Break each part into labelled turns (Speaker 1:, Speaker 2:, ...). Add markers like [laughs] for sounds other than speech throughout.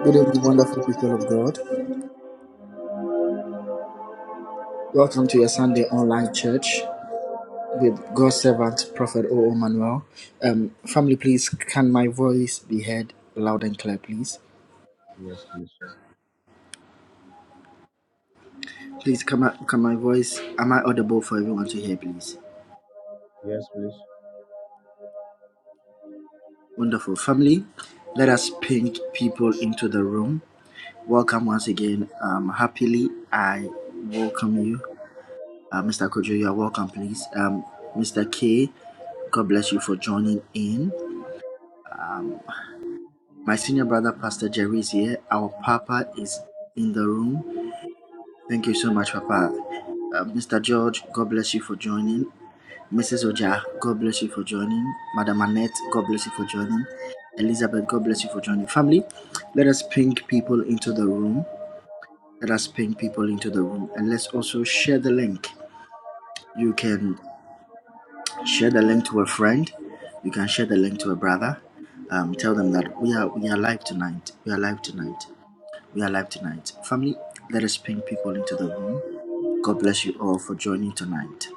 Speaker 1: Good evening, wonderful people of God. Welcome to your Sunday online church with God's servant, Prophet O. O. Manuel. Um, family, please, can my voice be heard loud and clear, please? Please, can my, can my voice, am I audible for everyone to hear, please?
Speaker 2: Yes, please.
Speaker 1: Wonderful. Family, let us ping people into the room. Welcome once again. Um, happily, I welcome you. Uh, Mr. Kojo, you are welcome, please. Um, Mr. K, God bless you for joining in. My senior brother, Pastor Jerry, is here. Our Papa is in the room. Thank you so much, Papa. Uh, Mr. George, God bless you for joining. Mrs. Oja, God bless you for joining. Madam Annette, God bless you for joining. Elizabeth, God bless you for joining. Family, let us ping people into the room. Let us ping people into the room. And let's also share the link. You can share the link to a friend. You can share the link to a brother. Um, tell them that we are we are live tonight. We are live tonight. We are live tonight. Family, let us ping people into the room. God bless you all for joining tonight.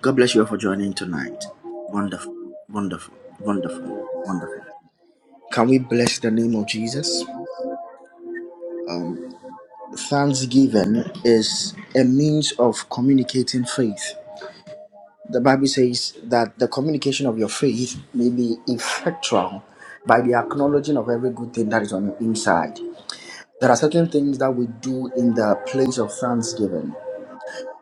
Speaker 1: God bless you all for joining tonight. Wonderful, wonderful, wonderful, wonderful. Can we bless the name of Jesus? Um, thanksgiving is a means of communicating faith. The Bible says that the communication of your faith may be effectual by the acknowledging of every good thing that is on your inside. There are certain things that we do in the place of thanksgiving.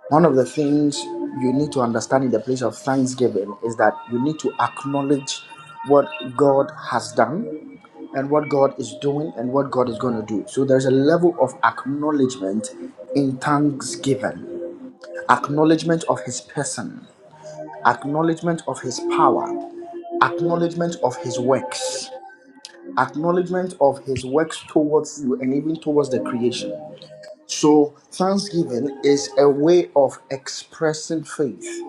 Speaker 1: One of the things you need to understand in the place of thanksgiving is that you need to acknowledge what God has done and what God is doing and what God is going to do. So there's a level of acknowledgement in thanksgiving, acknowledgement of His person, acknowledgement of His power, acknowledgement of His works, acknowledgement of His works towards you and even towards the creation. So thanksgiving is a way of expressing faith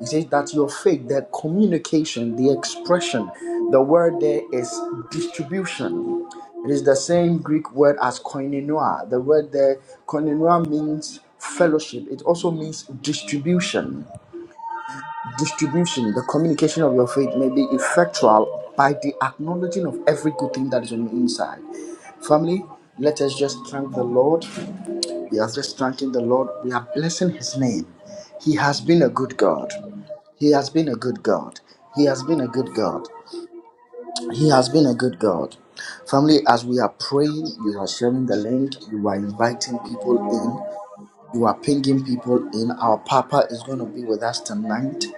Speaker 1: he says that your faith, the communication, the expression, the word there is distribution. It is the same Greek word as koinonia. The word there, koinonia means fellowship. It also means distribution distribution, the communication of your faith may be effectual by the acknowledging of every good thing that is on the inside. Family, let us just thank the Lord. We are just thanking the Lord. We are blessing His name. He has been a good God. He has been a good God. He has been a good God. He has been a good God. Family, as we are praying, you are sharing the link, you are inviting people in. You are pinging people in. Our Papa is going to be with us tonight.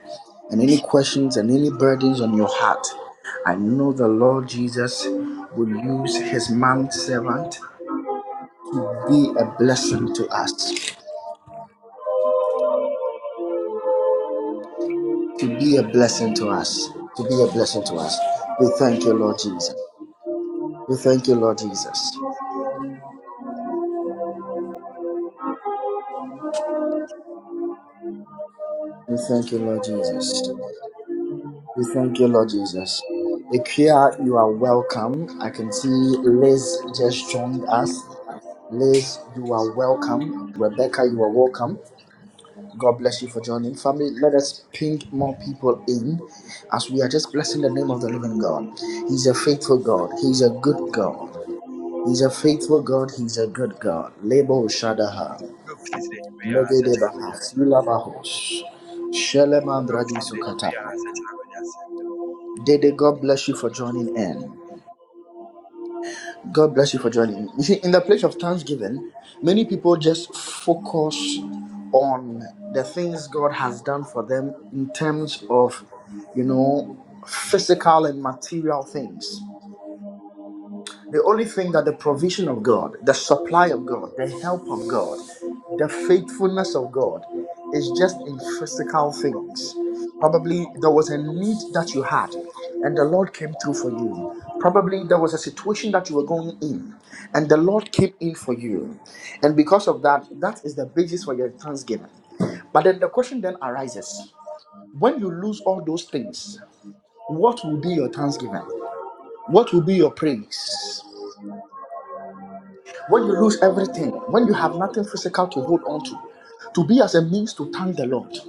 Speaker 1: And any questions and any burdens on your heart, I know the Lord Jesus will use his man servant to be a blessing to us. To be a blessing to us. To be a blessing to us. We thank you, Lord Jesus. We thank you, Lord Jesus. We thank you, Lord Jesus. We thank you, Lord Jesus. Ikea, you are welcome. I
Speaker 3: It's
Speaker 1: can see
Speaker 3: not.
Speaker 1: Liz just joined us. Liz, you are welcome. Rebecca, you are welcome. God bless you for joining. Family, let us ping more people in as we are just blessing the name of the living God. He's a faithful God. He's a good God. He's a faithful God. He's a good God. Lebo Shadaha.
Speaker 2: Rob
Speaker 1: Mededebaha. yulabahos, Shelemandradi Sukata. Dede, God bless you for joining in. God bless you for joining. You see, in the place of thanksgiving, many people just focus on the things God has done for them in terms of, you know, physical and material things. The only thing that the provision of God, the supply of God, the help of God, the faithfulness of God is just in physical things. Probably there was a need that you had and the Lord came through for you. Probably there was a situation that you were going in and the Lord came in for you. And because of that, that is the basis for your thanksgiving. But then the question then arises when you lose all those things, what will be your thanksgiving? What will be your praise? When you lose everything, when you have nothing physical to hold on to, to be as a means to thank the Lord.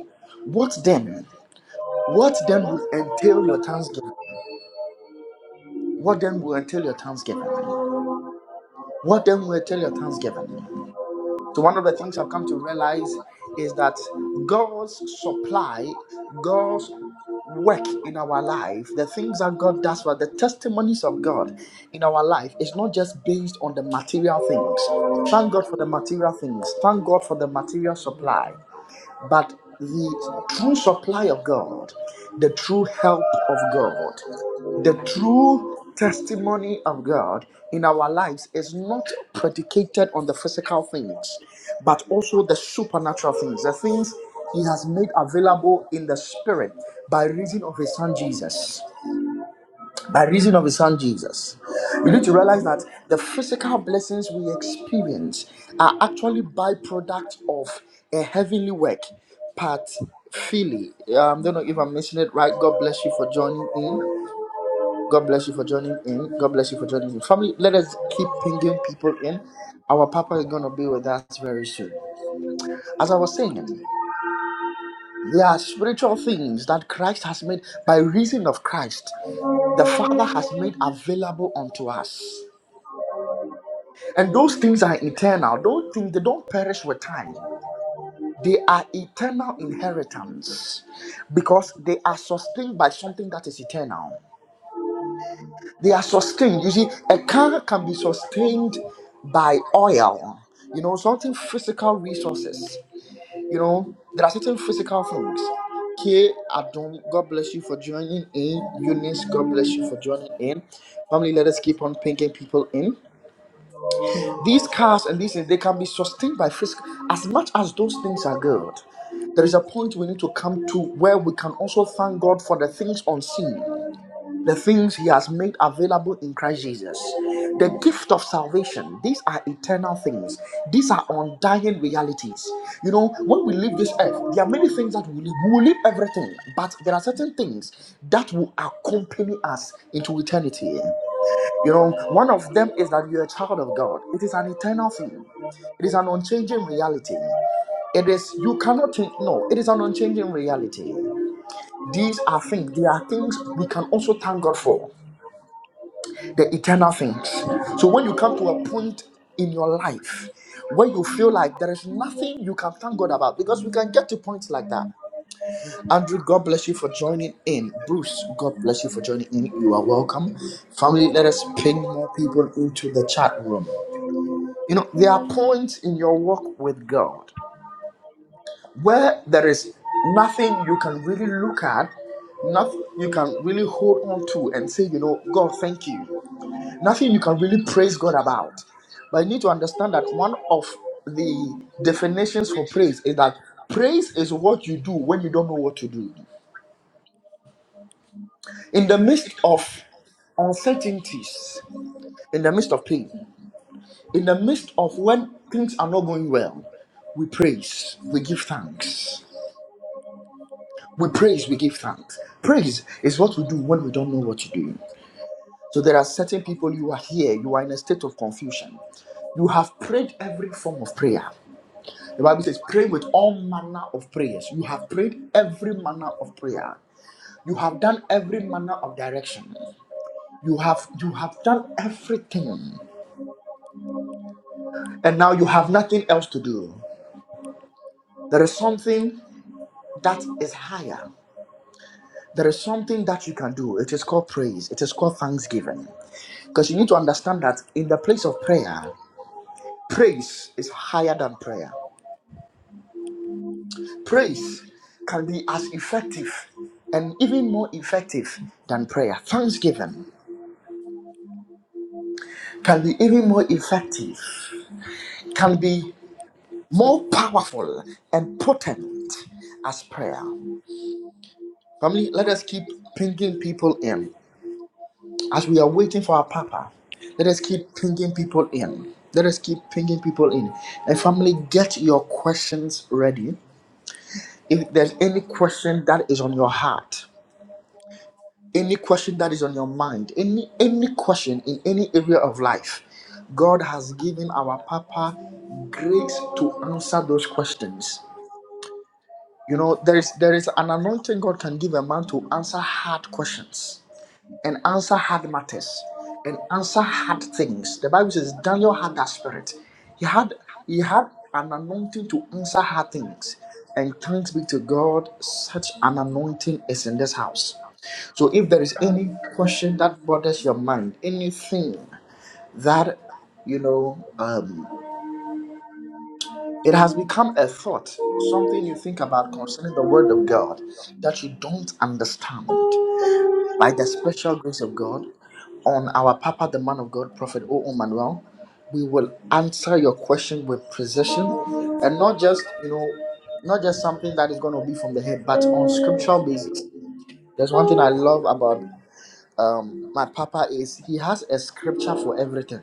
Speaker 1: What then? What then will entail your thanksgiving? What then will entail your thanksgiving? What then will entail your thanksgiving? So, one of the things I've come to realize is that God's supply, God's work in our life, the things that God does for us, the testimonies of God in our life, is not just based on the material things. Thank God for the material things. Thank God for the material supply. But the true supply of God, the true help of God, the true testimony of God in our lives is not predicated on the physical things, but also the supernatural things, the things He has made available in the Spirit by reason of His Son Jesus by reason of his son Jesus. You need to realize that the physical blessings we experience are actually byproduct of a heavenly work. Pat Philly, um, don't know if I'm missing it right. God bless you for joining in. God bless you for joining in. God bless you for joining in. Family, let us keep pinging people in. Our Papa is going to be with us very soon. As I was saying, there are spiritual things that Christ has made by reason of Christ. The Father has made available unto us And those things are eternal. Those things they don't perish with time. They are eternal inheritance because they are sustained by something that is eternal. They are sustained. You see, a car can be sustained by oil, you know, certain physical resources. You know, there are certain physical things. K Adam, God bless you for joining in. Eunice, God bless you for joining in. Family, let us keep on pinking people in. These cars and these things, they can be sustained by fiscal. As much as those things are good, there is a point we need to come to where we can also thank God for the things unseen, the things He has made available in Christ Jesus. The gift of salvation, these are eternal things. These are undying realities. You know, when we leave this earth, there are many things that we will leave. We will leave everything, but there are certain things that will accompany us into eternity. You know, one of them is that you're a child of God. It is an eternal thing. It is an unchanging reality. It is you cannot change. No, it is an unchanging reality. These are things. They are things we can also thank God for. The eternal things. So when you come to a point in your life where you feel like there is nothing you can thank God about, because we can get to points like that. Andrew, God bless you for joining in. Bruce, God bless you for joining in. You are welcome. Family, let us ping more people into the chat room. You know, there are points in your walk with God where there is nothing you can really look at, nothing you can really hold on to and say, you know, God, thank you. Nothing you can really praise God about. But you need to understand that one of the definitions for praise is that praise is what you do when you don't know what to do. In the midst of uncertainties, in the midst of pain, in the midst of when things are not going well, we praise, we give thanks. We praise, we give thanks. Praise is what we do when we don't know what you're doing. So there are certain people you are here, you are in a state of confusion. You have prayed every form of prayer. The Bible says, pray with all manner of prayers. You have prayed every manner of prayer. You have done every manner of direction. You have you have done everything. And now you have nothing else to do. There is something that is higher. There is something that you can do. It is called praise. It is called thanksgiving. Because you need to understand that in the place of prayer, praise is higher than prayer. Praise can be as effective and even more effective than prayer. Thanksgiving can be even more effective, can be more powerful and potent as prayer. Family, let us keep pinging people in. As we are waiting for our Papa, let us keep pinging people in. Let us keep pinging people in. And family, get your questions ready if there's any question that is on your heart any question that is on your mind any any question in any area of life god has given our papa grace to answer those questions you know there is there is an anointing god can give a man to answer hard questions and answer hard matters and answer hard things. The Bible says Daniel had that spirit. He had he had an anointing to answer hard things. And thanks be to God, such an anointing is in this house. So if there is any question that bothers your mind, anything that you know, um, it has become a thought, something you think about concerning the word of God that you don't understand by the special grace of God, on our Papa, the man of God, Prophet O. O. Manuel, we will answer your question with precision and not just, you know, not just something that is going to be from the head, but on scriptural basis. There's one thing I love about um, my Papa is he has a scripture for everything.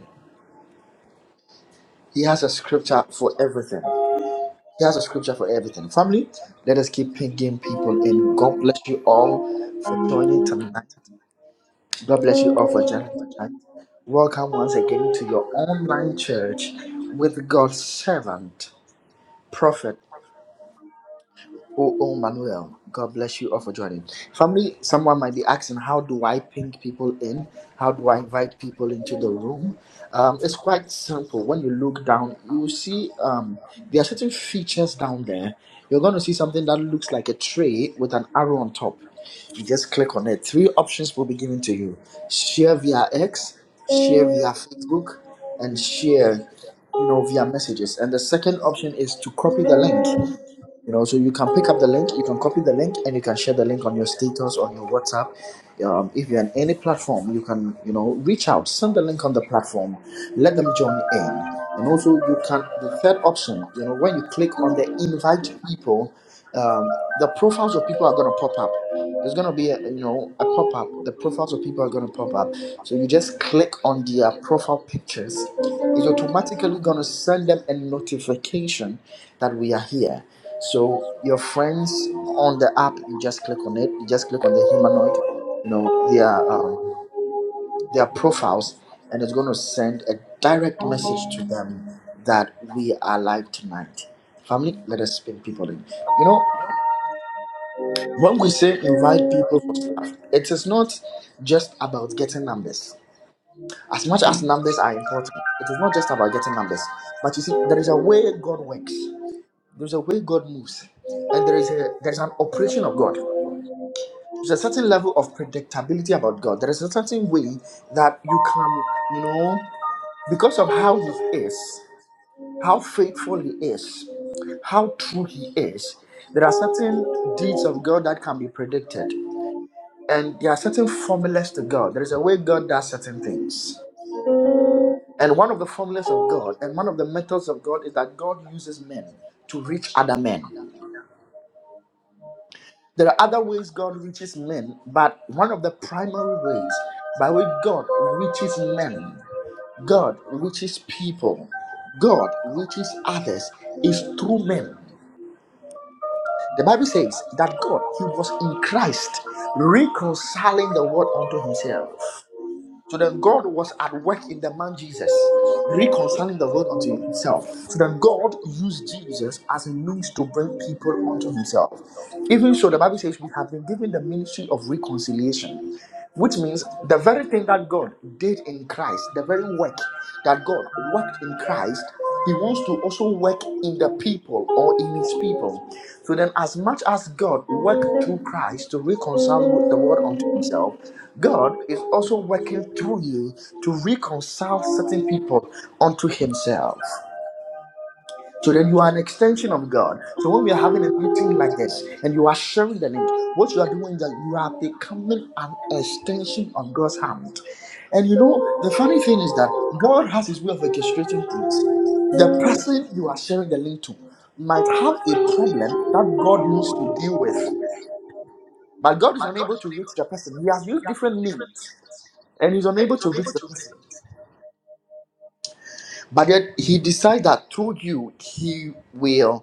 Speaker 1: He has a scripture for everything. He has a scripture for everything. Family, let us keep pinging people in. God bless you all for joining tonight. God bless you all for joining tonight. Welcome once again to your online church with God's servant, Prophet. Oh, oh, Manuel, God bless you all for joining. Family, someone might be asking, how do I ping people in? How do I invite people into the room? Um, it's quite simple. When you look down, you will see um, there are certain features down there. You're going to see something that looks like a tray with an arrow on top. You just click on it. Three options will be given to you share via X, share via Facebook, and share you know via messages and the second option is to copy the link you know so you can pick up the link you can copy the link and you can share the link on your status on your whatsapp um, if you're on any platform you can you know reach out send the link on the platform let them join in and also you can the third option you know when you click on the invite people um, the profiles of people are going to pop up there's going to be a you know a pop up the profiles of people are going to pop up so you just click on their profile pictures it's automatically going to send them a notification that we are here. So your friends on the app, you just click on it. You just click on the humanoid, you know, their um, their profiles, and it's going to send a direct message to them that we are live tonight. Family, let us bring people in. You know, when we say invite people for stuff, it is not just about getting numbers As much as numbers are important, it is not just about getting numbers. But you see, there is a way God works. There's a way God moves, and there is a there's an operation of God. There's a certain level of predictability about God. There is a certain way that you can, you know, because of how He is, how faithful He is, how true He is. There are certain deeds of God that can be predicted, and there are certain formulas to God. There is a way God does certain things And one of the formulas of God and one of the methods of God is that God uses men to reach other men. There are other ways God reaches men, but one of the primary ways by which God reaches men, God reaches people, God reaches others is through men. The Bible says that God, He was in Christ reconciling the world unto Himself. So then God was at work in the man Jesus, reconciling the world unto himself. So then God used Jesus as a means to bring people unto himself. Even so, the Bible says we have been given the ministry of reconciliation. Which means the very thing that God did in Christ, the very work that God worked in Christ, He wants to also work in the people or in His people. So then, as much as God worked through Christ to reconcile with the world unto Himself, God is also working through you to reconcile certain people unto Himself. So then you are an extension of God. So when we are having a meeting like this and you are sharing the link, what you are doing is that you are becoming an extension of God's hand. And you know, the funny thing is that God has his way of orchestrating things. The person you are sharing the link to might have a problem that God needs to deal with, but God is
Speaker 2: God
Speaker 1: unable
Speaker 2: is
Speaker 1: to reach
Speaker 2: unable to
Speaker 1: the
Speaker 2: visit
Speaker 1: person.
Speaker 2: them.
Speaker 1: He has
Speaker 2: He
Speaker 1: used
Speaker 2: has
Speaker 1: different
Speaker 2: used different
Speaker 1: means
Speaker 2: healings
Speaker 1: and he's
Speaker 2: and
Speaker 1: unable
Speaker 2: is
Speaker 1: to
Speaker 2: unable
Speaker 1: reach the
Speaker 2: to
Speaker 1: person.
Speaker 2: visit them.
Speaker 1: But yet he decides that through you, he will.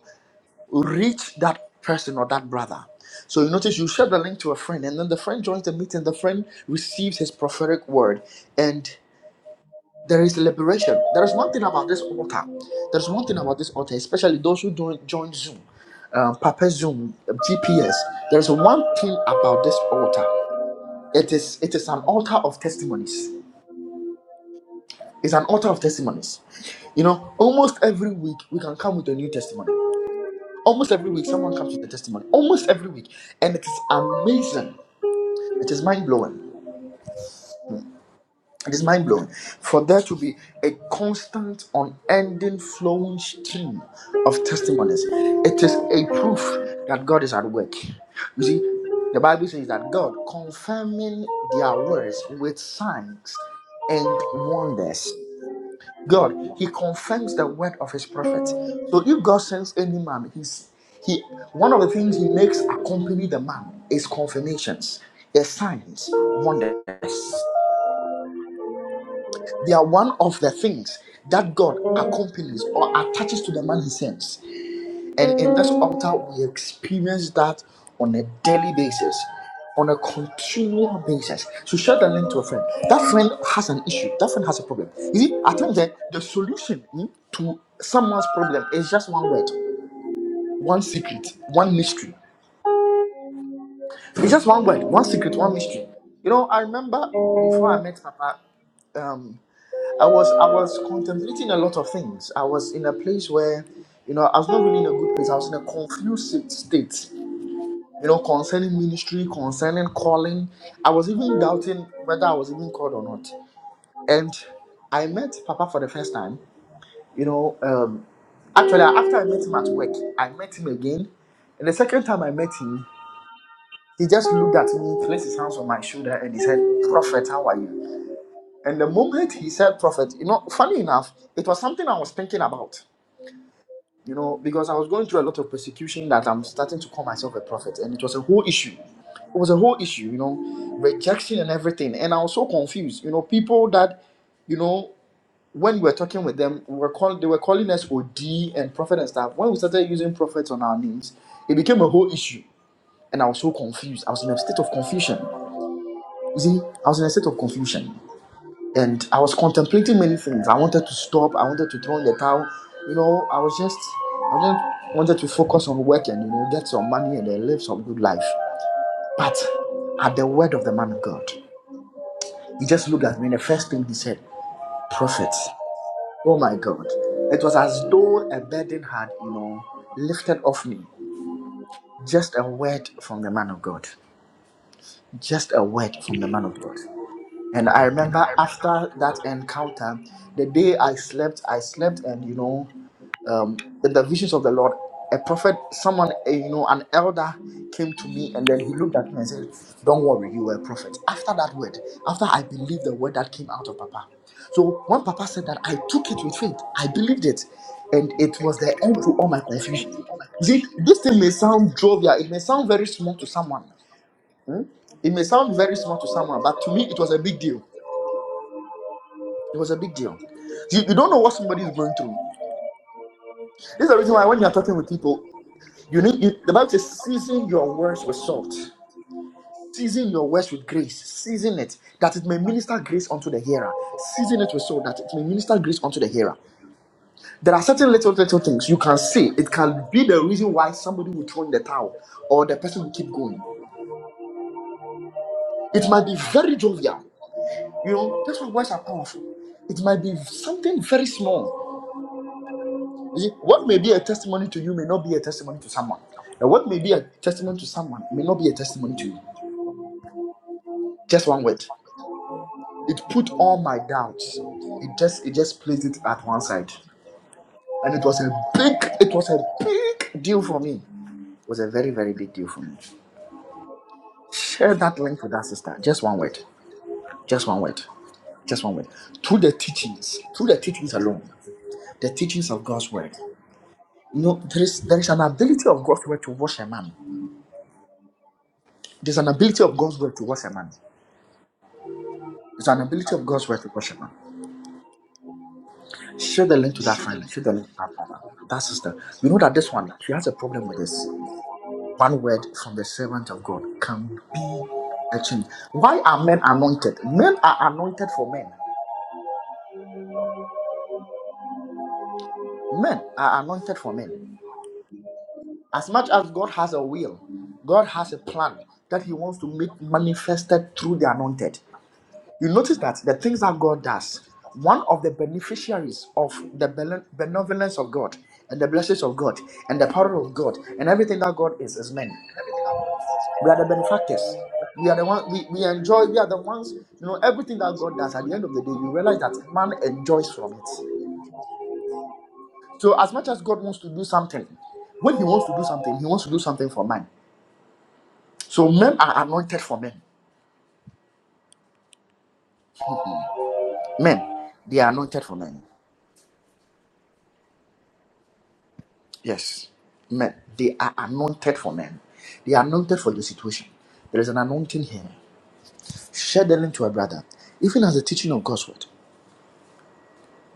Speaker 1: reach that person or that brother. So you notice you share the link to a friend, and then the friend joins the meeting, the friend receives his prophetic word, and there is liberation. There is one thing about this altar. There's one thing about this altar, especially those who don't join Zoom, um, Papa Zoom, GPS. There's one thing about this altar. It is it is an altar of testimonies. It's an altar of testimonies. You know, almost every week we can come with a new testimony Almost every week, someone comes with a testimony. Almost every week. And it is amazing. It is mind blowing. It is mind blowing. For there to be a constant, unending, flowing stream of testimonies, it is a proof that God is at work. You see, the Bible says that God confirming their words with signs and wonders. God, He confirms the word of His prophet. So if God sends any man, He's He one of the things He makes accompany the man is confirmations, is signs, wonders. They are one of the things that God accompanies or attaches to the man He sends. And in this altar, we experience that on a daily basis, on a continual basis. So share the link to a friend. That friend has an issue. That friend has a problem. You see, at times eh, the solution eh, to someone's problem is just one word, one secret, one mystery. It's just one word, one secret, one mystery. You know, I remember before I met Papa, um, I was I was contemplating a lot of things. I was in a place where, you know, I was not really in a good place. I was in a confused state you know, concerning ministry, concerning calling. I was even doubting whether I was even called or not. And I met Papa for the first time, you know, um, actually, after I met him at work, I met him again. And the second time I met him, he just looked at me, placed his hands on my shoulder, and he said, Prophet, how are you? And the moment he said, Prophet, you know, funny enough, it was something I was thinking about. you know, because I was going through a lot of persecution that I'm starting to call myself a prophet, and it was a whole issue. It was a whole issue, you know, rejection and everything. And I was so confused, you know, people that, you know, when we were talking with them, we were call, they were calling us OD and prophet and stuff. When we started using prophets on our names, it became a whole issue. And I was so confused. I was in a state of confusion. You see, I was in a state of confusion and I was contemplating many things. I wanted to stop. I wanted to throw in the towel. You know, I was just, I just wanted to focus on work and you know get some money and then live some good life. But at the word of the man of God, he just looked at me. and The first thing he said, "Prophet." Oh my God! It was as though a burden had, you know, lifted off me. Just a word from the man of God. Just a word from the man of God. And I
Speaker 2: And I
Speaker 1: remember
Speaker 2: remember,
Speaker 1: after that encounter, the day I slept, I slept, and you know, um, in the visions of the Lord, a prophet, someone, eh, you know, an elder came to me and then he looked at me and said, Don't worry, you were a prophet. After that word, after I believed the word that came out of Papa. So when Papa said that, I took it with faith. I believed it. And it
Speaker 2: and
Speaker 1: was the
Speaker 2: it
Speaker 1: end
Speaker 2: was
Speaker 1: to all my
Speaker 2: the end
Speaker 1: confusion.
Speaker 2: to all my
Speaker 1: You see,
Speaker 2: confusion.
Speaker 1: this thing
Speaker 2: See,
Speaker 1: may
Speaker 2: this
Speaker 1: sound
Speaker 2: thing is
Speaker 1: jovial, it may
Speaker 2: something
Speaker 1: sound
Speaker 2: that
Speaker 1: very
Speaker 2: is not
Speaker 1: small to
Speaker 2: very
Speaker 1: someone.
Speaker 2: small.
Speaker 1: It may sound
Speaker 2: It is
Speaker 1: very small
Speaker 2: not
Speaker 1: to
Speaker 2: very
Speaker 1: someone, but to
Speaker 2: small,
Speaker 1: me, it was
Speaker 2: but
Speaker 1: a
Speaker 2: to
Speaker 1: big
Speaker 2: me,
Speaker 1: deal. It was a big deal. You, you don't know what somebody is going through. This is the reason why when you're talking with people, you need you, the Bible says, season your words with salt, season your words with grace, season it that it may minister grace unto the hearer, season it with salt that it may minister grace unto the hearer. There are certain little little things you can say. It can be the reason why somebody will throw in the towel or the person will keep going. It might be very jovial. You know, that's why words are powerful. It might be something very small You see, what may be a testimony to you may not be a testimony to someone. And what may be a testimony to someone may not be a testimony to you. Just one word. It put all my doubts. It just it just placed it at one side. And it was a big, it was a big deal for me. It was a very, very big deal for me. Share that link with that sister. Just one word. Just one word. Just one word. Through the teachings, through the teachings alone, the teachings of God's word. You know, there is there is an ability of God's word to wash a man. There's an
Speaker 2: it's an
Speaker 1: ability of
Speaker 2: ability
Speaker 1: God's
Speaker 2: of
Speaker 1: word to
Speaker 2: God.
Speaker 1: wash a man. It's an
Speaker 2: It's an
Speaker 1: ability of God's word
Speaker 2: ability.
Speaker 1: to worship. man. Share the link to that
Speaker 2: Shouldn't let
Speaker 1: friend. Share
Speaker 2: it
Speaker 1: the link
Speaker 2: happen.
Speaker 1: to that brother. That sister. We know that this one, she has a problem with this. One word from the servant of God can be a change. Why are men anointed? Men are anointed for men. Men are anointed for men. As much as God has a will, God has a plan that He wants to make manifested through the anointed. You notice that the things that God does, one of the beneficiaries of the benevolence of God and the blessings of God and the power of God and everything that God is is men. We are the benefactors. We are the one we, we enjoy, we are the ones, you know, everything that God does at the end of the day, you realize that man enjoys from it. So as much as God wants to do something, when he wants to do something, he wants to do something for man. So men are anointed for men. Men, they are anointed for men. Yes. Men, they are anointed for men. They are anointed for your situation. There is an anointing here. Share the link to a brother. Even as the teaching of God's word,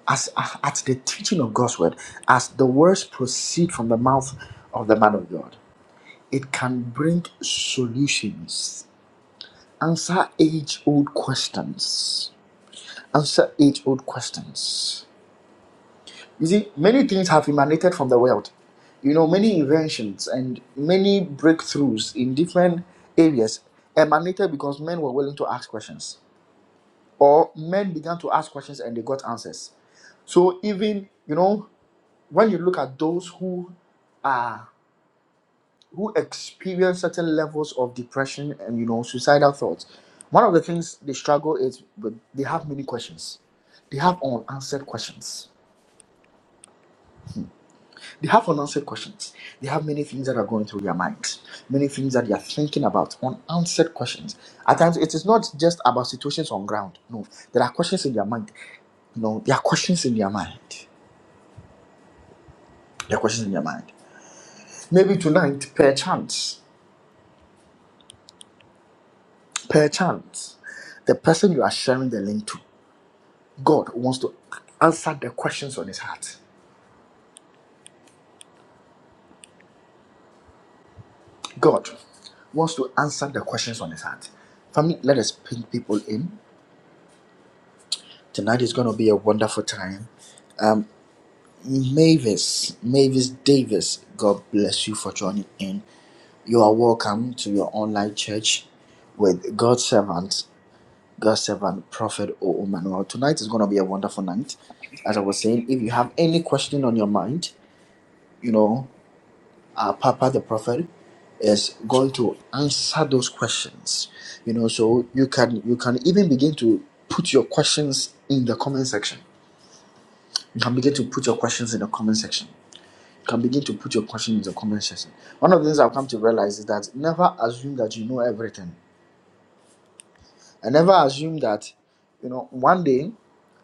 Speaker 1: as at the teaching of God's word, as the words proceed from the mouth of the man of God, it can bring solutions, answer age old questions, answer age old questions. You see, many things have emanated from the world. You know, many inventions and many breakthroughs in different areas emanated because men were willing to ask questions, or men began to ask questions and they got answers. So even you know, when you look at those who are who experience certain levels of depression and you know suicidal thoughts, one of the things they struggle is with they have many questions. They have unanswered questions. They have unanswered questions. They have many things that are going through their minds, many things that they are thinking about, unanswered questions. At times, it is not just about situations on ground. No, there are questions in their mind. You know, there are questions in their mind. There are questions in their mind. Maybe tonight, per chance, per chance, the person you are sharing the link to, God wants to answer the questions on his heart. God wants to answer the questions on his heart. Family, let us bring people in. Tonight is going to be a wonderful time. Mavis, Mavis Davis, God bless you for joining in. You are welcome to your online church with God's servant, God's servant, Prophet O. O. Manuel. Tonight is going to be a wonderful night. As I was saying, if you have any question on your mind, you know, our Papa the Prophet is going to answer those questions. You know, so you can you can even begin to put your questions in the comment section. You can begin to put your questions in the comment section can begin to put your question in the comment section. One of the things I've come to realize is that never assume that you know everything. I never assume that, you know, one day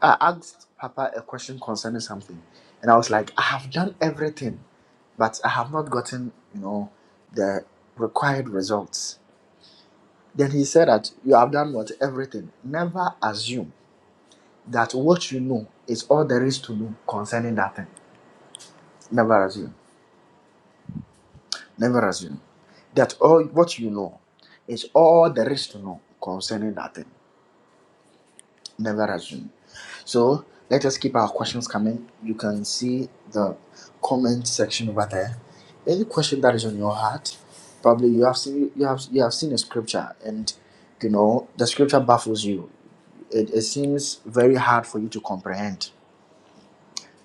Speaker 1: I asked Papa a question concerning something, and I was like, I have done everything, but I have not gotten, you know, the required results. Then he said that you have done what? Everything. Never assume that what you know is all there is to know concerning that thing. Never assume. Never assume that all what you know is all there is to know concerning that thing. Never assume. So let us keep our questions coming. You can see the comment section over there. Any question that is on your heart, probably you have seen you have you have seen a scripture and you know the scripture baffles you. It, it seems very hard for you to comprehend.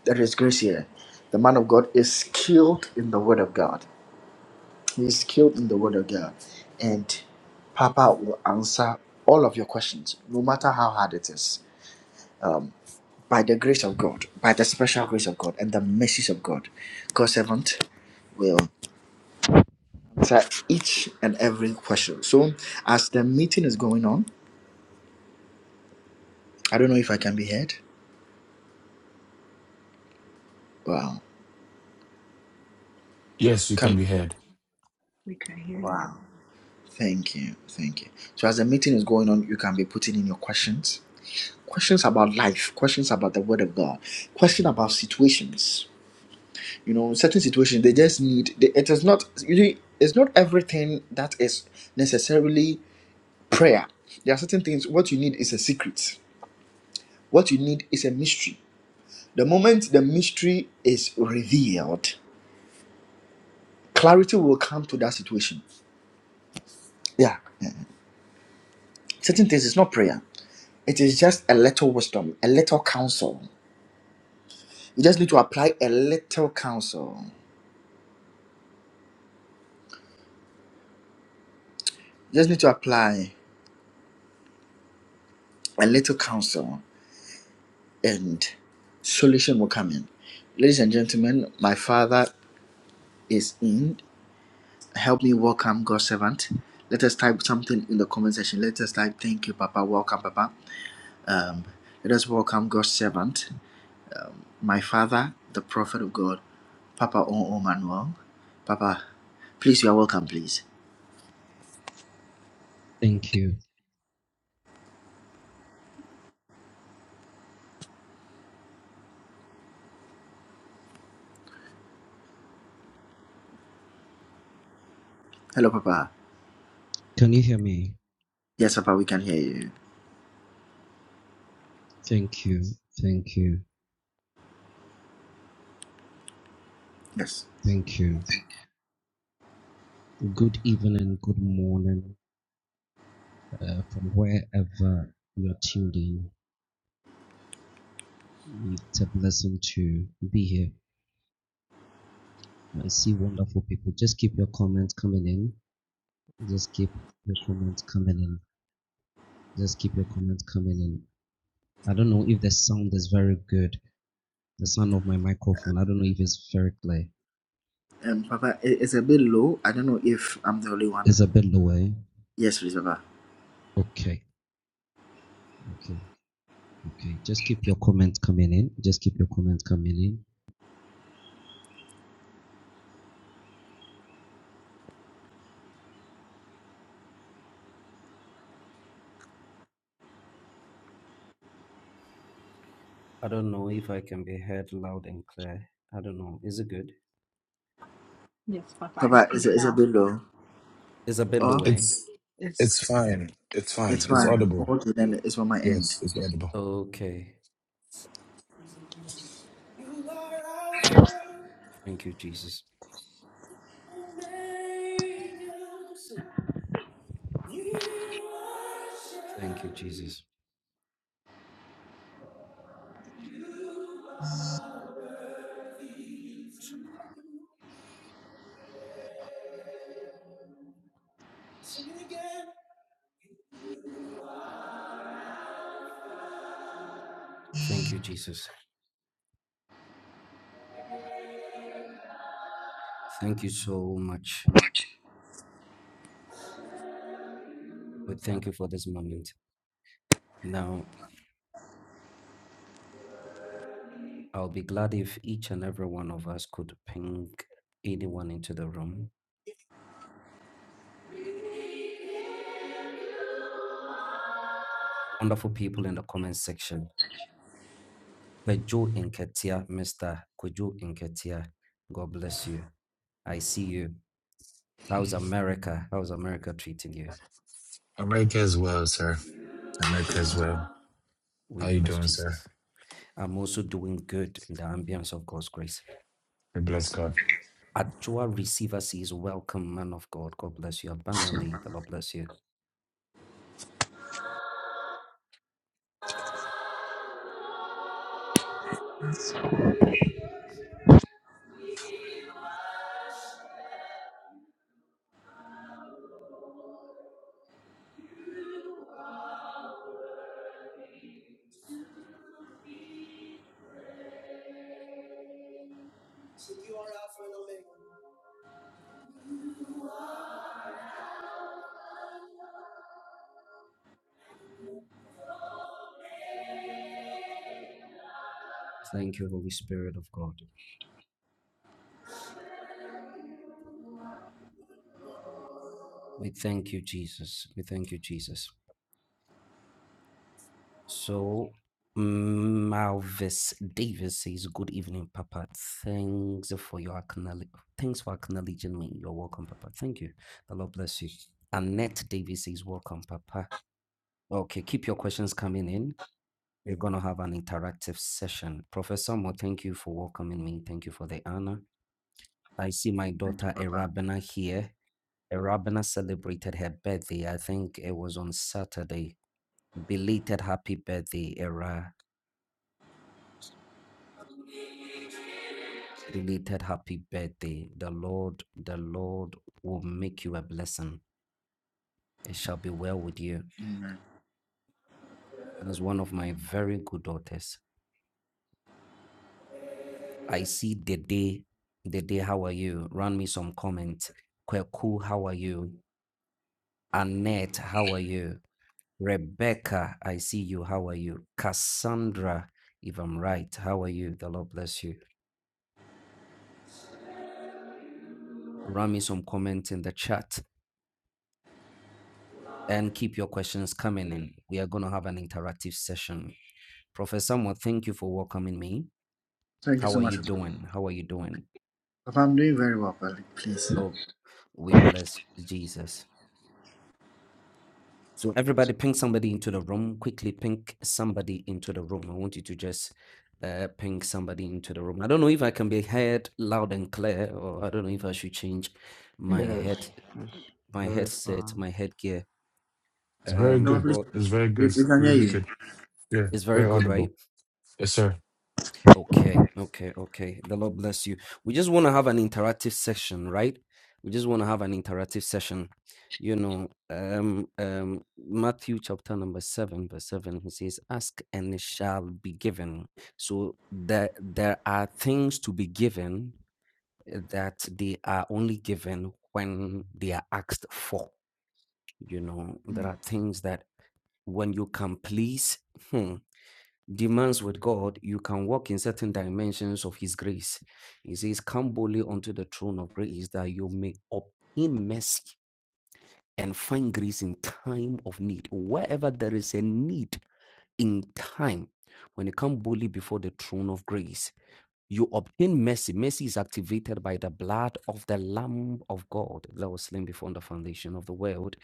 Speaker 1: There is grace here. The man of God is skilled in the word of God. He's skilled in the word of God. And Papa will answer all of your questions, no matter how hard it is. By the grace of God, by the special grace of God, and the mercies of God, God's servant will answer each and every question. So, as the meeting is going on, I don't know if I can be heard. Wow.
Speaker 4: Yes, you can
Speaker 1: Can,
Speaker 4: be heard.
Speaker 5: We can hear you.
Speaker 1: wow. Thank you. Thank you. So, as the meeting is going on, you can be putting in your questions questions about life, questions about the Word of God, question about situations you know in certain situations they just need they, it is not usually. it's not everything that is necessarily prayer there are certain things what you need is a secret what you need is a mystery the moment the mystery is revealed clarity will come to that situation yeah certain things is not prayer it is just a little wisdom a little counsel you just need to apply a little counsel you just need to apply a little counsel and solution will come in. Ladies and gentlemen, my father is in. Help me welcome God's servant. Let us type something in the comment section. Let us type, Thank you, Papa. Welcome, Papa. Let us welcome God's servant, my father, the prophet of God, Papa O. O. Manuel. Papa, please, you are welcome, please.
Speaker 6: Thank you.
Speaker 1: Hello, Papa.
Speaker 6: Can you hear me?
Speaker 1: Yes, Papa, we can hear you.
Speaker 6: Thank you. Thank you.
Speaker 1: Yes.
Speaker 6: Thank you. Good evening, good morning, uh, from wherever you're tuned in. It's a blessing to be here. I see wonderful people. Just keep your comments coming in. Just keep your comments coming in. Just keep your comments coming in. I don't know if the sound is very good. The sound of my microphone, I don't know if it's very clear.
Speaker 1: Um, Papa, i- it's a bit low. I don't know if I'm the only one.
Speaker 6: It's a bit low. eh?
Speaker 1: Yes, please, Papa.
Speaker 6: Okay. Okay. Okay, just keep your comments coming in. Just keep your comments coming in. I don't know if I can be heard loud and clear. I don't know. Is it good?
Speaker 5: Yes, Papa, it's
Speaker 1: Papa, it's
Speaker 5: good
Speaker 1: a, it's a
Speaker 5: now.
Speaker 1: bit low.
Speaker 6: It's a bit
Speaker 1: Oh,
Speaker 6: low end.
Speaker 4: It's
Speaker 5: It's
Speaker 4: it's fine. It's fine.
Speaker 1: It's
Speaker 5: it's
Speaker 4: It's
Speaker 1: fine.
Speaker 5: fine.
Speaker 4: audible.
Speaker 1: All to then is on my end.
Speaker 4: Yes, it's audible.
Speaker 6: Okay. You are Alpha. Thank you, Jesus. Omega. We worship Thank you, Jesus. You are worthy to be praised. Sing it again. Thank you, Jesus. Thank you so much. We thank you for this moment. Now, I'll be glad if each and every one of us could ping anyone into the room. Wonderful people in the comment section. Peju Inketia, Mr. Kuju Inketia, God bless you. I see you. How's America? How's America treating you?
Speaker 4: America as well, sir. America as well. How
Speaker 6: We
Speaker 4: you
Speaker 6: bless
Speaker 4: doing, sir?
Speaker 6: Jesus. I'm also doing good in the ambience of God's grace.
Speaker 4: We bless God.
Speaker 6: Ajua Receiver says, Welcome, man of God. God bless you abundantly. The Lord bless you. Thank you, Holy Spirit of God. We thank you, Jesus. We thank you, Jesus. So, Malvis Davis says, Good evening, Papa. Thanks for your acknowledge- Thanks for acknowledging me. You're welcome, Papa. Thank you. The Lord bless you. Annette Davis says, Welcome, Papa. Okay, keep your questions coming in. We're going to have an interactive session. Professor Mo, thank you for welcoming me. Thank you for the honor. I see my
Speaker 1: Thank you,
Speaker 6: daughter
Speaker 1: Papa.
Speaker 6: Erabena here. Erabena celebrated her birthday. I think it was on Saturday. Belated happy birthday, Era. Belated happy birthday. The Lord, the Lord will make you a blessing. It shall be well with you.
Speaker 1: Amen.
Speaker 6: As one of my very good daughters, I see the day. how are you? Run me some comments. Kweku, how are you? Annette, how are you? Rebecca, I see you. How are you? Cassandra, if I'm right, how are you? The Lord bless you. Rami, some comments in the chat and keep your questions coming in. We are going to have an interactive session. Professor Samuel, thank you for welcoming me.
Speaker 1: Thank you
Speaker 6: How
Speaker 1: so
Speaker 6: are
Speaker 1: much,
Speaker 6: you
Speaker 1: Papa.
Speaker 6: doing? How are you doing?
Speaker 1: Papa, I'm doing very well, Papa. Please.
Speaker 6: Oh, we bless Jesus. So everybody ping somebody into the room. Quickly ping somebody into the room. I want you to just uh, ping somebody into the room. I don't know if I can be heard loud and clear, or I don't know if I should change my head, my headset, my headgear.
Speaker 4: It's very
Speaker 6: Um,
Speaker 1: Papa,
Speaker 4: good.
Speaker 1: please.
Speaker 6: well,
Speaker 4: It's very
Speaker 1: We,
Speaker 4: good.
Speaker 1: we can hear
Speaker 4: Really
Speaker 1: you.
Speaker 4: good. Yeah,
Speaker 6: it's very
Speaker 4: very
Speaker 6: good, right?
Speaker 4: audible. Yes, sir.
Speaker 6: Okay, okay, okay. The Lord bless you. We just want to have an interactive session, right? We just want to have an interactive session. You know, um, um, Matthew chapter number seven, verse seven, he says, "Ask and it shall be given." So there, there are things to be given uh, that they are only given when they are asked for. You know, there
Speaker 1: Mm.
Speaker 6: are things that when you can please. hmm, demands with God, you can walk in certain dimensions of His grace. He says, Come boldly unto the throne of grace that you may obtain mercy and find grace in time of need. Wherever there is a need in time, when you come boldly before the throne of grace, you obtain mercy. Mercy is activated by the blood of the Lamb of God that was slain before the foundation of the world.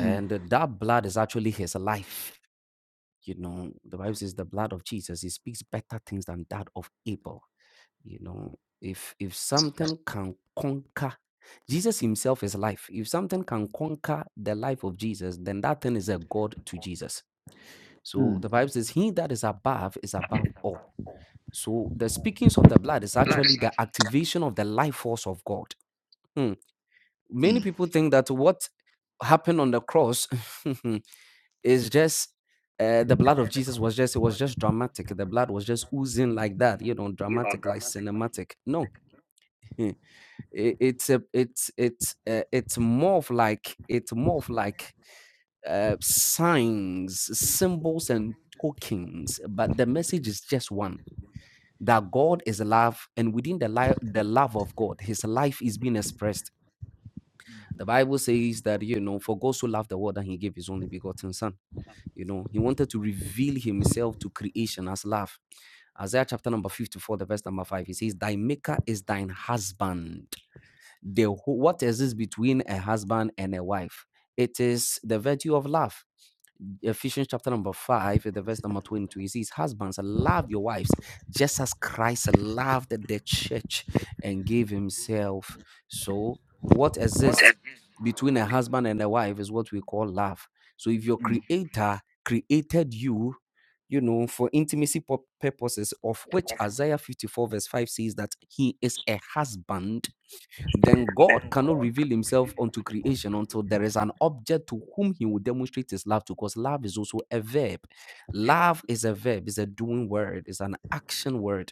Speaker 1: Mm.
Speaker 6: that blood is actually his life. You know, the Bible says the blood of Jesus, it speaks better things than that of Abel. You know, if if something can conquer Jesus himself is life. If something can conquer the life of Jesus, then that thing is a God to Jesus. So
Speaker 1: Mm.
Speaker 6: the Bible says, He that is above is above all. So the speakings of the blood is actually the activation of the life force of God. Hmm. Many people think that what happened on the cross [laughs] It's just, uh, the blood of Jesus was just, it was just dramatic. The blood was just oozing like that, you know, dramatic, like cinematic. No, [laughs] it, it's a, it's, it's, uh, it's more of like, it's more of like, uh, signs, symbols, and tokens, but the message is just one that God is love, and within the, life, the love of God, His life is being expressed. The Bible says that, you know, for God so loved the world that He gave His only begotten Son. You know, he wanted to reveal himself to creation as love. Isaiah chapter number 54, the verse number 5, he says, Thy maker is thine husband. The what is this between a husband and a wife? It is the virtue of love. Ephesians chapter number 5, the verse number 22, it says, Husbands, love your wives just as Christ loved the church and gave himself. So, what exists between a husband and a wife is what we call love. So, if your creator created you, you know, for intimacy pur- purposes, of which Isaiah 54, verse 5 says that he is a husband, then God cannot reveal himself unto creation until there is an object to whom he will demonstrate his love to, because love is also a verb. Love is a verb, it's a doing word, it's an action word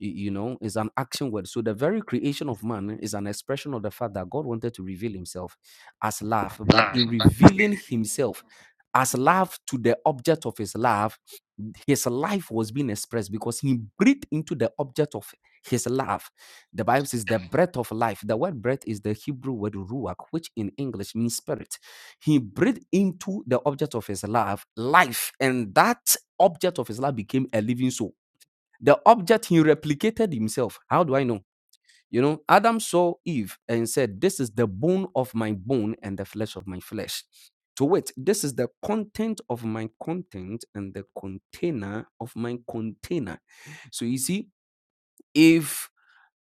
Speaker 6: y- you know is an action word so the very creation of man is an expression of the fact that god wanted to reveal himself as love but in revealing himself as love to the object of his love his life was being expressed because he breathed into the object of his love the bible says the breath of life the word breath is the hebrew word ruach which in english means spirit he breathed into the object of his love life and that object of his love became a living soul the object he replicated himself. How do I know? You know, Adam saw Eve and said, This is the bone of my bone and the flesh of my flesh. To wit, this is the content of my content and the container of my container. So you see, if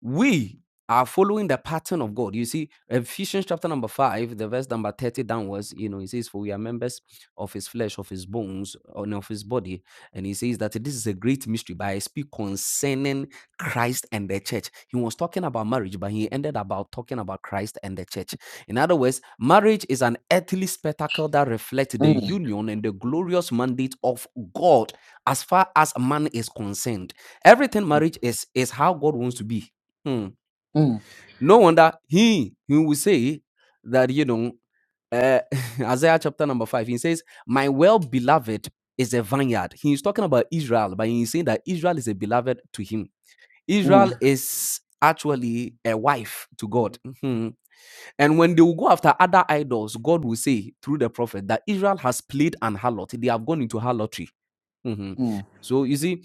Speaker 6: we are following the pattern of God. You see, Ephesians chapter number five, the verse number 30 downwards, you know, it says, For we are members of his flesh, of his bones, and of his body. And he says that this is a great mystery, but I speak concerning Christ and the church. He was talking about marriage, but he ended about talking about Christ and the church. In other words, marriage is an earthly spectacle that reflects the
Speaker 1: Mm.
Speaker 6: union and the glorious mandate of God as far as man is concerned. Everything marriage is is how God wants to be. Hmm.
Speaker 1: Mm.
Speaker 6: No wonder he he will say that you know uh, [laughs] Isaiah chapter number five. He says, "My well beloved is a vineyard." He's talking about Israel, but he's saying that Israel is a beloved to him.
Speaker 1: Mm.
Speaker 6: Israel is actually a wife to God. Mhm. And when they will go after other idols, God will say through the prophet that Israel has played an harlot. They have gone into harlotry. Mhm.
Speaker 1: Mm.
Speaker 6: So you see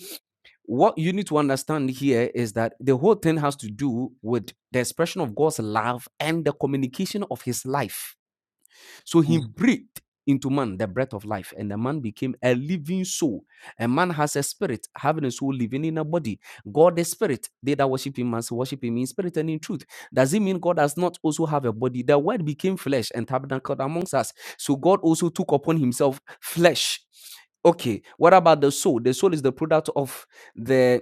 Speaker 6: what you need to understand here is that the whole thing has to do with the expression of God's love and the communication of his life. So he breathed into man the breath of life, and the man became a living soul. A man has a spirit, having a soul living in a body. God is spirit. They that worship him must worship him in spirit and in truth. Does it mean God does not also have a body? The word became flesh and tabernacled amongst us. So God also took upon himself flesh. Okay, what about the soul? The soul is the product of the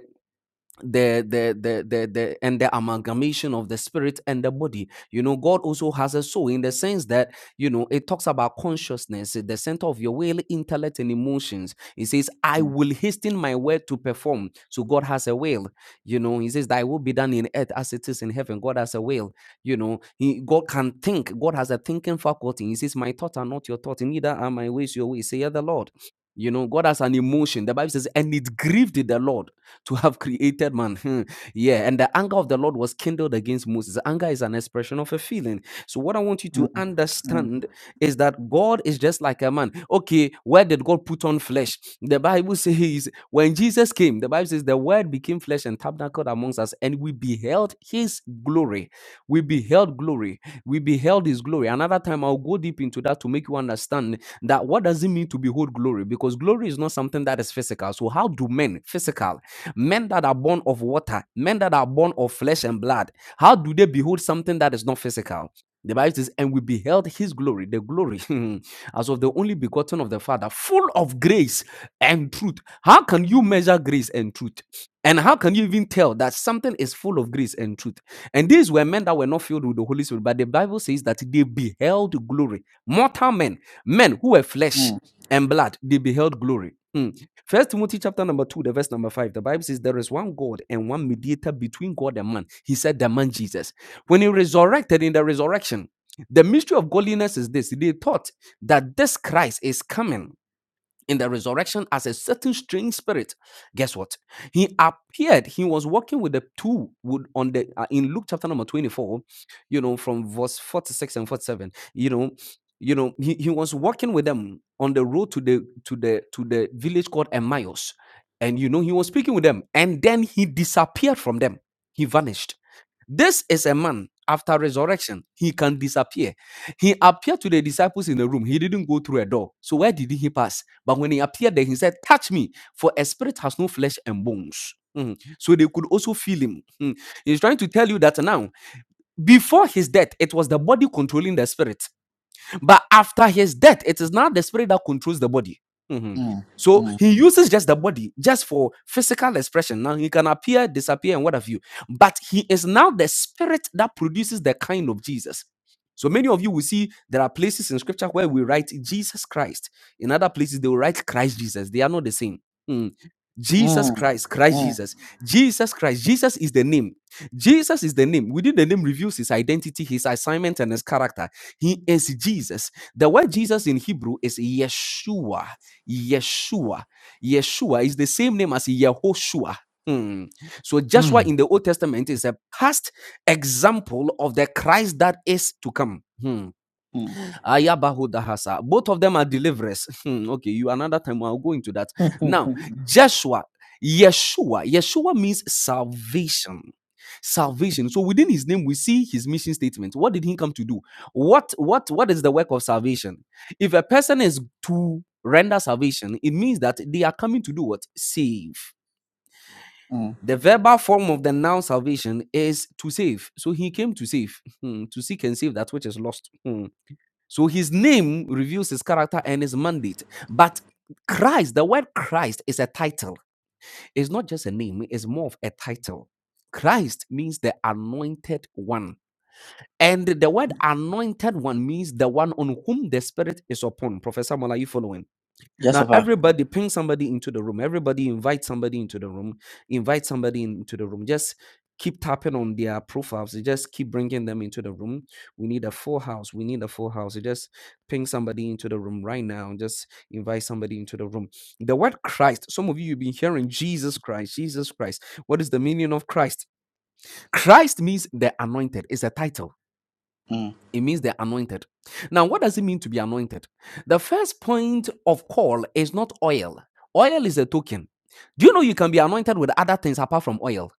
Speaker 6: the the the the the and the amalgamation of the spirit and the body you know god also has a soul in the sense that you know it talks about consciousness eh, the center of your will intellect and emotions it says i
Speaker 1: Mm.
Speaker 6: will hasten my word to perform so god has a will you know he says thy will be done in earth as it is in heaven god has a will you know he, god can think god has a thinking faculty he says my thoughts are not your thoughts neither are my ways your ways say the lord you know god has an emotion the bible says and it grieved the lord [laughs] to have created man. Hmm. Yeah. And the anger of the Lord was kindled against Moses. Anger is an expression of a feeling. So, what I want you to
Speaker 1: Mm. Mm.
Speaker 6: understand is that God is just like a man. Okay, where did God put on flesh? The Bible says, when Jesus came, the Bible says, the word became flesh and tabernacled amongst us, and we beheld his glory. We beheld glory. We beheld his glory. Another time, I'll go deep into that to make you understand that what does it mean to behold glory? Because glory is not something that is physical. So, how do men, physical, Men that are born of water, men that are born of flesh and blood, how do they behold something that is not physical? The Bible says, and we beheld his glory, the glory [laughs] as of the only begotten of the Father, full of grace and truth. How can you measure grace and truth? And how can you even tell that something is full of grace and truth? And these were men that were not filled with the Holy Spirit, but the Bible says that they beheld glory. Mortal men, men who were flesh
Speaker 1: Mm.
Speaker 6: and blood, they beheld glory. Hmm. First Timothy chapter number two, the verse number five. The Bible says there is one God and one mediator between God and man. He said the man Jesus. When he resurrected in the resurrection, the mystery of godliness is this. They thought that this Christ is coming in the resurrection as a certain strange spirit. Guess what? He appeared. He was walking with the two would on the uh, in Luke chapter number 24, you know, from verse 46 and 47. You know, you know, he, he was walking with them on the road to the to the to the village called Emmaus. And you know, he was speaking with them, and then he disappeared from them. He vanished this is a man after resurrection. He can disappear. He appeared to the disciples in the room. He didn't go through a door. So where did he pass? But when he appeared there, he said, Touch me, for a spirit has no flesh and bones. Mhm. So they could also feel him. Mhm. He's trying to tell you that now, before his death, it was the body controlling the spirit. But after his death, it is now the spirit that controls the body. Mhm.
Speaker 1: Mm.
Speaker 6: So
Speaker 1: Mm.
Speaker 6: he uses just the body just for physical expression. Now he can appear, disappear, and what have you. But he is now the spirit that produces the kind of Jesus. So many of you will see there are places in scripture where we write Jesus Christ. In other places, they will write Christ Jesus. They are not the same. Mhm. Jesus
Speaker 1: Mm.
Speaker 6: Christ, Christ
Speaker 1: Mm.
Speaker 6: Jesus, Jesus Christ. Jesus is the name. Jesus is the name. Within the name reveals his identity, his assignment, and his character. He is Jesus. The word Jesus in Hebrew is Yeshua. Yeshua. Yeshua is the same name as Yehoshua. Hmm. So Joshua
Speaker 4: Mm,
Speaker 6: in the Old Testament is a past example of the Christ that is to come. Hmm.
Speaker 1: Mm.
Speaker 6: Ayabahudahasa. Both of them are deliverers. [laughs] Hmm, okay, you another time I'll go into that. Now, Joshua, Yeshua. Yeshua means salvation. Salvation. So within his name, we see his mission statement. What did he come to do? What what what is the work of salvation? If a person is to render salvation, it means that they are coming to do what? Save.
Speaker 1: Mm.
Speaker 6: The verbal form of the noun salvation is to save. So he came to save, hmm, to seek and save that which is lost. Hmm. So his name reveals his character and his mandate. But Christ, the word Christ is a title. It's not just a name, it's more of a title. Christ means the anointed one. And the word anointed one means the one on whom the Spirit is upon. Professor Mola, are you following?
Speaker 1: Yes,
Speaker 6: Now
Speaker 1: Papa.
Speaker 6: everybody ping somebody into the room. Everybody invite somebody into the room. Invite somebody into the room. Just keep tapping on their profiles. You Just keep bringing them into the room. We need a full house. We need a full house. You Just ping somebody into the room right now. Just invite somebody into the room. The word Christ. Some of you you've been hearing Jesus Christ. Jesus Christ. What is the meaning of Christ? Christ means the anointed. It's a title.
Speaker 1: Mm.
Speaker 6: It means they're anointed. Now, what does it mean to be anointed? The first point of call is not oil. Oil is a token. Do you know you can be anointed with other things apart from oil?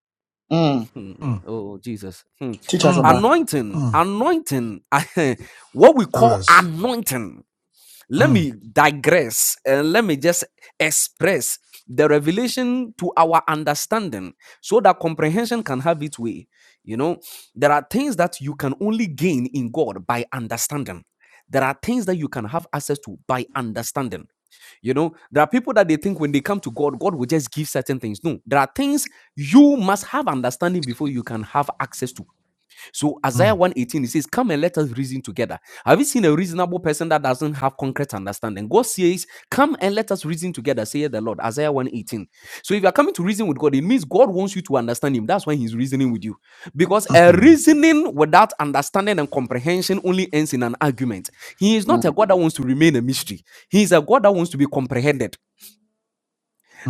Speaker 1: Mm.
Speaker 6: Hmm.
Speaker 4: mm,
Speaker 6: Oh, Jesus. Hmm.
Speaker 1: Teach us,
Speaker 4: mm,
Speaker 1: Papa.
Speaker 6: Anointing,
Speaker 4: mm.
Speaker 6: anointing, [laughs] what we
Speaker 4: Tell
Speaker 6: call
Speaker 4: us.
Speaker 6: anointing let
Speaker 4: Mm,
Speaker 6: me digress and let me just express the revelation to our understanding so that comprehension can have its way. You know, there are things that you can only gain in God by understanding. There are things that you can have access to by understanding. You know, there are people that they think when they come to God, God will just give certain things. No, there are things you must have understanding before you can have access to. So Isaiah
Speaker 4: mm,
Speaker 6: 118, it says, Come and let us reason together. Have you seen a reasonable person that doesn't have concrete understanding? God says, Come and let us reason together, saith the Lord. Isaiah 118. So if you are coming to reason with God, it means God wants you to understand him. That's why he's reasoning with you. Because a
Speaker 4: mm,
Speaker 6: reasoning without understanding and comprehension only ends in an argument. He is not a
Speaker 1: Mm.
Speaker 6: God that wants to remain a mystery. He is a God that wants to be comprehended.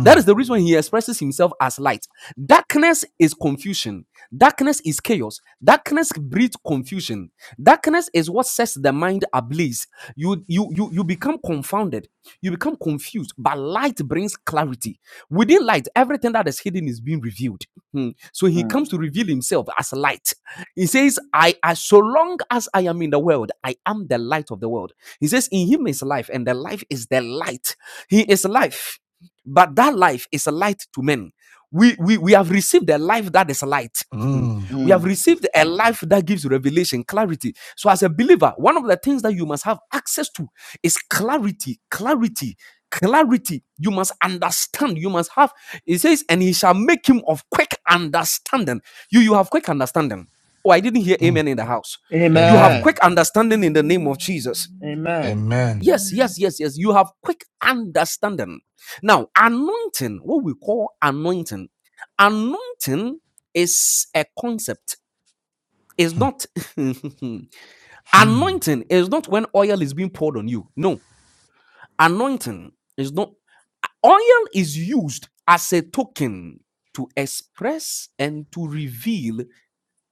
Speaker 6: That is the reason he expresses himself as light. Darkness is confusion. Darkness is chaos. Darkness breeds confusion. Darkness is what sets the mind ablaze. You you you you become confounded. You become confused. But light brings clarity. Within light, everything that is hidden is being revealed. Hmm. So he
Speaker 1: Mm.
Speaker 6: comes to reveal himself as light. He says, "I as so long as I am in the world, I am the light of the world." He says, "In him is life, and the life is the light. He is life." But that life is a light to men. We, we, we have received a life that is light.
Speaker 4: mm,
Speaker 6: [laughs] we have
Speaker 1: Mm.
Speaker 6: received a life that gives revelation, clarity. So, as a believer, one of the things that you must have access to is clarity, clarity, clarity. You must understand. You must have, it says, and he shall make him of quick understanding. You, you have quick understanding. Oh, I didn't hear
Speaker 4: mm.
Speaker 6: amen in the house. You have
Speaker 4: Amen.
Speaker 1: Amen.
Speaker 6: quick understanding in the name of
Speaker 5: Amen.
Speaker 6: Jesus.
Speaker 5: Amen.
Speaker 1: Amen.
Speaker 4: Amen.
Speaker 6: Yes,
Speaker 5: Amen.
Speaker 6: yes, yes, yes. You have quick understanding. Now, anointing, what we call anointing, anointing is a concept. It's
Speaker 4: Mm,
Speaker 6: not [laughs]
Speaker 4: mm,
Speaker 6: anointing is not when oil is being poured on you. No, anointing is not oil is used as a token to express and to reveal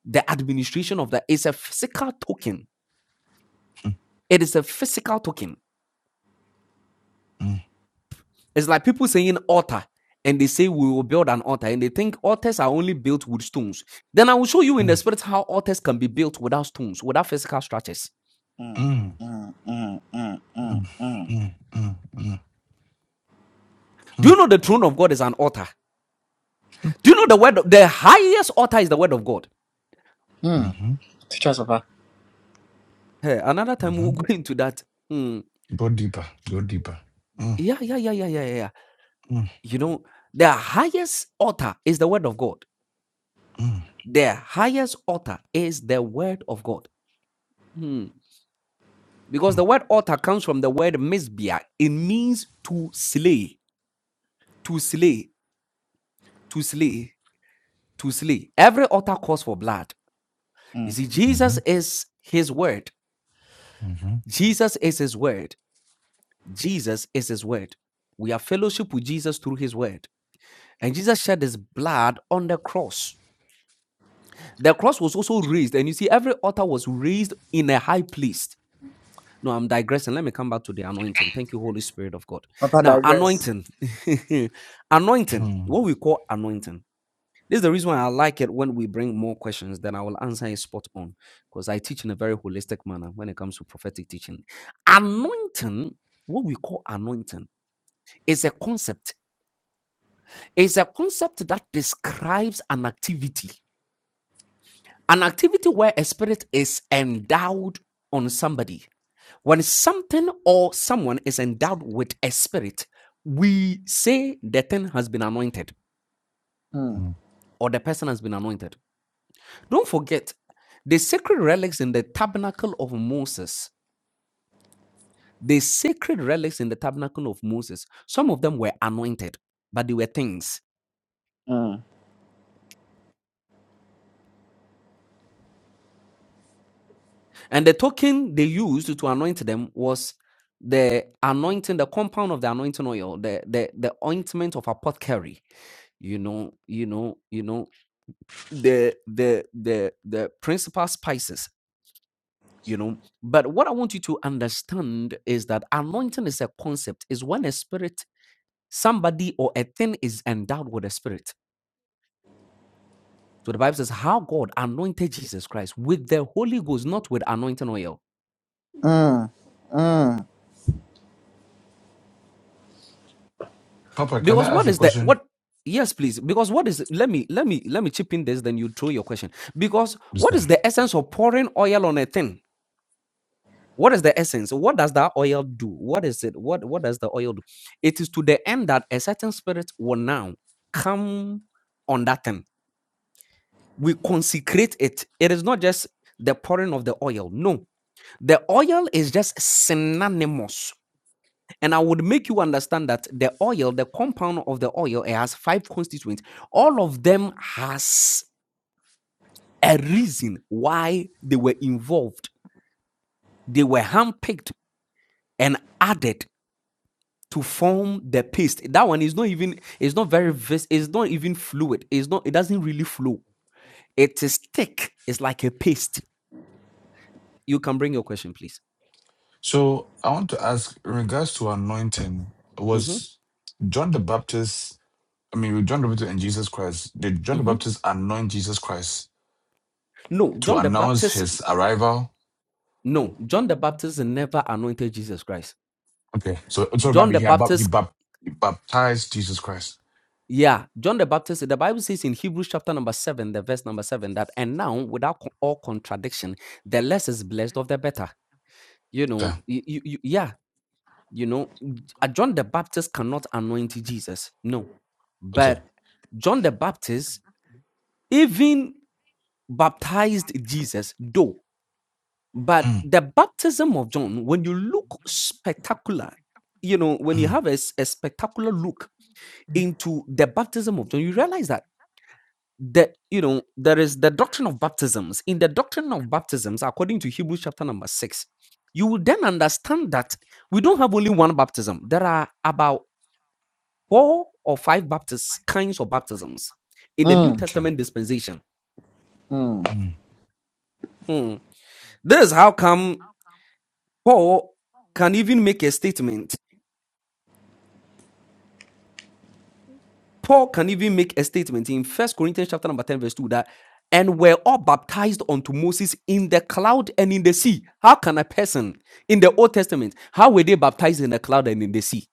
Speaker 6: the administration of that. It's a physical token.
Speaker 4: mm, mm,
Speaker 6: It is a physical token It's like people saying altar and they say we will build an altar and they think altars are only built with stones. Then I will show you in
Speaker 4: mm,
Speaker 6: the spirit how altars can be built without stones, without physical structures.
Speaker 1: Mm.
Speaker 4: mm,
Speaker 1: Mm. Mm. Mm. Mm.
Speaker 4: mm, mm, mm,
Speaker 1: Mm.
Speaker 4: mm.
Speaker 6: Do
Speaker 4: mm,
Speaker 6: you know the throne of God is an altar?
Speaker 4: mm,
Speaker 6: Do you know the word, the highest altar is the word of God?
Speaker 4: mm,
Speaker 1: Mm.
Speaker 4: mm,
Speaker 1: Teach us, Papa.
Speaker 6: Hey, another time
Speaker 4: hmm
Speaker 6: we'll [laughs] go into that. Hmm.
Speaker 4: Go deeper. Go deeper. Mm,
Speaker 6: Yeah, yeah, yeah, yeah, yeah, yeah. yeah.
Speaker 4: mm,
Speaker 6: You know, the highest altar is the word of God.
Speaker 4: mm,
Speaker 6: The highest altar is the word of God. Hmm. Because the
Speaker 4: mm.
Speaker 6: word altar comes from the word misbia. It means to slay. to slay, to slay, to slay. Every altar calls for blood.
Speaker 1: Mm.
Speaker 6: You see, Jesus
Speaker 4: Mhm,
Speaker 6: is his word.
Speaker 4: mhm,
Speaker 6: Jesus is his word. Jesus is his word. We have fellowship with Jesus through his word. And Jesus shed his blood on the cross. The cross was also raised. And you see, every altar was raised in a high place. No, I'm digressing. Let me come back to the anointing. Thank you, Holy Spirit of God.
Speaker 1: But I
Speaker 6: Now,
Speaker 1: digress.
Speaker 6: anointing. [laughs] anointing.
Speaker 4: mhm,
Speaker 6: What we call anointing This is the reason why I like it when we bring more questions than I will answer is spot on because I teach in a very holistic manner when it comes to prophetic teaching. Anointing, what we call anointing, is a concept. It's a concept that describes an activity, an activity where a spirit is endowed on somebody. When something or someone is endowed with a spirit, we say the thing has been anointed
Speaker 1: Mm,
Speaker 4: mm.
Speaker 6: or the person has been anointed. Don't forget the sacred relics in the tabernacle of Moses. The sacred relics in the tabernacle of Moses, some of them were anointed, but they were things.
Speaker 1: mm,
Speaker 6: And the token they used to anoint them was the anointing, the compound of the anointing oil, the the, the ointment of apothecary, you know, you know, you know, the the the the principal spices, you know. But what I want you to understand is that anointing is a concept, is when a spirit Somebody or a thing is endowed with a spirit. So the Bible says, How God anointed Jesus Christ with the Holy Ghost, not with anointing oil.
Speaker 1: mm, mm,
Speaker 4: Papa, can
Speaker 6: Because
Speaker 4: I ask
Speaker 6: what
Speaker 4: a
Speaker 6: is the
Speaker 4: question?
Speaker 6: what? Yes, please. Because what is let me let me let me chip in this, then you throw your question. Because what
Speaker 4: Mister?
Speaker 6: is the essence of pouring oil on a thing? What is the essence? What does that oil do? What is it? What what does the oil do? It is to the end that a certain spirit will now come on that thing. We consecrate it. It is not just the pouring of the oil. No, The oil is just synonymous. And I would make you understand that the oil, the compound of the oil, it has five constituents. All of them has a reason why they were involved. They were handpicked and added to form the paste. That one is not even, it's not very vis- it's not even fluid. It's not, it doesn't really flow. It is thick. It's like a paste. You can bring your question, please.
Speaker 4: So I want to ask in regards to anointing,
Speaker 6: Mhm,
Speaker 4: was John the Baptist, I mean, with John the Baptist and Jesus Christ, did John the
Speaker 6: mhm.
Speaker 4: Baptist anoint Jesus Christ
Speaker 6: No,
Speaker 4: to
Speaker 6: John the
Speaker 4: announce
Speaker 6: Baptist
Speaker 4: his arrival?
Speaker 6: No, John the Baptist never anointed Jesus Christ.
Speaker 4: Okay. So, so
Speaker 6: John
Speaker 4: maybe
Speaker 6: the
Speaker 4: he, bap- he,
Speaker 6: Baptist,
Speaker 4: bap- he baptized Jesus Christ.
Speaker 6: yeah, John the Baptist, the Bible says in Hebrews chapter number seven, the verse number seven, that and now without co- all contradiction, the less is blessed of the better. You
Speaker 4: Okay.
Speaker 6: know, you, you, you- yeah, you know, uh, John the Baptist cannot anoint Jesus. No,
Speaker 4: Okay.
Speaker 6: but John the Baptist even baptized Jesus, Though. But
Speaker 4: Mm,
Speaker 6: the baptism of John, when you look spectacular, you know, when you
Speaker 4: mm,
Speaker 6: have a, s- a spectacular look into the baptism of John, you realize that that you know there is the doctrine of baptisms. In the doctrine of baptisms, according to Hebrews chapter number six, you will then understand that we don't have only one baptism. There are about four or five baptist kinds of baptisms in the New
Speaker 1: mm,
Speaker 4: okay.
Speaker 6: Testament dispensation.
Speaker 1: mm,
Speaker 4: Mm,
Speaker 6: Hmm. This is how come Paul can even make a statement Paul can even make a statement in First Corinthians chapter number 10, verse 2 that and were all baptized unto Moses in the cloud and in the sea. How can a person in the Old Testament, how were they baptized in the cloud and in the sea?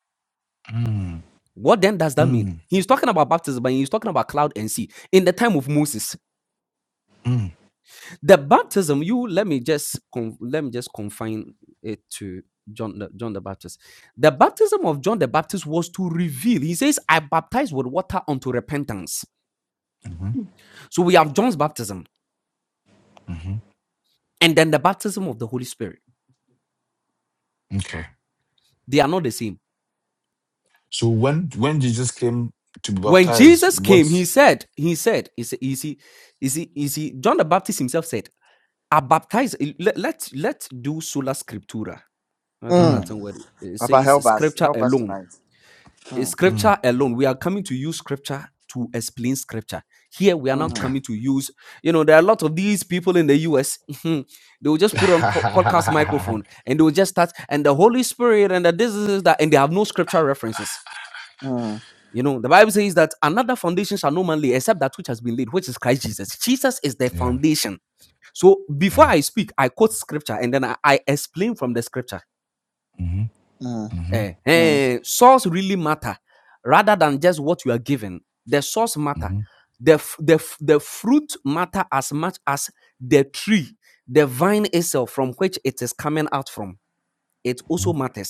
Speaker 4: mm,
Speaker 6: What then does that mean?
Speaker 4: mm,
Speaker 6: He's talking about baptism, but he's talking about cloud and sea. In the time of Moses,
Speaker 4: mm,
Speaker 6: the baptism, you let me just con- let me just confine it to John the, John the Baptist. The baptism of John the Baptist was to reveal. He says, I baptize with water unto repentance.
Speaker 4: mhm.
Speaker 6: So we have John's baptism.
Speaker 4: hmm
Speaker 6: and then the baptism of the Holy Spirit.
Speaker 4: Okay.
Speaker 6: They are not the same.
Speaker 4: So when when Jesus came to be
Speaker 6: When
Speaker 4: baptized,
Speaker 6: Jesus came,
Speaker 4: what?
Speaker 6: he said, he said, is is he, is he, is he, John the Baptist himself said, I baptize, let, let, let do sola scriptura. That's the
Speaker 4: Mm,
Speaker 1: mm.
Speaker 6: Latin word. It
Speaker 1: Papa, help
Speaker 6: says
Speaker 1: us.
Speaker 6: scripture
Speaker 1: Help us
Speaker 6: alone.
Speaker 1: tonight.
Speaker 6: Eh,
Speaker 1: Mm,
Speaker 4: mm,
Speaker 6: Scripture alone. We are coming to use scripture to explain scripture. Here we are not
Speaker 4: okay.
Speaker 1: mm,
Speaker 6: coming to use, you know, there are a lot of these people in the US. [laughs] they will
Speaker 4: [laughs]
Speaker 6: just put on po- podcast microphone and they will just start, and the Holy Spirit and the this, this, this, that, and they have no scripture references
Speaker 1: mm,
Speaker 6: You know, the Bible says that another foundation shall no man lay except that which has been laid, which is Christ Jesus. Jesus is the
Speaker 4: yeah.
Speaker 6: foundation. So before
Speaker 4: Yeah.
Speaker 6: I speak, I quote scripture and then I, I explain from the scripture.
Speaker 4: Mm-hmm.
Speaker 1: mm,
Speaker 4: Mm-hmm.
Speaker 6: Eh,
Speaker 1: mm,
Speaker 6: eh, source really matter rather than just what you are given. The source matter.
Speaker 4: Mm-hmm.
Speaker 6: The, f- the, f- the fruit matter as much as the tree, the vine itself from which it is coming out from. It
Speaker 4: Mm-hmm.
Speaker 6: also matters.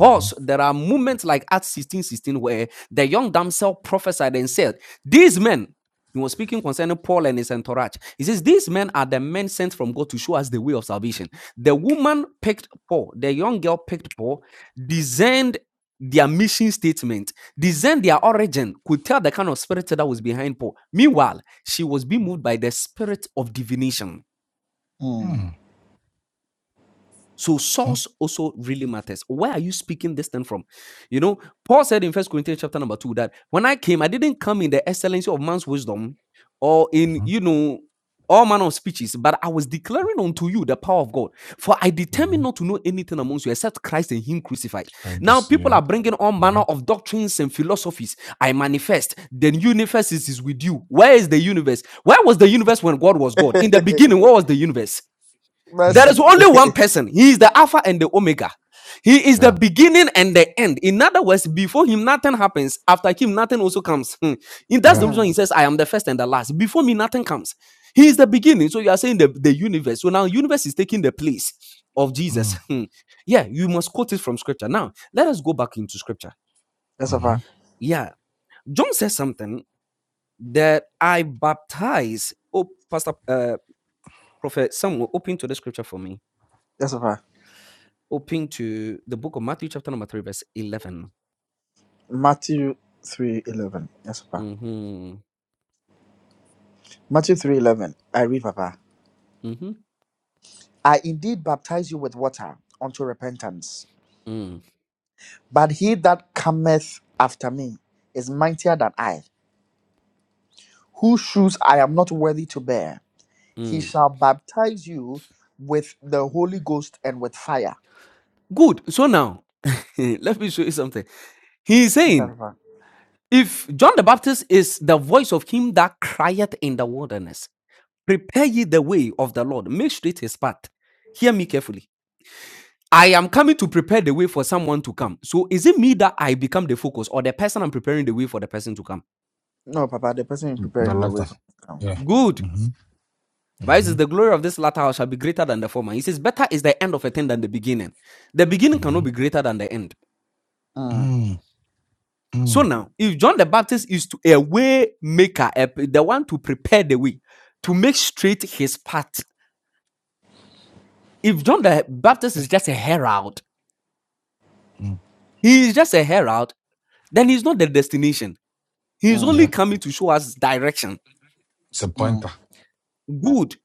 Speaker 4: Mm-hmm.
Speaker 6: there are moments like Acts 16 16 where the young damsel prophesied and said, These men, he was speaking concerning Paul and his entourage. He says, These men are the men sent from God to show us the way of salvation. The woman picked Paul, the young girl picked Paul, discerned their mission statement, discerned their origin, could tell the kind of spirit that was behind Paul. Meanwhile, she was being moved by the spirit of divination.
Speaker 1: mm.
Speaker 4: Hmm,
Speaker 6: So
Speaker 4: hmm,
Speaker 6: source also really matters. Where are you speaking this thing from? You know, Paul said in First Corinthians chapter number two that when I came, I didn't come in the excellency of man's wisdom or in
Speaker 4: Mm-hmm.
Speaker 6: you know all manner of speeches, but I was declaring unto you the power of God. For I determined
Speaker 4: Mm-hmm.
Speaker 6: not to know anything amongst you except Christ and Him crucified.
Speaker 4: Great to
Speaker 6: Now
Speaker 4: see
Speaker 6: people are
Speaker 4: that.
Speaker 6: bringing all
Speaker 4: Mm-hmm.
Speaker 6: manner of doctrines and philosophies. I manifest. The universe is, is with you. Where is the universe? Where was the universe when God was God? In the
Speaker 1: [laughs]
Speaker 6: beginning, what was the universe?
Speaker 4: Mm,
Speaker 6: There is
Speaker 1: Mercy.
Speaker 6: only one person. He is the Alpha and the Omega. He is the
Speaker 4: yeah.
Speaker 6: beginning and the end. In other words, before him, nothing happens. After him, nothing also comes. Hmm. And that's
Speaker 4: Yeah.
Speaker 6: the reason
Speaker 1: Mm.
Speaker 6: he says, I am the first and the last. Before me, nothing comes. He is the beginning. So you are saying the, the universe. So now universe is taking the place of Jesus.
Speaker 4: Mm,
Speaker 6: [laughs] Hmm. Yeah, you must quote it from scripture. Now, let us go back into scripture.
Speaker 1: Yes,
Speaker 4: mm-hmm.
Speaker 1: Papa.
Speaker 6: Yeah. John says something that I baptize. Oh, Pastor, uh, Prophet Samuel, open to the scripture for me.
Speaker 1: Yes, Papa.
Speaker 6: Open to the book of Matthew, chapter number 3, verse 11.
Speaker 1: Matthew 3.11. Yes, Papa.
Speaker 6: Mhm,
Speaker 1: Matthew 3.11. I read, Papa.
Speaker 6: mhm,
Speaker 1: I indeed baptize you with water unto repentance.
Speaker 6: mm,
Speaker 1: But he that cometh after me is mightier than I, whose shoes I am not worthy to bear. He
Speaker 6: mm.
Speaker 1: shall baptize you with the Holy Ghost and with fire.
Speaker 6: Good. So now, [laughs] let me show you something. He is
Speaker 1: Peter,
Speaker 6: saying,
Speaker 1: Papa.
Speaker 6: if John the Baptist is the voice of him that crieth in the wilderness, prepare ye the way of the Lord, make straight his path. Hear me carefully. I am coming to prepare the way for someone to come. So is it me that I become the focus or the person I'm preparing the way for the person to come?
Speaker 1: No, Papa, the person is
Speaker 4: The
Speaker 1: preparing the way
Speaker 4: letter.
Speaker 1: for us now.
Speaker 4: Yeah.
Speaker 6: Good.
Speaker 4: Mm-hmm.
Speaker 6: The Bible
Speaker 4: Mm-hmm.
Speaker 6: says the glory of this latter house shall be greater than the former. He says, Better is the end of a thing than the beginning. The beginning
Speaker 4: Mm-hmm.
Speaker 6: cannot be greater than the end.
Speaker 1: Mm,
Speaker 4: Mm,
Speaker 6: So
Speaker 4: mm,
Speaker 6: now, if John the Baptist is to a way maker, a- the one to prepare the way, to make straight his path, if John the Baptist is just a herald,
Speaker 4: mm.
Speaker 6: he is just a herald, then he's not the destination. He's
Speaker 1: mm,
Speaker 6: only
Speaker 4: Yeah.
Speaker 6: coming to show us direction.
Speaker 4: It's a
Speaker 1: mm,
Speaker 4: pointer.
Speaker 6: Good.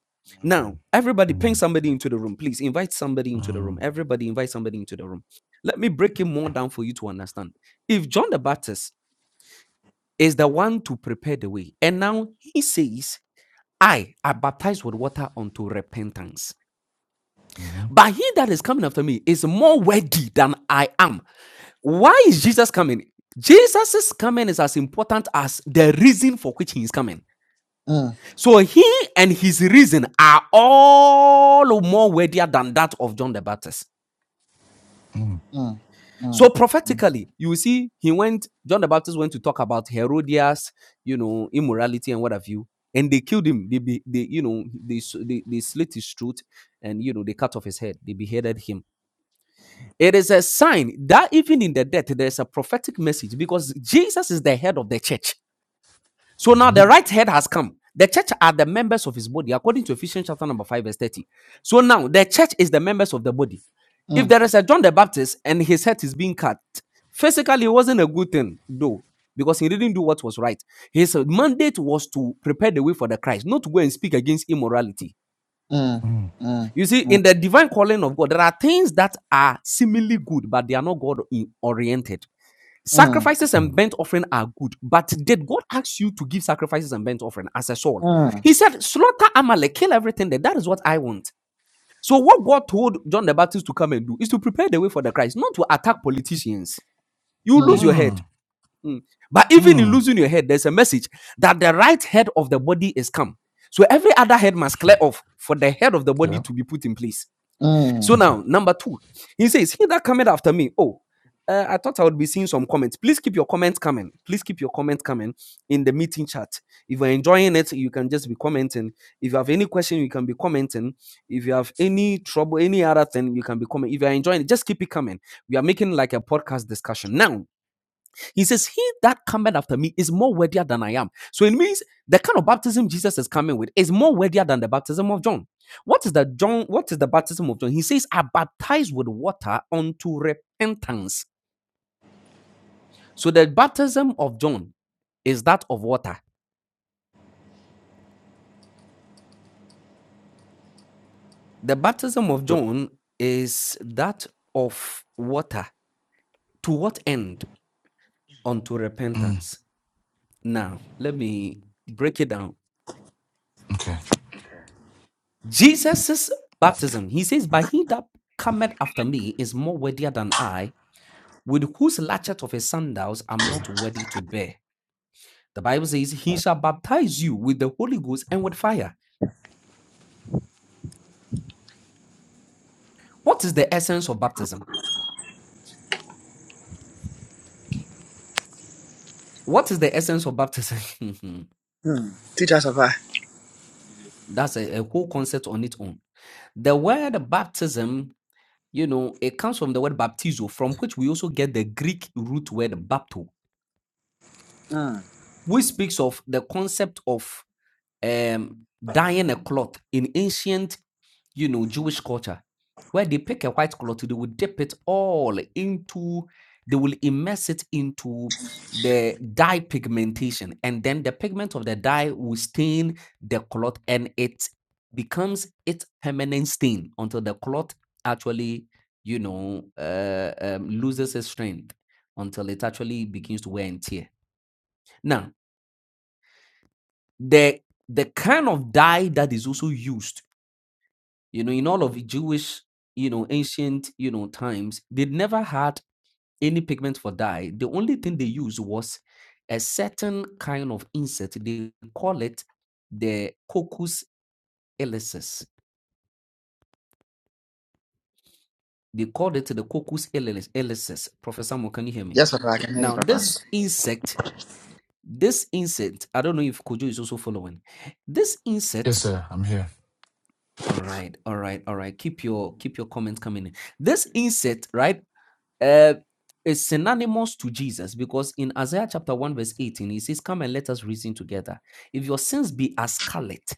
Speaker 6: Now,
Speaker 4: Mm,
Speaker 6: everybody ping
Speaker 4: mm,
Speaker 6: somebody into the room. Please invite somebody into the room.
Speaker 4: mm.
Speaker 6: Everybody invite somebody into the room. Let me break it more down for you to understand. If John the Baptist is the one to prepare the way, and now he says, I are baptized with water unto repentance.
Speaker 4: Mm-hmm.
Speaker 6: But he that is coming after me is more worthy than I am. Why is Jesus coming? Jesus' coming is as important as the reason for which he is coming.
Speaker 1: mm,
Speaker 6: So he and his reason are all more worthier than that of John the Baptist.
Speaker 4: Mm-hmm.
Speaker 1: mm, mm,
Speaker 6: So prophetically, you will see he went, John the Baptist went to talk about Herodias, you know, immorality and what have you. And they killed him. They, be, they you know, they, they, they slit his throat and, you know, they cut off his head. They beheaded him. It is a sign that even in the death, there's a prophetic message because Jesus is the head of the church. So now
Speaker 4: Mm-hmm.
Speaker 6: the right head has come. The church are the members of his body, according to Ephesians chapter number 5, verse 30. So now the church is the members of the body. If
Speaker 1: mm,
Speaker 6: there is a John the Baptist and his head is being cut, physically it wasn't a good thing, though, because he didn't do what was right. His mandate was to prepare the way for the Christ, not to go and speak against immorality.
Speaker 1: mm,
Speaker 4: mm-hmm.
Speaker 1: mm, mm,
Speaker 6: You see,
Speaker 1: mm,
Speaker 6: in the divine calling of God, there are things that are seemingly good, but they are not God oriented. Sacrifices and burnt offering are good, but did God ask you to give sacrifices and burnt offering as a soul? He said, Slaughter Amalek, kill everything there. That is what I want. So, what God told John the Baptist to come and do is to prepare the way for the Christ, not to attack politicians. You
Speaker 1: mm,
Speaker 6: lose your head.
Speaker 4: Mm,
Speaker 6: Mm. But even in
Speaker 4: mm.
Speaker 6: losing your head, there's a message that the right head of the body is come. So, every other head must clear
Speaker 4: mm.
Speaker 6: off for the head of the
Speaker 4: Yeah.
Speaker 6: body to be put in place.
Speaker 1: mm,
Speaker 6: So
Speaker 1: mm.
Speaker 6: now, number two, he says, He that cometh after me. Oh, uh, I thought I would be seeing some comments. Please keep your comments coming. Please keep your comments coming in the meeting chat. If you're enjoying it, you can just be commenting. If you have any question, you can be commenting. If you have any trouble, any other thing, you can be commenting. If you're enjoying it, just keep it coming. We are making like a podcast discussion. Now, he says, He that cometh after me is more worthier than I am. So it means the kind of baptism Jesus is coming with is more worthier than the baptism of John. What is the John? What is the baptism of John? He says, I baptize with water unto repentance. So the baptism of John is that of water. The baptism of
Speaker 4: Uh,
Speaker 6: John is that of water. To what end? Unto
Speaker 4: Mm,
Speaker 6: repentance. Now, let me break it down.
Speaker 4: okay.
Speaker 6: Jesus' baptism, he says, But he that cometh after me is more worthier than I, with whose latchet of his sandals I'm not worthy to bear. The Bible says, He shall baptize you with the Holy Ghost and with fire. What is the essence of baptism? What is the essence of baptism?
Speaker 1: Hmm. Teach us, Papa.
Speaker 6: [laughs] That's a, a whole concept on its own. The word baptism, you know, it comes from the word baptizo, from which we also get the Greek root word bapto,
Speaker 1: Mm.
Speaker 6: which speaks of the concept of um, dyeing a cloth in ancient, you know, Jewish culture, where they pick a white cloth, they will dip it all into, they will immerse it into the dye pigmentation, and then the pigment of the dye will stain the cloth, and it becomes its permanent stain until the cloth actually, you know, uh, um, loses its strength until it actually begins to wear and tear. Now, the the kind of dye that is also used You know, in all of the Jewish, you know, ancient, you know, times, they never had any pigment for dye. The only thing they used was a certain kind of insect. They call it the Coccus elysis. They called it the Coccus elysis. elysis. Professor Mo, can you hear me?
Speaker 1: Yes, Papa, I can hear you,
Speaker 6: Now,
Speaker 1: Papa.
Speaker 6: this insect, this insect, I don't know if Kojo is also following. This
Speaker 4: Yes,
Speaker 6: insect,
Speaker 4: sir. I'm here.
Speaker 6: all right, all right, all right. Keep your keep your comments coming in. This insect, right? Uh, is synonymous to Jesus because in Isaiah chapter 1, verse 18, he says, Come and let us reason together. If your sins be as scarlet,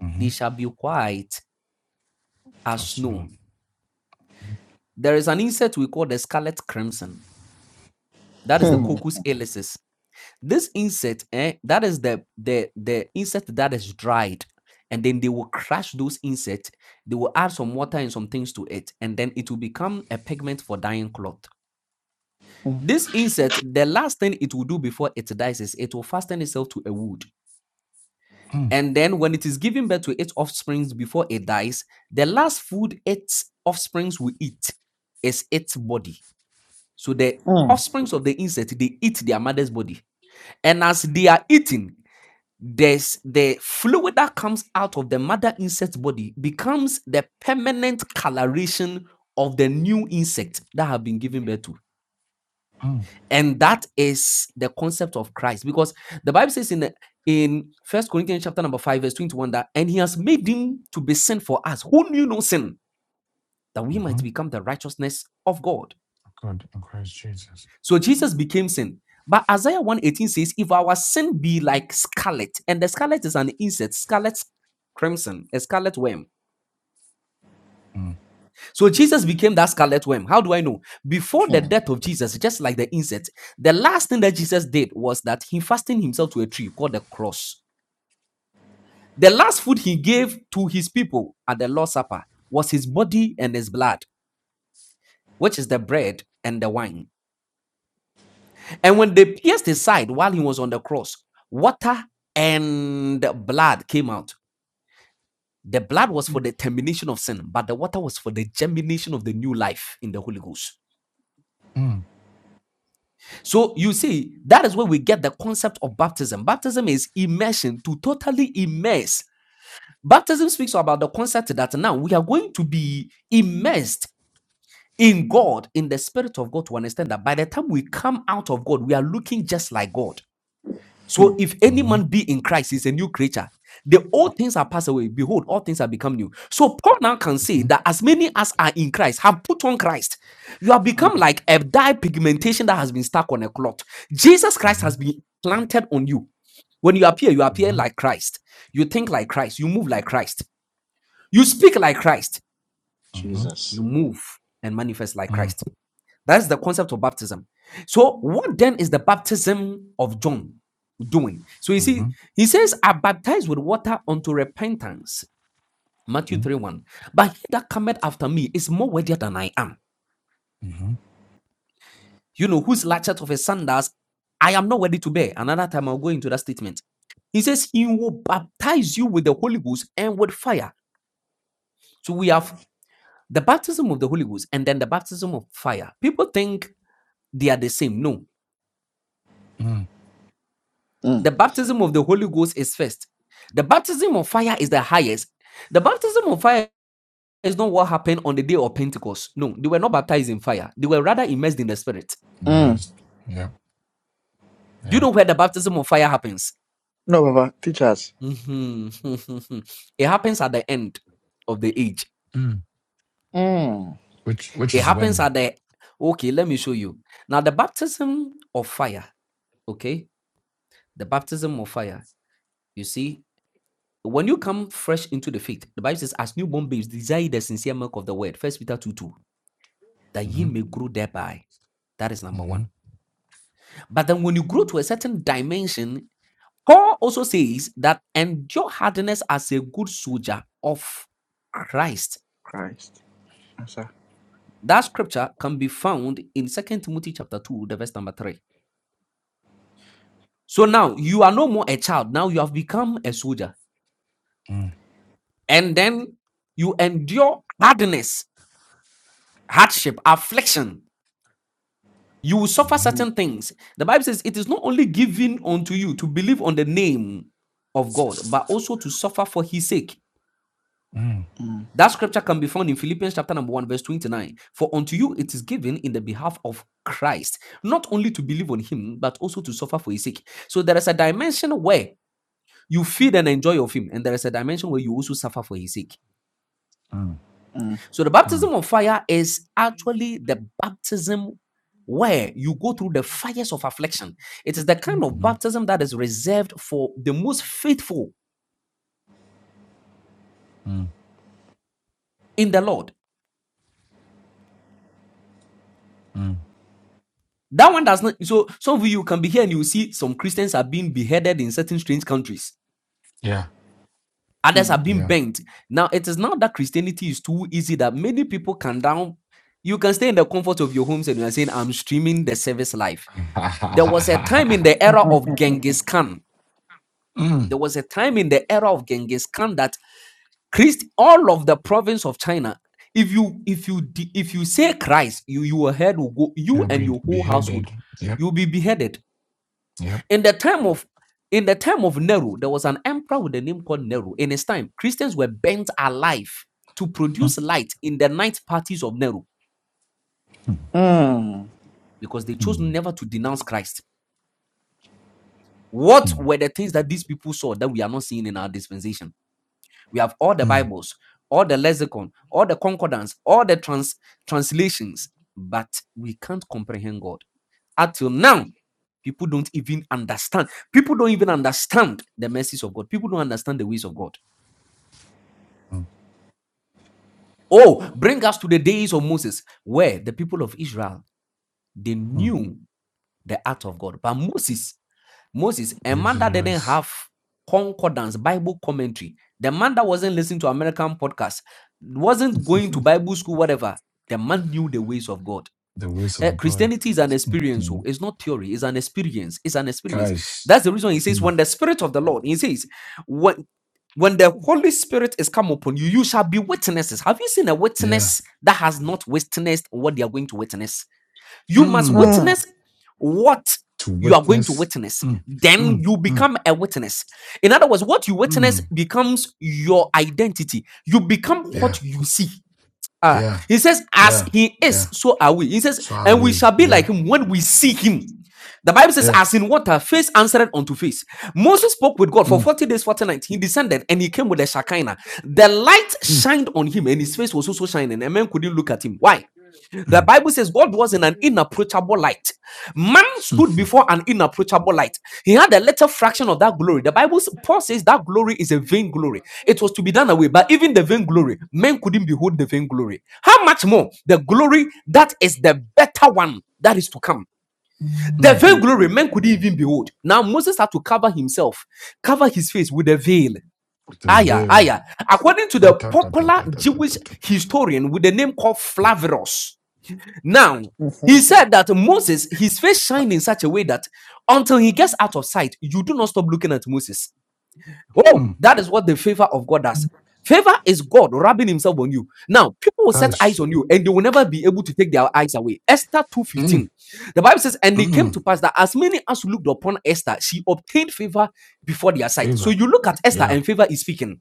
Speaker 4: Mm-hmm.
Speaker 6: they shall be white as
Speaker 4: That's
Speaker 6: snow.
Speaker 4: enough. Mm-hmm.
Speaker 6: There is an insect we call the scarlet crimson. That is the
Speaker 4: Mm,
Speaker 1: Hmm.
Speaker 6: Coccus ileus. This insect, eh, that is the, the, the insect that is dried. And then they will crush those insects. They will add some water and some things to it. And then it will become a pigment for dyeing cloth.
Speaker 1: Hmm.
Speaker 6: This insect, the last thing it will do before it dies is it will fasten itself to a wood.
Speaker 4: mm,
Speaker 6: And then when it is giving birth to its offsprings before it dies, the last food its offsprings will eat is its body. So the
Speaker 1: Hmm.
Speaker 6: offsprings of the insect, they eat their mother's body. And as they are eating, there's the fluid that comes out of the mother insect's body becomes the permanent coloration of the new insect that have been given birth to.
Speaker 4: mm,
Speaker 6: And that is the concept of Christ because the Bible says in the, in First Corinthians chapter number 5 verse 21 that and he has made him to be sin for us who knew no sin that we
Speaker 4: mm-hmm.
Speaker 6: might become the righteousness of God.
Speaker 4: Good. In Christ Jesus.
Speaker 6: So Jesus became sin. But Isaiah one eighteen says if our sin be like scarlet and the scarlet is an insect scarlet crimson a scarlet worm.
Speaker 4: Mm,
Speaker 6: So Jesus became that scarlet worm. How do I know? Before the
Speaker 1: Hmm.
Speaker 6: death of Jesus just like the insect the last thing that Jesus did was that he fastened himself to a tree called the cross The last food he gave to his people at the Lord's Supper was his body and his blood, which is the bread and the wine. And when they pierced his side while he was on the cross, water and blood came out. The blood was for the termination of sin, but the water was for the germination of the new life in the Holy Ghost.
Speaker 4: mm,
Speaker 6: So you see, that is where we get the concept of baptism. Baptism is immersion, to totally immerse. Baptism speaks about the concept that now we are going to be immersed in God, in the Spirit of God, to understand that by the time we come out of God, we are looking just like God.
Speaker 1: Hmm.
Speaker 6: So if any
Speaker 4: mm-hmm.
Speaker 6: man be in Christ, he's a new creature. The old things are passed away. Behold, all things are become new. So Paul now can say
Speaker 4: Mm-hmm.
Speaker 6: that as many as are in Christ have put on Christ. You have become like a dye pigmentation that has been stuck on a cloth. Jesus Christ
Speaker 4: Mm-hmm.
Speaker 6: has been planted on you. When you appear, you appear
Speaker 4: Mm-hmm.
Speaker 6: like Christ. You think like Christ. You move like Christ. You speak like Christ.
Speaker 4: Mm-hmm.
Speaker 1: Jesus.
Speaker 6: You move and manifest like
Speaker 4: Mm,
Speaker 6: Christ. That's the concept of baptism. So, what then is the baptism of John doing? So, you
Speaker 4: mm-hmm.
Speaker 6: see, he says, I baptize with water unto repentance. Matthew
Speaker 4: Mm,
Speaker 6: 3 1. But he that cometh after me is more worthy than I am.
Speaker 4: mm-hmm.
Speaker 6: You know, whose latchet of his sandals I am not worthy to bear. Another time I'll go into that statement. He says, He will baptize you with the Holy Ghost and with fire. So, we have the baptism of the Holy Ghost and then the baptism of fire. People think they are the same. No,
Speaker 4: Mm.
Speaker 1: Mm.
Speaker 6: The baptism of the Holy Ghost is first. The baptism of fire is the highest. The baptism of fire is not what happened on the day of Pentecost. No, they were not baptized in fire. They were rather immersed in the Spirit.
Speaker 1: Mm.
Speaker 4: Missed. yeah.
Speaker 6: Do you
Speaker 4: Yep.
Speaker 6: know where the baptism of fire happens?
Speaker 1: No, Papa, teach us.
Speaker 6: Mhm. [laughs] it happens at the end of the age.
Speaker 4: Mm.
Speaker 1: Mm.
Speaker 4: Which which
Speaker 6: It
Speaker 4: is
Speaker 6: happens
Speaker 4: when?
Speaker 6: at the okay. Let me show you now. The baptism of fire. Okay, the baptism of fire. You see, when you come fresh into the faith, the Bible says, "As newborn babes, desire the sincere milk of the word." First Peter two two. that ye
Speaker 4: Mm-hmm.
Speaker 6: may grow thereby. That is number
Speaker 4: Mm-hmm.
Speaker 6: one. But then when you grow to a certain dimension, Paul also says that endure hardness as a good soldier of Christ.
Speaker 1: Christ. Yes, sir.
Speaker 6: That scripture can be found in Second Timothy chapter 2, the verse number 3. So now you are no more a child, now you have become a soldier.
Speaker 4: Mm,
Speaker 6: And then you endure hardness, hardship, affliction You will suffer
Speaker 4: mm-hmm.
Speaker 1: Mm.
Speaker 6: certain things. The Bible says it is not only given unto you to believe on the name of God, but also to suffer for his sake.
Speaker 4: Mm,
Speaker 1: Mm.
Speaker 6: That scripture can be found in Philippians chapter number 1, verse 29. For unto you it is given in the behalf of Christ, not only to believe on him, but also to suffer for his sake. So there is a dimension where you feed and enjoy of him, and there is a dimension where you also suffer for his sake.
Speaker 4: mm,
Speaker 1: Mm.
Speaker 6: So the
Speaker 4: mm,
Speaker 6: baptism of fire is actually the baptism where you go through the fires of affliction. It is the kind of
Speaker 4: mm-hmm.
Speaker 6: baptism that is reserved for the most faithful
Speaker 4: Mm,
Speaker 6: in the Lord.
Speaker 4: mm.
Speaker 6: That one does not. So some of you can be here and you see some Christians are being beheaded in certain strange countries.
Speaker 4: Yeah.
Speaker 1: mm,
Speaker 6: Others are being
Speaker 4: Yeah.
Speaker 6: bent. Now it is not that Christianity is too easy that many people can down. You can stay in the comfort of your homes and you are saying, "I'm streaming the service live." There was a time in the era of Genghis Khan
Speaker 4: [laughs] mm,
Speaker 6: There was a time in the era of Genghis Khan that Christ, all of the province of China, if you if you de- if you say Christ, you your head will go,
Speaker 4: Yeah,
Speaker 6: you and
Speaker 4: be
Speaker 6: your whole household,
Speaker 4: beheaded. Yep,
Speaker 6: you'll be beheaded.
Speaker 4: yep.
Speaker 6: In the time of in the time of Nero, there was an emperor with a name called Nero. In his time, Christians were burnt alive to
Speaker 4: Mm,
Speaker 6: produce light in the night parties of Nero
Speaker 4: mm,
Speaker 1: Mm.
Speaker 6: because they chose
Speaker 4: mm,
Speaker 6: never to denounce Christ. What
Speaker 4: mm,
Speaker 6: were the things that these people saw that we are not seeing in our dispensation? We have all the
Speaker 4: mm,
Speaker 6: Bibles, all the lexicon, all the concordance, all the trans- translations, but we can't comprehend God. Up till now, people don't even understand. People don't even understand the mercies of God. People don't understand the ways of God.
Speaker 4: mm,
Speaker 6: Oh, bring us to the days of Moses, where the people of Israel they
Speaker 4: mm.
Speaker 6: knew the art of God, but Moses Moses, a
Speaker 4: Use
Speaker 6: man
Speaker 4: his
Speaker 6: that didn't
Speaker 4: words,
Speaker 6: have concordance, Bible commentary, the man that wasn't listening to American podcasts, wasn't
Speaker 4: [laughs]
Speaker 6: going to
Speaker 4: the
Speaker 6: Bible school, whatever. The man knew the ways of God.
Speaker 4: ways
Speaker 6: Eh,
Speaker 4: of God.
Speaker 6: Christianity is an
Speaker 4: Mm,
Speaker 6: experience. oh.
Speaker 4: mm.
Speaker 6: It's not theory. It's an experience. It's an experience.
Speaker 4: Guys,
Speaker 6: That's the reason he says,
Speaker 4: mm,
Speaker 6: when the Spirit of the Lord, he says, when when the Holy Spirit is come upon you, you shall be witnesses. Have you seen a
Speaker 4: yeah.
Speaker 6: witness that has not witnessed what they are going to witness? You must
Speaker 4: Mm,
Speaker 1: Mm.
Speaker 6: witness what
Speaker 4: to
Speaker 6: you are going to
Speaker 4: witness.
Speaker 6: witness.
Speaker 4: Mm,
Speaker 6: Then
Speaker 4: mm,
Speaker 6: you
Speaker 4: mm,
Speaker 6: become a witness. In other words, what you witness
Speaker 4: mm.
Speaker 6: becomes your identity. You become
Speaker 4: Yeah,
Speaker 6: what you see. Ah,
Speaker 4: yeah,
Speaker 6: he says, as
Speaker 4: yeah,
Speaker 6: he
Speaker 4: yeah.
Speaker 6: is, so are we. He says,
Speaker 4: So are
Speaker 6: and we
Speaker 4: we.
Speaker 6: shall be
Speaker 4: Yeah,
Speaker 6: like him when we see him. The Bible says,
Speaker 4: yeah.
Speaker 6: as in water, face answered unto face. Moses spoke with God for
Speaker 4: Mm,
Speaker 6: 40 days, 40 nights. He descended and he came with a Shekinah. The light
Speaker 4: mm,
Speaker 6: shined on him and his face was also shining. And men couldn't look at him. Why? The
Speaker 4: mm,
Speaker 6: Bible says God was in an inapproachable light. Man stood
Speaker 4: mm,
Speaker 6: before an inapproachable light. He had a little fraction of that glory. The Bible, Paul says that glory is a vain glory. It was to be done away, but even the vain glory, men couldn't behold the vain glory. How much more the glory that is the better one that is to come?
Speaker 1: In
Speaker 6: The
Speaker 4: mm.
Speaker 6: vain glory, men couldn't even behold. Now Moses had to cover himself, cover his face with a veil.
Speaker 4: The
Speaker 6: Aya,
Speaker 4: veil.
Speaker 6: aya. According to
Speaker 4: Ta,
Speaker 6: the
Speaker 4: ta, ta, ta,
Speaker 6: popular
Speaker 4: ta, ta, ta,
Speaker 6: Jewish
Speaker 4: ta, ta, ta.
Speaker 6: historian with the name called Flavirus, now, he said that Moses, his face shined in such a way that until he gets out of sight, you do not stop looking at Moses. Oh,
Speaker 4: Mm,
Speaker 6: that is what the favor of God does. Favor is God rubbing himself on you. Now, people will set eyes
Speaker 4: guys.
Speaker 6: on you and they will never be able to take their eyes away. Esther
Speaker 4: Mm,
Speaker 6: 2:15. The Bible says, and it
Speaker 4: mm.
Speaker 6: came to pass that as many as looked upon Esther, she obtained favor before their sight. So
Speaker 4: Favor.
Speaker 6: you look at Esther
Speaker 4: Yeah.
Speaker 6: and favor is speaking.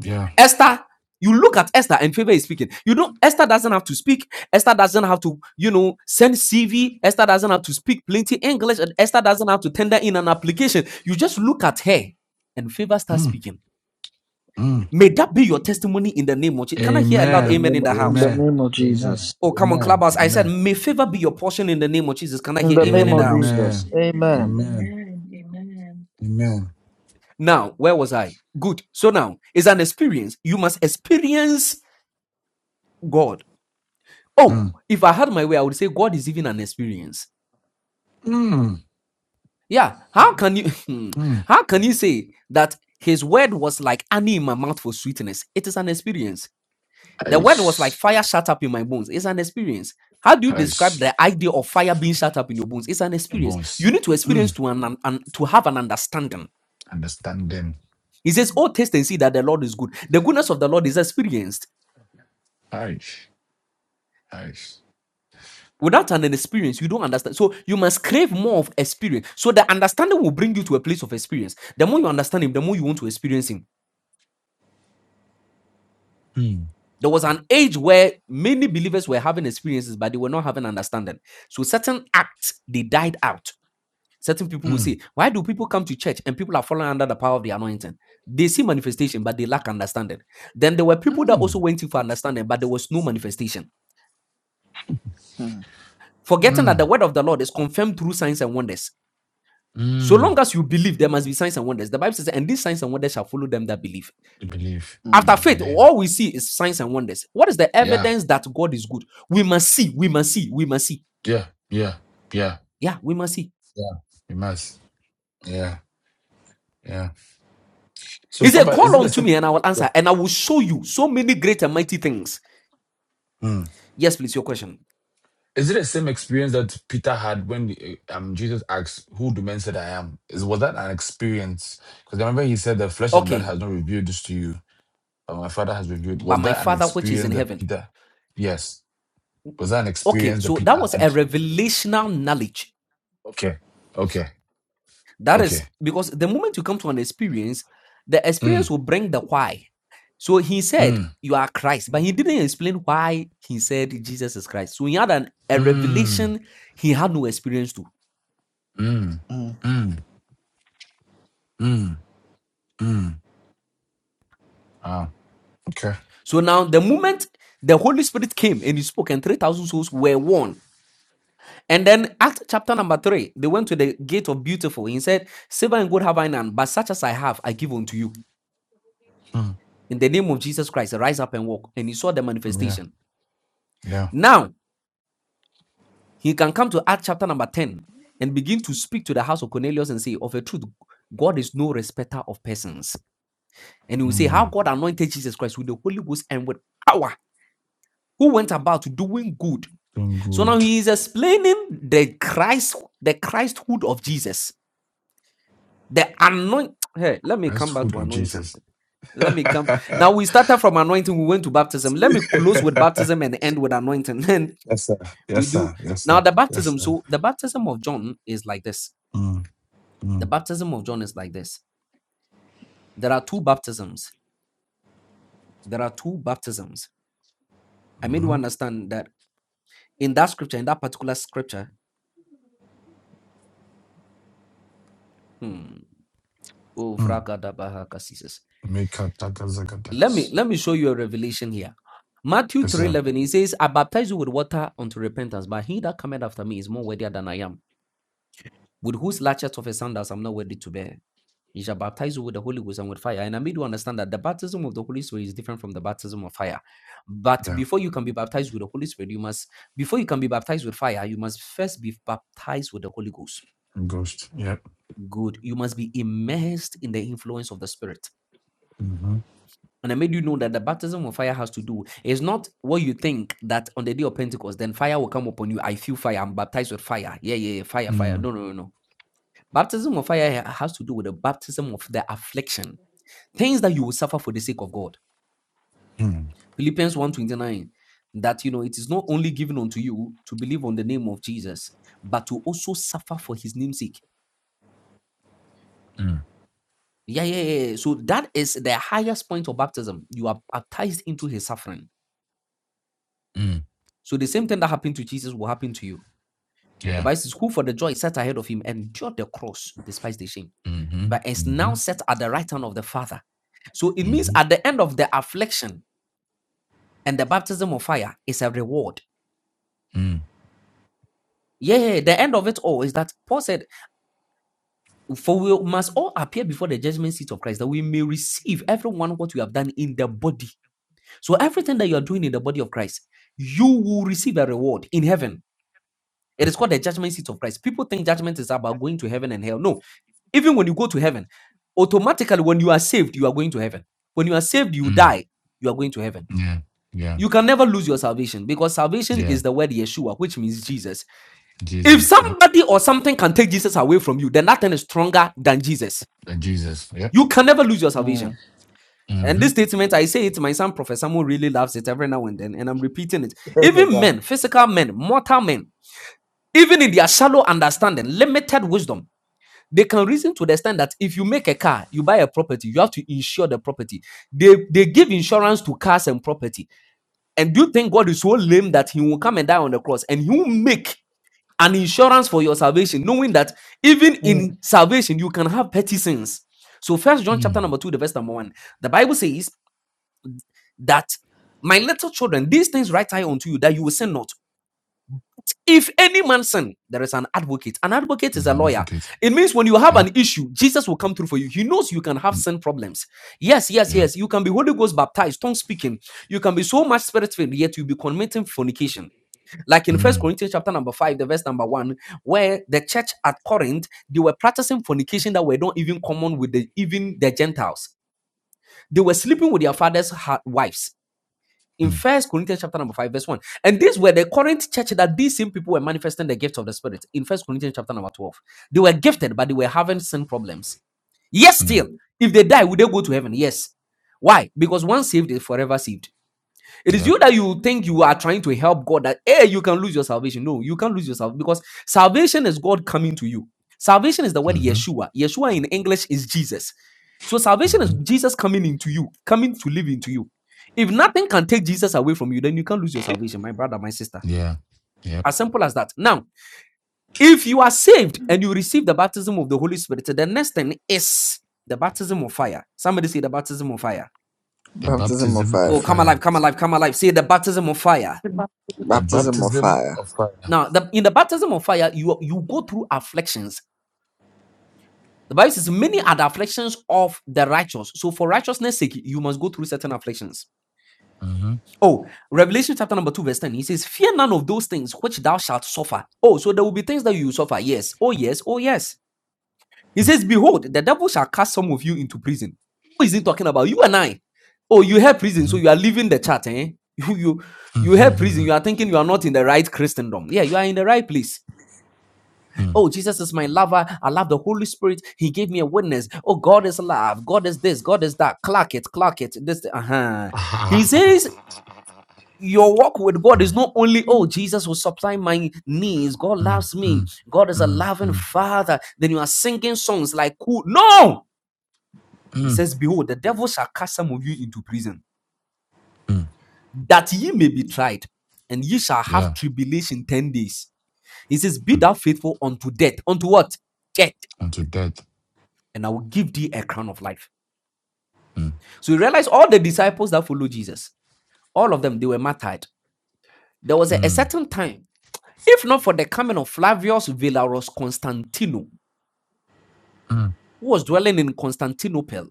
Speaker 4: Yeah.
Speaker 6: Esther, you look at Esther and favor is speaking. You don't, Esther doesn't have to speak. Esther doesn't have to, you know, send CV. Esther doesn't have to speak plenty English. And Esther doesn't have to tender in an application. You just look at her and favor starts
Speaker 4: Mm,
Speaker 6: speaking.
Speaker 4: mm.
Speaker 6: May that be your testimony in the name of Jesus. Can I hear a loud
Speaker 1: the
Speaker 4: Amen.
Speaker 6: amen in
Speaker 1: name,
Speaker 6: the
Speaker 1: in
Speaker 6: house?
Speaker 1: the
Speaker 4: Amen.
Speaker 1: name of
Speaker 4: Amen.
Speaker 1: Jesus.
Speaker 6: Oh, come on,
Speaker 4: Amen.
Speaker 6: clubhouse. I said,
Speaker 4: Amen.
Speaker 6: may favor be your portion in the name of Jesus. Can I
Speaker 1: In
Speaker 6: hear
Speaker 1: the
Speaker 6: amen
Speaker 1: name
Speaker 6: in the
Speaker 1: of
Speaker 6: house?
Speaker 4: Amen.
Speaker 1: Jesus.
Speaker 5: Amen.
Speaker 1: Amen.
Speaker 4: Amen.
Speaker 5: Amen. Amen.
Speaker 4: Amen.
Speaker 6: Now, where was I? Good. So now, it's an experience. You must experience God.
Speaker 4: Mm.
Speaker 6: Oh, if I had my way, I would say God is even an experience.
Speaker 4: Mm.
Speaker 6: Yeah, how can you [laughs]
Speaker 4: Mm.
Speaker 6: how can you say that his word was like honey in my mouth for sweetness? It is an experience. The word was like
Speaker 4: Aish.
Speaker 6: fire shut up in my bones. It's an experience. How do you describe
Speaker 4: Aish.
Speaker 6: the idea of fire being shut up in your bones? It's an
Speaker 4: Your
Speaker 6: experience. You
Speaker 4: bones.
Speaker 6: need to
Speaker 4: Mm.
Speaker 6: experience to an, an- an- to have an understanding.
Speaker 4: Understand them.
Speaker 6: He says, "Oh, taste and see that the Lord is good." The goodness of the Lord is experienced.
Speaker 4: Aish. Aish.
Speaker 6: Without an experience, you don't understand. So you must crave more of experience. So the understanding will bring you to a place of experience. The more you understand Him, the more you want to experience Him.
Speaker 4: Mm.
Speaker 6: There was an age where many believers were having experiences, but they were not having understanding. So certain acts they died out. Certain people will
Speaker 4: Mm.
Speaker 6: say, Why do people come to church and people are falling under the power of the anointing? They see manifestation, but they lack understanding. Then there were people that
Speaker 4: Mm.
Speaker 6: also went in for understanding, but there was no manifestation.
Speaker 1: Mm,
Speaker 6: Forgetting that
Speaker 4: Mm.
Speaker 6: the word of the Lord is confirmed through signs and wonders. So
Speaker 4: Mm.
Speaker 6: long as you believe, there must be signs and wonders. The Bible says, and these signs and wonders shall follow them that believe.
Speaker 4: You believe
Speaker 1: mm,
Speaker 4: in
Speaker 6: After
Speaker 4: my
Speaker 6: faith,
Speaker 4: name.
Speaker 6: all we see is signs and wonders. What is the
Speaker 4: Yeah.
Speaker 6: evidence that God is good? We must see, we must see, we must see.
Speaker 4: Yeah. Yeah. Yeah.
Speaker 6: Yeah, we must see.
Speaker 4: Yeah. You must. Yeah. Yeah. So
Speaker 6: He
Speaker 4: Papa,
Speaker 6: said,
Speaker 4: is
Speaker 6: Call
Speaker 4: it the
Speaker 6: unto me and I will
Speaker 4: same?
Speaker 6: answer, and I will show you so many great and mighty things.
Speaker 4: Mm.
Speaker 6: Yes, please, your question.
Speaker 4: Is it the same experience that Peter had when uh, um, Jesus asked, Who do men say that I am? Is, was that an experience? Because I remember he said that flesh and blood
Speaker 6: Okay,
Speaker 4: has not revealed this to you, but my Father has revealed.
Speaker 6: by
Speaker 4: Was
Speaker 6: my
Speaker 4: that an
Speaker 6: Father which is
Speaker 4: experience
Speaker 6: in
Speaker 4: that
Speaker 6: heaven.
Speaker 4: Peter? Yes. Was that an
Speaker 6: Okay,
Speaker 4: experience that
Speaker 6: so
Speaker 4: Peter
Speaker 6: that was a
Speaker 4: had?
Speaker 6: revelational knowledge.
Speaker 4: Okay. Okay.
Speaker 6: That
Speaker 4: Okay.
Speaker 6: is because the moment you come to an experience, the
Speaker 4: Mm,
Speaker 6: experience will bring the why. So he said,
Speaker 4: mm,
Speaker 6: You are Christ, but he didn't explain why he said Jesus is Christ. So he had an, a
Speaker 4: mm,
Speaker 6: revelation he had no experience to.
Speaker 4: mm,
Speaker 1: mm,
Speaker 4: mm, mm, mm. Ah, okay.
Speaker 6: So now, the moment the Holy Spirit came and he spoke, and 3,000 souls were won And then Acts chapter number three, they went to the gate of beautiful. He said, Silver and gold have I none, but such as I have, I give unto you.
Speaker 4: Mm,
Speaker 6: In the name of Jesus Christ, rise up and walk. And he saw the
Speaker 4: yeah.
Speaker 6: manifestation.
Speaker 4: Yeah.
Speaker 6: Now he can come to Acts chapter number 10 and begin to speak to the house of Cornelius and say, Of a truth, God is no respecter of persons. And he will say, How
Speaker 4: Mm.
Speaker 6: God anointed Jesus Christ with the Holy Ghost and with power, who went about doing good.
Speaker 4: Doing
Speaker 6: So now
Speaker 4: good.
Speaker 6: he is explaining the Christ, the Christhood of Jesus The anoint [tsk] Hey, let me come back
Speaker 4: Christhood
Speaker 6: to
Speaker 4: of
Speaker 6: anointing.
Speaker 4: Jesus.
Speaker 6: Let me come.
Speaker 4: [laughs]
Speaker 6: Now we started from anointing, we went to baptism. Let me close with
Speaker 4: [laughs]
Speaker 6: baptism and end with anointing. [laughs] Then
Speaker 4: yes, sir.
Speaker 6: we
Speaker 4: Yes,
Speaker 6: do
Speaker 4: sir. Yes, sir.
Speaker 6: now the
Speaker 4: Yes,
Speaker 6: baptism.
Speaker 4: sir.
Speaker 6: So the baptism of John is like this.
Speaker 4: Mm,
Speaker 6: The
Speaker 4: mm,
Speaker 6: baptism of John is like this. There are two baptisms. There are two baptisms. I made you
Speaker 4: mm-hmm.
Speaker 6: understand that in that scripture, in that particular scripture, hmm, oh,
Speaker 4: Mm.
Speaker 6: vragadabahakasises. Let me
Speaker 4: Mikatagazagadagas.
Speaker 6: let me show you a revelation here. Matthew
Speaker 4: Yes, sir.
Speaker 6: 3:11, he says, I baptize you with water unto repentance, but he that cometh after me is more worthier than I am, with whose latchet of a sandals I'm not worthy to bear. He shall baptize you with the Holy Ghost and with fire. And I made you understand that the baptism of the Holy Spirit is different from the baptism of fire. But
Speaker 4: Yeah.
Speaker 6: before you can be baptized with the Holy Spirit, you must, before you can be baptized with fire, you must first be baptized with the Holy Ghost.
Speaker 4: Ghost. Yep.
Speaker 6: Good. You must be immersed in the influence of the Spirit.
Speaker 4: Mm-hmm.
Speaker 6: And I made you know that the baptism of fire has to do is not what you think that on the day of Pentecost, then fire will come upon you. I feel fire. I'm baptized with fire. Yeah, yeah, yeah. Fire, fire.
Speaker 4: Mm,
Speaker 6: No, no, no, no. Baptism of fire has to do with the baptism of the affliction, things that you will suffer for the sake of God.
Speaker 4: mm,
Speaker 6: Philippians one twenty nine. that you know it is not only given unto you to believe on the name of Jesus, but to also suffer for his name's sake.
Speaker 4: mm,
Speaker 6: Yeah, yeah, yeah. yeah. So that is the highest point of baptism. You are baptized into his suffering.
Speaker 4: mm.
Speaker 6: So the same thing that happened to Jesus will happen to you The
Speaker 4: Yeah.
Speaker 6: Bible says, Who for the joy set ahead of him endured the cross, despised the shame,
Speaker 4: Mm-hmm.
Speaker 6: but is
Speaker 4: Mm-hmm.
Speaker 6: now set at the right hand of the Father. So it means
Speaker 4: Mm-hmm.
Speaker 6: at the end of the affliction and the baptism of fire is a reward.
Speaker 4: Mm,
Speaker 6: Yeah, yeah, yeah, the end of it all is that Paul said, For we must all appear before the judgment seat of Christ, that we may receive everyone what we have done in the body. So everything that you are doing in the body of Christ, you will receive a reward in heaven. It
Speaker 4: mm,
Speaker 6: is called the judgment seat of Christ. People think judgment is about going to heaven and hell. No, Even when you go to heaven, automatically when you are saved, you are going to heaven. When you are saved, you
Speaker 4: mm.
Speaker 6: die, you are going to heaven.
Speaker 4: Yeah. Yeah.
Speaker 6: You can never lose your salvation because salvation
Speaker 4: Yeah.
Speaker 6: is the word Yeshua, which means Jesus. If
Speaker 4: Jesus. Yep.
Speaker 6: somebody or something can take Jesus away from you, then that thing is stronger than Jesus.
Speaker 4: Uh, Jesus. Yep.
Speaker 6: You can never lose your
Speaker 1: mm.
Speaker 6: salvation. And
Speaker 4: Mm-hmm.
Speaker 6: this statement, I say it, my son, Prophet Samuel, really loves it every now and then, and I'm repeating it.
Speaker 1: Praise the
Speaker 6: Even
Speaker 1: God.
Speaker 6: men, physical men, mortal men, even in their shallow understanding, limited wisdom, They can reason to understand that if you make a car, you buy a property, you have to insure the property. They they give insurance to cars and property. And do you think God is so lame that He will come and die on the cross and He will make an insurance for your salvation, knowing that even
Speaker 1: Mm.
Speaker 6: in salvation you can have petty sins? So First John chapter
Speaker 4: Mm.
Speaker 6: number two, the verse number one, the Bible says that my little children, these things write I unto you that you will sin not. If any man sin, there is an advocate. An advocate is
Speaker 4: He's
Speaker 6: a
Speaker 4: an
Speaker 6: lawyer.
Speaker 4: advocate.
Speaker 6: It means when you have
Speaker 4: Yep.
Speaker 6: an issue, Jesus will come through for you. He knows you can have
Speaker 4: Mm,
Speaker 6: sin problems. Yes, yes,
Speaker 4: Yeah.
Speaker 6: yes. You can be Holy Ghost baptized, tongue speaking. You can be so much spirit filled, yet you'll be committing fornication. Like in First
Speaker 4: Mm,
Speaker 6: Corinthians chapter number five, the verse number one, where the church at Corinth they were practicing fornication that were not even common with the even the Gentiles. They were sleeping with their fathers' wives in
Speaker 4: mm,
Speaker 6: First Corinthians chapter number five, verse one. And these were the Corinth church that these same people were manifesting the gift of the Spirit in First Corinthians chapter number twelve. They were gifted, but they were having sin problems. Yes,
Speaker 4: mm.
Speaker 6: still, if they die, would they go to heaven? Yes. Why? Because once saved is forever saved. It is
Speaker 4: Yep.
Speaker 6: you that you think you are trying to help God that hey, you can lose your salvation. No, you can't lose your salvation because salvation is God coming to you. Salvation is the word
Speaker 4: Mm-hmm.
Speaker 6: Yeshua. Yeshua in English is Jesus. So salvation
Speaker 4: Mm-hmm.
Speaker 6: is Jesus coming into you, coming to live into you. If nothing can take Jesus away from you, then you can't lose your salvation, my brother, my sister.
Speaker 4: Yeah. Yep.
Speaker 6: As simple as that. Now, if you are saved and you receive the baptism of the Holy Spirit, the next thing is the baptism of fire. Somebody say the baptism of fire.
Speaker 4: The
Speaker 1: Baptism of
Speaker 4: baptism of
Speaker 6: Oh,
Speaker 1: fire.
Speaker 6: come alive,
Speaker 4: fire.
Speaker 6: come alive, come alive. Say the baptism of fire
Speaker 7: Amen.
Speaker 4: The
Speaker 1: Baptism of
Speaker 4: baptism
Speaker 1: fire.
Speaker 4: of fire.
Speaker 6: Now, the, in the baptism of fire, you, you go through afflictions. The Bible says, Many are the afflictions of the righteous. So, for righteousness' sake, you must go through certain afflictions.
Speaker 4: hmm
Speaker 6: Oh, Revelation chapter number 2, verse 10, he says, Fear none of those things which thou shalt suffer. Oh, so there will be things that you will suffer. Yes. Oh, yes. Oh, yes. He says, Behold, the devil shall cast some of you into prison. Who is he talking about? You and I. Oh, you have prison,
Speaker 4: hmm
Speaker 6: so you are leaving the church, eh? [laughs] You, you, you have prison. You are thinking you are not in the right Christendom. Yeah, you are in the right place Oh, Jesus is my lover. I love the Holy Spirit. He gave me a witness. Oh, God is love. God is this. God is that. Clock it. Clock it. This. Uh huh. He says your walk with God is not only, oh, Jesus will supply my needs. God loves me. God is a loving father. Then you are singing songs like, cool. no. He says, behold, the devil shall cast some of you into prison that ye may be tried and ye shall have
Speaker 4: Yeah.
Speaker 6: tribulation 10 days. He says, be
Speaker 4: Mm.
Speaker 6: thou faithful unto death. Unto what? Death.
Speaker 4: Unto death.
Speaker 6: And I will give thee a crown of life.
Speaker 4: Mm.
Speaker 6: So you realize all the disciples that followed Jesus, all of them, they were martyred. There was a, a
Speaker 4: Mm.
Speaker 6: certain time, if not for the coming of Flavius Valerius Constantino,
Speaker 4: Mm.
Speaker 6: who was dwelling in Constantinople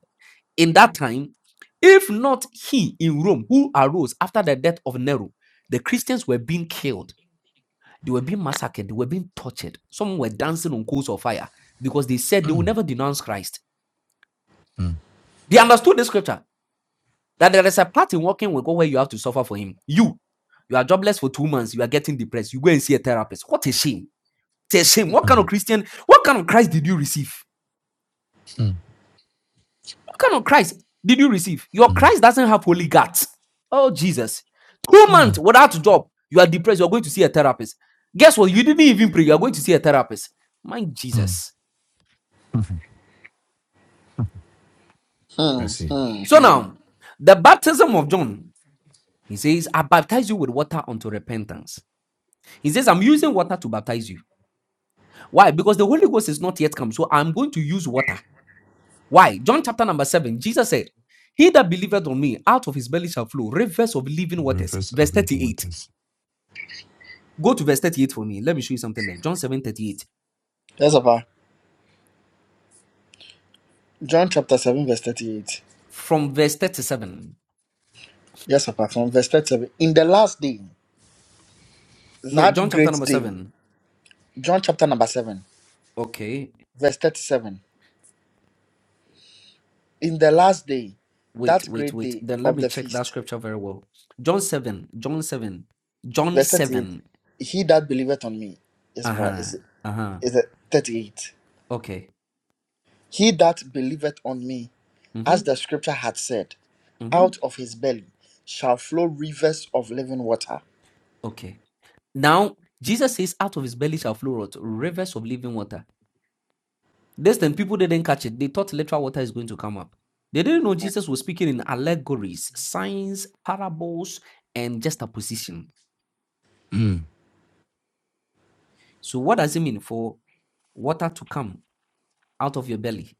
Speaker 6: in that time, if not he in Rome, who arose after the death of Nero, the Christians were being killed. They were being massacred. They were being tortured. Some were dancing on coals of fire because they said they will
Speaker 4: Mm.
Speaker 6: never denounce Christ.
Speaker 4: Mm.
Speaker 6: They understood the scripture. that there is a part in working with God where you have to suffer for Him. You, you are jobless for two months. You are getting depressed. You go and see a therapist. What a shame! It's a shame. What kind
Speaker 4: Mm.
Speaker 6: of Christian? What kind of Christ did you receive?
Speaker 4: Mm.
Speaker 6: What kind of Christ did you receive? Your Christ doesn't have holy guts. Oh Jesus! Two
Speaker 4: Mm.
Speaker 6: months
Speaker 4: Mm.
Speaker 6: without a job. You are depressed. You are going to see a therapist. Guess what? You didn't even pray. You are going to see a therapist. My
Speaker 4: Mm.
Speaker 6: Jesus.
Speaker 1: Hmm
Speaker 4: Mercy.
Speaker 1: hmm
Speaker 6: So
Speaker 1: hmm.
Speaker 6: now, the baptism of John. He says, "I baptize you with water unto repentance." He says, "I'm using water to baptize you." Why? Because the Holy Ghost is not yet come. So I'm going to use water. Why? John chapter number seven, Jesus said, He that believeth on me, out of his belly shall flow rivers of living waters.
Speaker 4: Reverse
Speaker 6: Verse
Speaker 4: of living
Speaker 6: 38.
Speaker 4: waters.
Speaker 6: Go to verse 38 for me. Let me show you something there. John seven thirty-eight.
Speaker 1: Yes, Papa. John chapter 7, verse 38.
Speaker 6: From verse 37.
Speaker 1: Yes, Papa. From verse 37. In the last day,
Speaker 6: No, John
Speaker 1: that
Speaker 6: chapter
Speaker 1: great
Speaker 6: number
Speaker 1: day.
Speaker 6: 7.
Speaker 1: John chapter number 7,
Speaker 6: Okay.
Speaker 1: verse 37. In the last day,
Speaker 6: Wait,
Speaker 1: that
Speaker 6: wait,
Speaker 1: great
Speaker 6: wait.
Speaker 1: day
Speaker 6: Then let
Speaker 1: of
Speaker 6: me
Speaker 1: the
Speaker 6: check that
Speaker 1: feast.
Speaker 6: scripture very well. John 7. John 7. John
Speaker 1: Verse 38.
Speaker 6: 7.
Speaker 1: He that believeth on me. Yes,
Speaker 6: Uh
Speaker 1: right.
Speaker 6: huh.
Speaker 1: Is is
Speaker 6: Uh huh.
Speaker 1: it 38?
Speaker 6: Okay.
Speaker 1: He that believeth on me,
Speaker 6: Mm hmm.
Speaker 1: as the scripture had said,
Speaker 6: Mm hmm.
Speaker 1: out of his belly shall flow rivers of living water.
Speaker 6: Okay. Now, Jesus says, out of his belly shall flow out Rivers of living water. This time, people didn't catch it. They thought literal water is going to come up. They didn't know Jesus was speaking in allegories, signs, parables, and just a position.
Speaker 4: Mm.
Speaker 6: So, what does it mean for water to come out of your belly?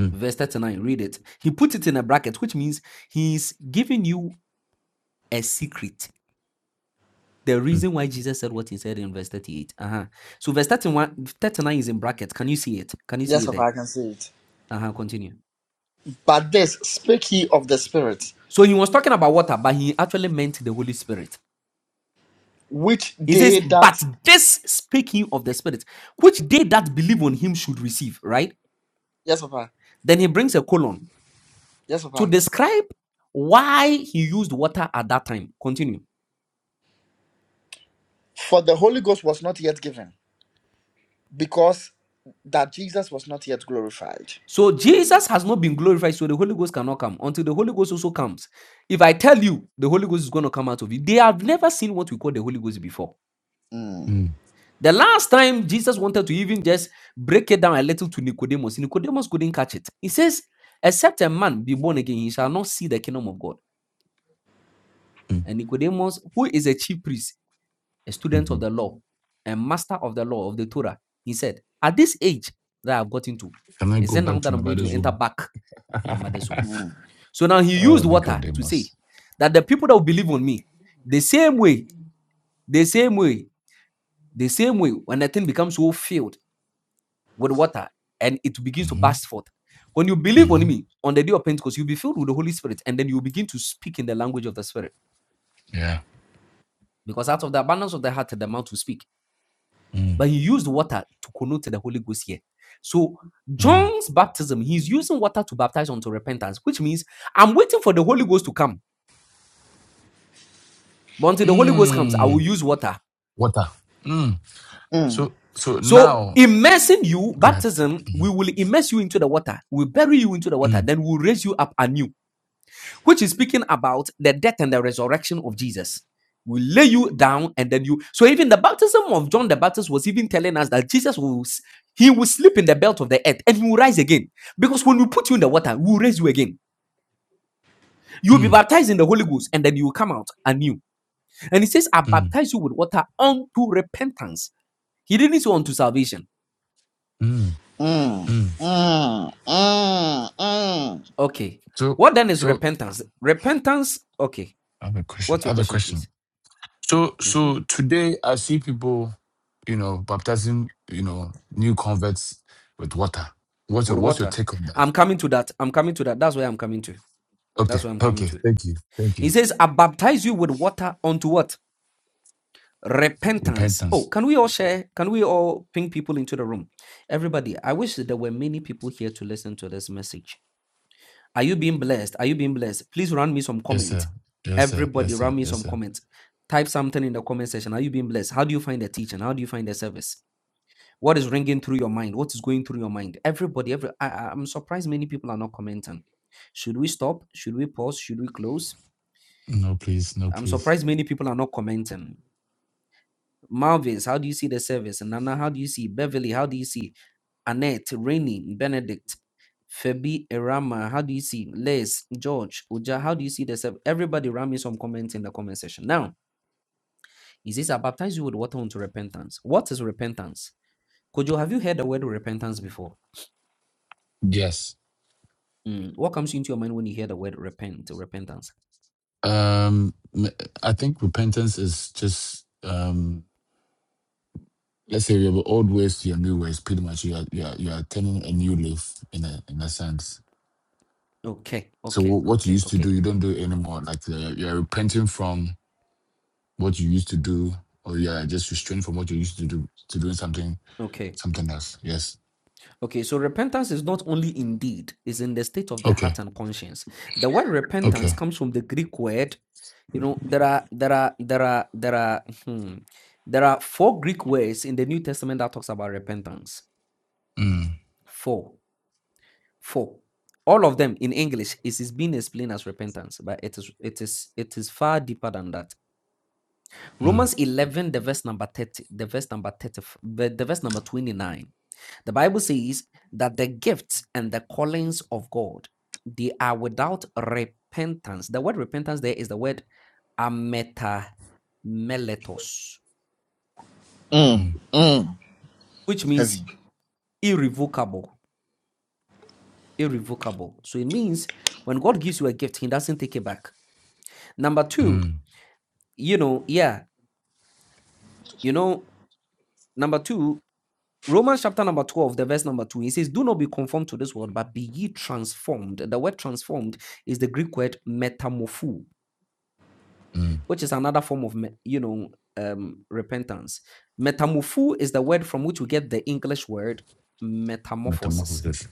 Speaker 4: Mm.
Speaker 6: Verse 39, read it. He put it in a bracket, which means he's giving you a secret. The
Speaker 4: Mm.
Speaker 6: reason why Jesus said what he said in verse 38. Uh-huh. So verse 31, 39 is in brackets. Can you see it? Can you see
Speaker 1: Yes,
Speaker 6: it
Speaker 1: Papa,
Speaker 6: there?
Speaker 1: I can see it.
Speaker 6: Uh-huh. Continue.
Speaker 1: But this speak he of the Spirit,
Speaker 6: So he was talking about water, but he actually meant the Holy Spirit.
Speaker 1: which
Speaker 6: He says,
Speaker 1: they that.
Speaker 6: But this speaking of the Spirit, which they that believe on him should receive, right?
Speaker 1: Yes, Papa.
Speaker 6: Then he brings a colon
Speaker 1: Yes,
Speaker 6: to
Speaker 1: Papa.
Speaker 6: describe why he used water at that time. Continue.
Speaker 1: For the Holy Ghost was not yet given, because that Jesus was not yet glorified.
Speaker 6: So Jesus has not been glorified, so the Holy Ghost cannot come until the Holy Ghost also comes. If I tell you the Holy Ghost is going to come out of you, they have never seen what we call the Holy Ghost before.
Speaker 1: Mm,
Speaker 4: Mm.
Speaker 6: The last time Jesus wanted to even just break it down a little to Nicodemus, Nicodemus couldn't catch it. He says, Except a man be born again, he shall not see the kingdom of God.
Speaker 4: Mm.
Speaker 6: And Nicodemus, who is a chief priest, a student of
Speaker 4: Mhm.
Speaker 6: the law, a master of the law of the Torah, he said, At this age that I've gotten to,
Speaker 4: Can I
Speaker 6: is
Speaker 4: go
Speaker 6: it now
Speaker 4: back
Speaker 6: that
Speaker 4: to my
Speaker 6: I'm going to
Speaker 4: mother's
Speaker 6: enter
Speaker 4: room?
Speaker 6: back
Speaker 4: [laughs]
Speaker 6: my
Speaker 4: oh,
Speaker 6: mother's womb?
Speaker 1: mm,
Speaker 6: So now he used water to say
Speaker 4: Nicodemus.
Speaker 6: that the people that will believe on me, the same way, the same way, the same way, when the thing becomes so filled with water and it begins to
Speaker 4: Mm-hmm.
Speaker 6: burst forth. When you believe on
Speaker 4: Mm-hmm.
Speaker 6: me on the day of Pentecost, you'll be filled with the Holy Spirit and then you begin to speak in the language of the Spirit
Speaker 4: Yeah.
Speaker 6: because out of the abundance of the heart, the mouth will speak.
Speaker 4: Mm,
Speaker 6: But he used water to connote the Holy Ghost here. So,
Speaker 4: mm,
Speaker 6: John's baptism, he's using water to baptize unto repentance, which means I'm waiting for the Holy Ghost to come. But until the Holy Ghost comes, I
Speaker 4: mm.
Speaker 6: will use water.
Speaker 4: Water. Mm.
Speaker 1: mm.
Speaker 4: So so
Speaker 6: So,
Speaker 4: now,
Speaker 6: immersing you,
Speaker 4: go ahead.
Speaker 6: baptism, we
Speaker 4: Mhm.
Speaker 6: will immerse you into the water. We bury you into the water.
Speaker 4: Mm,
Speaker 6: Then we'll raise you up anew which is speaking about the death and the resurrection of Jesus. We lay you down and then you. So even the baptism of John the Baptist was even telling us that Jesus will, he will sleep in the belt of the earth and he will rise again. Because when we put you in the water, we will raise you again. You will be
Speaker 4: mm,
Speaker 6: baptized in the Holy Ghost and then you will come out anew. And he says, I
Speaker 4: mm,
Speaker 6: baptize you with water unto repentance. He didn't say unto salvation.
Speaker 4: mm,
Speaker 1: Mm,
Speaker 4: mm.
Speaker 1: mm, mm, mm,
Speaker 6: Okay.
Speaker 4: So
Speaker 6: What then is
Speaker 4: so
Speaker 6: repentance? Repentance. Okay.
Speaker 4: I have a question.
Speaker 6: What's
Speaker 4: I
Speaker 6: your
Speaker 4: have a
Speaker 6: question,
Speaker 4: question.
Speaker 6: please?
Speaker 4: So
Speaker 6: Mhm.
Speaker 4: so today I see people, you know, baptizing, you know, new converts with water. What's your
Speaker 6: With
Speaker 4: what's your
Speaker 6: water.
Speaker 4: take on that?
Speaker 6: I'm coming to that. I'm coming to that. That's where I'm coming to.
Speaker 4: Okay,
Speaker 6: That's what I'm coming
Speaker 4: okay,
Speaker 6: to.
Speaker 4: thank you, thank you.
Speaker 6: He says, I baptize you with water unto what? Repentance. Oh,
Speaker 4: Repentance.
Speaker 6: can we all share? Can we all ping people into the room? Everybody, I wish that there were many people here to listen to this message. Are you being blessed? Are you being blessed? Please run me some
Speaker 4: Yes,
Speaker 6: comment.
Speaker 4: sir. Yes, sir.
Speaker 6: Everybody,
Speaker 4: Yes, sir.
Speaker 6: run me
Speaker 4: Yes,
Speaker 6: some
Speaker 4: sir.
Speaker 6: comments. Type something in the comment section. Are you being blessed? How do you find the teaching? How do you find the service? What is ringing through your mind? What is going through your mind? Everybody, every I, I- I'm surprised many people are not commenting. Should we stop? Should we pause? Should we close?
Speaker 4: No, please, no,
Speaker 6: I'm
Speaker 4: please.
Speaker 6: surprised many people are not commenting. Malvins, how do you see the service? Nana, how do you see? Beverly, how do you see? Annette, Rainy, Benedict, Febi, Erama, how do you see? Les, George, Uja, how do you see the service? Everybody ram me some comments in the comment section. Now, he says, I baptize you with water unto repentance. What is repentance? Kojo, have you heard the word repentance before?
Speaker 4: Yes.
Speaker 6: Mm, What comes into your mind when you hear the word repent, repentance?
Speaker 4: Um, m- I think repentance is just um, let's say your old ways to your new ways. Pretty much, you are you are, you are turning a new leaf in a in a sense.
Speaker 6: Okay,
Speaker 4: So
Speaker 6: okay,
Speaker 4: wh- what you
Speaker 6: okay,
Speaker 4: used to
Speaker 6: okay,
Speaker 4: do, you don't do it anymore. Like uh, you are repenting from what you used to do, or you are just restrained from what you used to do to doing something
Speaker 6: okay.
Speaker 4: something else. Yes.
Speaker 6: Okay, so repentance is not only in deed, it's in the state of the heart
Speaker 4: Okay.
Speaker 6: and conscience. The word
Speaker 4: Okay.
Speaker 6: repentance comes from the Greek word, you know, there are there are there are there are hmm, there are four Greek words in the New Testament that talks about repentance.
Speaker 4: Mm,
Speaker 6: Four. Four. All of them in English is, is being explained as repentance, but it is it is it is far deeper than that.
Speaker 4: mm,
Speaker 6: Romans 11, the verse number 30, the verse number 30, the the verse number 29. The Bible says that the gifts and the callings of God, they are without repentance. The word repentance there is the word ametameletos,
Speaker 1: mm,
Speaker 4: mm,
Speaker 1: mm.
Speaker 6: which means
Speaker 1: Heavy.
Speaker 6: irrevocable. Irrevocable. So it means when God gives you a gift, He doesn't take it back. Number two,
Speaker 4: mm,
Speaker 6: you know, yeah, you know, number two, Romans chapter number 12, the verse number two, he says, Do not be conformed to this world, but be ye transformed. The word transformed is the Greek word metamorpho
Speaker 4: mm.
Speaker 6: which is another form of, me- you know, um, repentance. Metamorpho is the word from which we get the English word metamorphosis,
Speaker 4: Metamorphosis.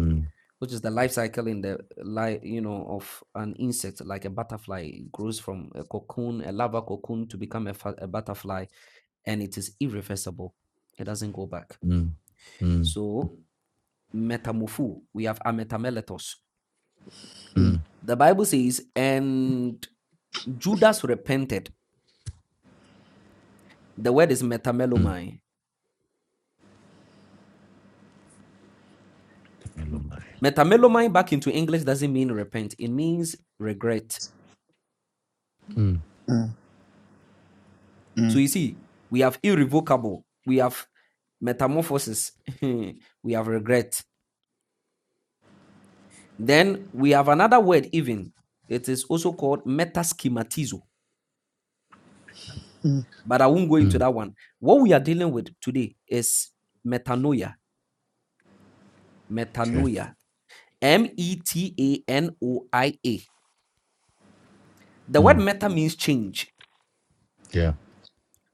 Speaker 4: Mm,
Speaker 6: which is the life cycle in the life, you know, of an insect, like a butterfly it grows from a cocoon, a larva cocoon, to become a, fa- a butterfly, and it is irreversible. It doesn't go back.
Speaker 4: mm, mm,
Speaker 6: So metamorpho, we have ametameletos.
Speaker 1: Mm,
Speaker 4: mm,
Speaker 6: The Bible says, and Judas repented. The word is
Speaker 4: mm.
Speaker 6: metamelomai
Speaker 4: Take me along, bye.
Speaker 6: Metamelomai back into English doesn't mean repent, it means regret.
Speaker 4: Mm,
Speaker 1: mm,
Speaker 6: So
Speaker 1: mm,
Speaker 6: you see, we have irrevocable, we have metamorphosis, [laughs] we have regret. Then we have another word, even. It is also called metaschematizo,
Speaker 1: mm.
Speaker 6: but I won't go into
Speaker 4: mm.
Speaker 6: that one. What we are dealing with today is metanoia,
Speaker 4: Okay.
Speaker 6: metanoia, M E T A N O I A. The word
Speaker 4: Mm,
Speaker 6: meta means change
Speaker 4: yeah.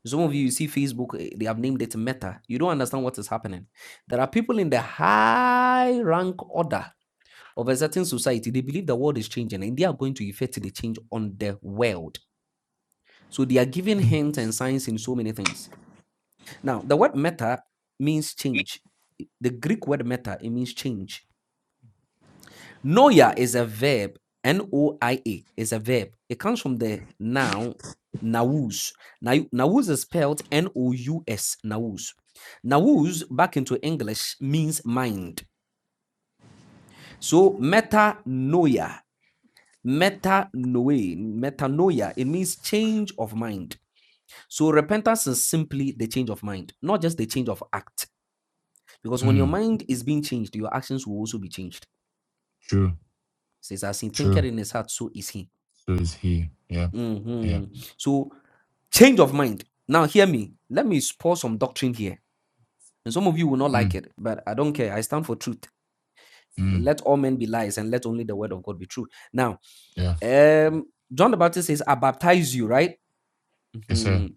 Speaker 6: Some of you, you see Facebook, eh, they have named it Meta. You don't understand what is happening. There are people in the high rank order of a certain society. They believe the world is changing and they are going to effect the change on the world. So they are giving hints and signs in so many things. Now, the word meta means change. The Greek word meta, it means change. Noia is a verb. N O I A is a verb. It comes from the noun naus. Nau- Naus is spelled N O U S. Naus. Naus back into English means mind. So metanoia, metanoia, metanoia. It means change of mind. So repentance is simply the change of mind, not just the change of act. Because when your
Speaker 4: Mm,
Speaker 6: mind is being changed, your actions will also be changed.
Speaker 4: true.
Speaker 6: Says as he
Speaker 4: True.
Speaker 6: thinketh in his heart, so is he.
Speaker 4: So is he. Yeah. Yeah.
Speaker 6: Mhm. So Change of mind. Now, hear me. Let me spoil some doctrine here. And some of you will not
Speaker 4: Mm,
Speaker 6: like it, but I don't care. I stand for truth.
Speaker 4: mm,
Speaker 6: Let all men be lies and let only the word of God be true. Now,
Speaker 4: yeah.
Speaker 6: um, John the Baptist says, I baptize you, right?
Speaker 4: It's a
Speaker 6: Mhm.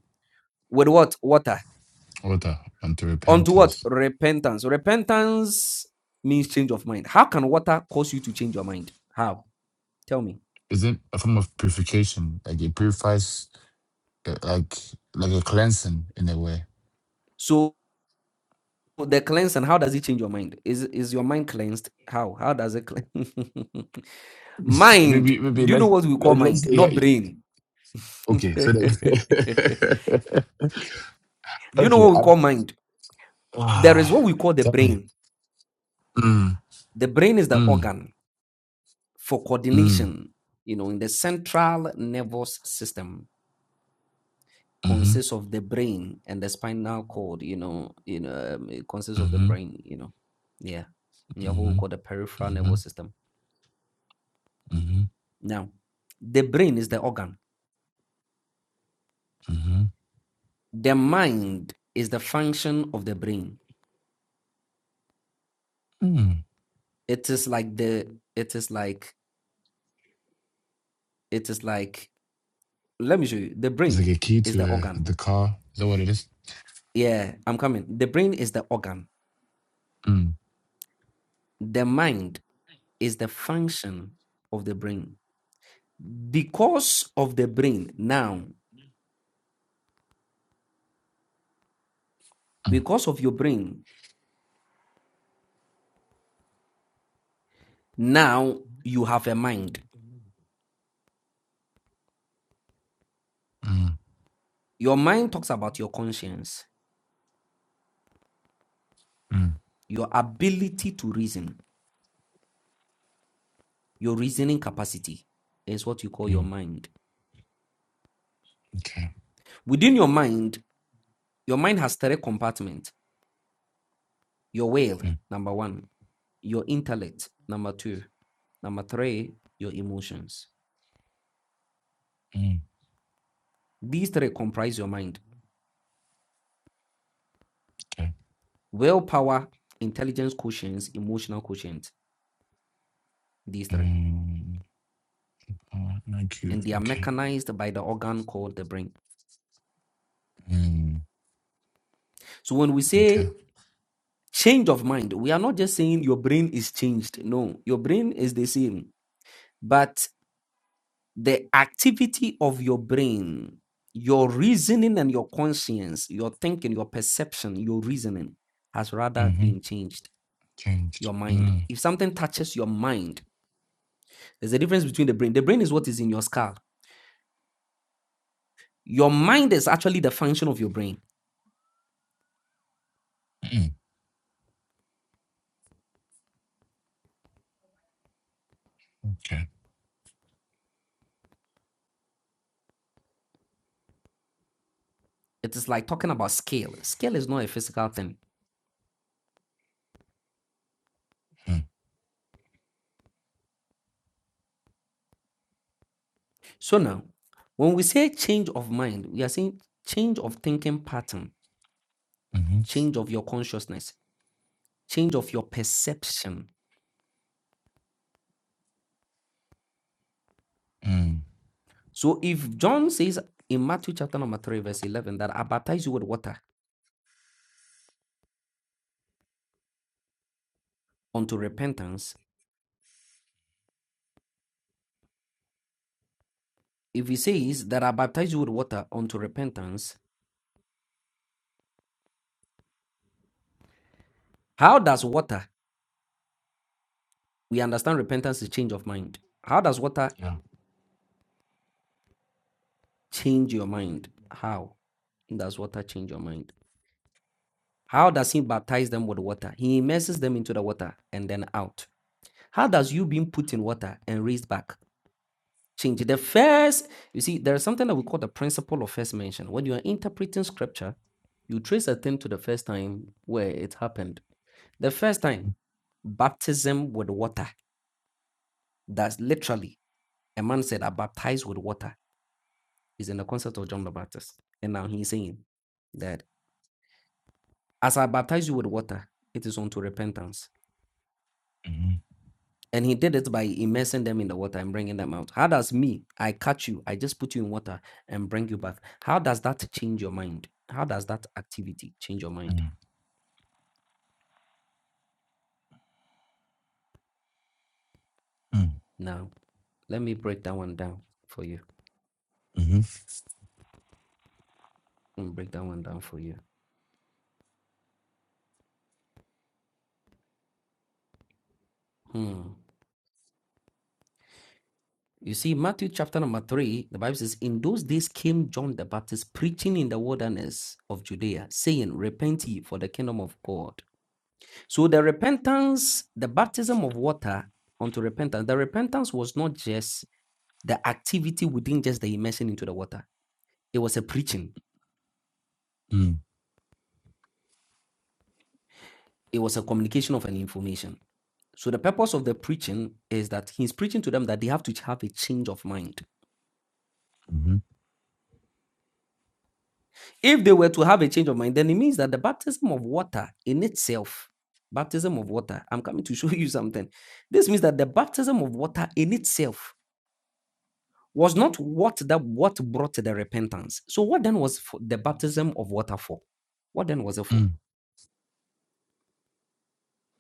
Speaker 6: With what? Water.
Speaker 4: order unto
Speaker 6: Unto what?
Speaker 4: repentance.
Speaker 6: Repentance. Repentance means change of mind. How can water cause you to change your mind? How? Tell me.
Speaker 4: Is it a form of purification? Like it purifies, uh, like like a cleansing in a way.
Speaker 6: So the cleansing, how does it change your mind? Is is your mind cleansed? How? How does it cleanse? [laughs]
Speaker 4: [laughs]
Speaker 6: Mind.
Speaker 4: maybe maybe
Speaker 6: Do you know
Speaker 4: let's
Speaker 6: what we call
Speaker 4: let- let's
Speaker 6: mind?
Speaker 4: say, yeah.
Speaker 6: Not
Speaker 4: yeah.
Speaker 6: brain. [laughs] Do
Speaker 4: Okay. So that, [laughs]
Speaker 6: you know
Speaker 4: okay.
Speaker 6: what we
Speaker 4: I,
Speaker 6: call mind? There
Speaker 4: ah,
Speaker 6: is what we call
Speaker 4: [sighs]
Speaker 6: the
Speaker 4: tell me.
Speaker 6: brain.
Speaker 4: Mm,
Speaker 6: The brain is the
Speaker 4: mm,
Speaker 6: organ for
Speaker 4: mm,
Speaker 6: coordination, you know, in the central nervous system
Speaker 4: mm-hmm,
Speaker 6: consists of the brain and the spinal cord, you know, you know, um, it consists of the
Speaker 4: mm-hmm,
Speaker 6: brain, you know. Yeah. You have what we
Speaker 4: mm-hmm,
Speaker 6: call the peripheral
Speaker 4: mm-hmm,
Speaker 6: nervous system. Now, the brain is the organ.
Speaker 4: mm-hmm,
Speaker 6: The mind is the function of the brain.
Speaker 4: mm-hmm.
Speaker 6: It is like the it is like It is like, let me show you. The
Speaker 4: It's like
Speaker 6: brain
Speaker 4: a key
Speaker 6: is
Speaker 4: to
Speaker 6: the
Speaker 4: uh,
Speaker 6: organ.
Speaker 4: the car. Is that what it is?
Speaker 6: Yeah, I'm coming. The brain is the organ.
Speaker 4: Mm,
Speaker 6: The mind is the function of the brain. Because of the brain, now,
Speaker 4: mm,
Speaker 6: because of your brain, now you have a mind.
Speaker 4: mm,
Speaker 6: Your mind talks about your conscience,
Speaker 4: mm,
Speaker 6: your ability to reason, your reasoning capacity is what you call your
Speaker 4: mm.
Speaker 6: mind.
Speaker 4: Okay.
Speaker 6: Within your mind, your mind has three compartments. Your will,
Speaker 4: Mm,
Speaker 6: number one. your intellect, number two. Number three, your emotions.
Speaker 4: mm,
Speaker 6: These three comprise your mind.
Speaker 4: okay.
Speaker 6: Willpower, intelligence quotients, emotional quotient. These three.
Speaker 4: Mm, oh, thank you.
Speaker 6: And they are
Speaker 4: Okay.
Speaker 6: mechanized by the organ called the brain.
Speaker 4: Mm,
Speaker 6: So when we
Speaker 4: okay.
Speaker 6: say change of mind, we are not just saying your brain is changed. No, your brain is the same. But the activity of your brain, your reasoning and your conscience, your thinking, your perception, your reasoning has rather
Speaker 4: Mm-hmm.
Speaker 6: been changed
Speaker 4: Changed.
Speaker 6: Your mind.
Speaker 4: Mm,
Speaker 6: If something touches your mind, there's a difference between the brain. The brain is what is in your skull. Your mind is actually the function of your brain.
Speaker 4: mm, okay.
Speaker 6: It is like talking about scale. Scale is not a physical thing.
Speaker 4: Mm,
Speaker 6: So now, when we say change of mind, we are saying change of thinking pattern,
Speaker 4: mm-hmm.
Speaker 6: change of your consciousness, change of your perception.
Speaker 4: Mm,
Speaker 6: So if John says in Matthew chapter number 3, verse 11, that I baptize you with water unto repentance, if he says that I baptize you with water unto repentance, how does water We understand repentance is change of mind. How does water
Speaker 4: yeah.
Speaker 6: change your mind? How does water change your mind? How does he baptize them with water? He immerses them into the water and then out. How does you being put in water and raised back change? The first, you see, there is something that we call the principle of first mention. When you are interpreting scripture, you trace a thing to the first time where it happened. The first
Speaker 4: Mm-hmm.
Speaker 6: time, baptism with water. That's literally a man said, I baptize with water is in the concept of John the Baptist. And now he's saying that as I baptize you with water, it is unto repentance.
Speaker 4: Mm,
Speaker 6: And he did it by immersing them in the water and bringing them out. How does me, I catch you, I just put you in water and bring you back? How does that change your mind? How does that activity change your mind?
Speaker 4: mm,
Speaker 6: Now, let me break that one down for you.
Speaker 4: mm-hmm.
Speaker 6: Let me break that one down for you. Hmm. You see, Matthew chapter number three, the Bible says, In those days came John the Baptist preaching in the wilderness of Judea, saying, Repent ye, for the kingdom of God. So the repentance, the baptism of water unto repentance, the repentance was not just the activity within just the immersion into the water, it was a preaching,
Speaker 4: Mm,
Speaker 6: it was a communication of an information. So the purpose of the preaching is that he's preaching to them that they have to have a change of mind
Speaker 4: mm-hmm.
Speaker 6: If they were to have a change of mind, then it means that the baptism of water in itself, baptism of water, I'm coming to [laughs] show you something. This means that the baptism of water in itself was not what that what brought the repentance. So what then was for the baptism of water for? What then was it for?
Speaker 4: Mm,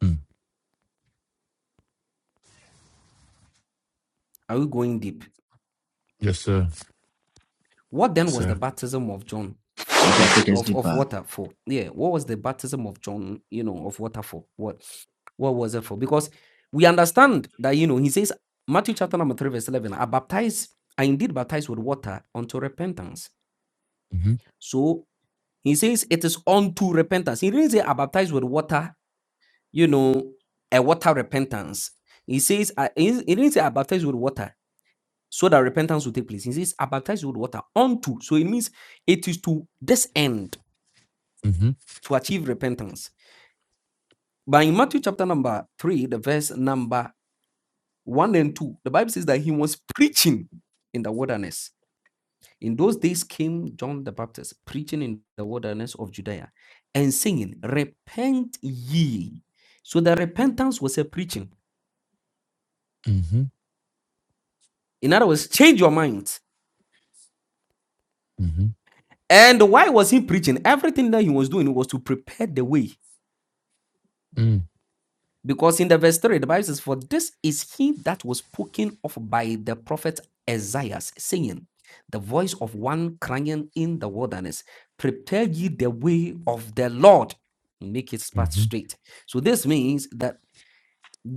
Speaker 4: mm.
Speaker 6: Are we going deep?
Speaker 4: Yes, sir.
Speaker 6: What then
Speaker 4: Yes,
Speaker 6: was the
Speaker 4: sir.
Speaker 6: baptism of John uh,
Speaker 1: Okay,
Speaker 6: eh,
Speaker 1: take us
Speaker 6: of, of
Speaker 1: deeper.
Speaker 6: water for? Yeah, what was the baptism of John, you know, of water for? What what was it for? Because we understand that, you know, he says, Matthew chapter number 3, verse 11, I baptize, I indeed baptize with water unto repentance.
Speaker 4: Mm-hmm.
Speaker 6: So he says, it is unto repentance. He didn't say, I baptize with water, you know, a water repentance. He says, I, he didn't say, I baptize with water so that repentance will take place. He says, I baptize with water unto. So it means it is to this end
Speaker 4: Mm-hmm.
Speaker 6: to achieve repentance. But in Matthew chapter number three, the verse number one and two, the Bible says that he was preaching in the wilderness. In those days came John the Baptist preaching in the wilderness of Judea and saying, Repent ye. So the repentance was a preaching.
Speaker 4: Mm-hmm.
Speaker 6: In other words, change your minds.
Speaker 4: Mm-hmm.
Speaker 6: And why was he preaching? Everything that he was doing was to prepare the way
Speaker 4: Mm,
Speaker 6: Because in the verse 3, the Bible says, For this is he that was spoken of by the prophet Isaiah, saying, The voice of one crying in the wilderness, Prepare ye the way of the Lord, make his path
Speaker 4: mm-hmm.
Speaker 6: straight. So this means that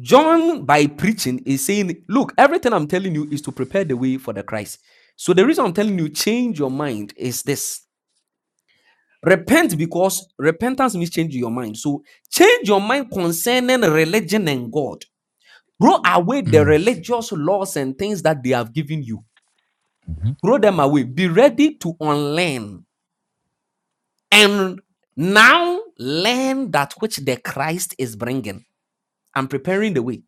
Speaker 6: John, by preaching, is saying, Look, everything I'm telling you is to prepare the way for the Christ. So the reason I'm telling you, change your mind is this. Repent because repentance means change your mind. So change your mind concerning religion and God Throw away the
Speaker 4: Mm,
Speaker 6: religious laws and things that they have given you.
Speaker 4: mm-hmm.
Speaker 6: Throw them away. Be ready to unlearn. And now learn that which the Christ is bringing. I'm preparing the way.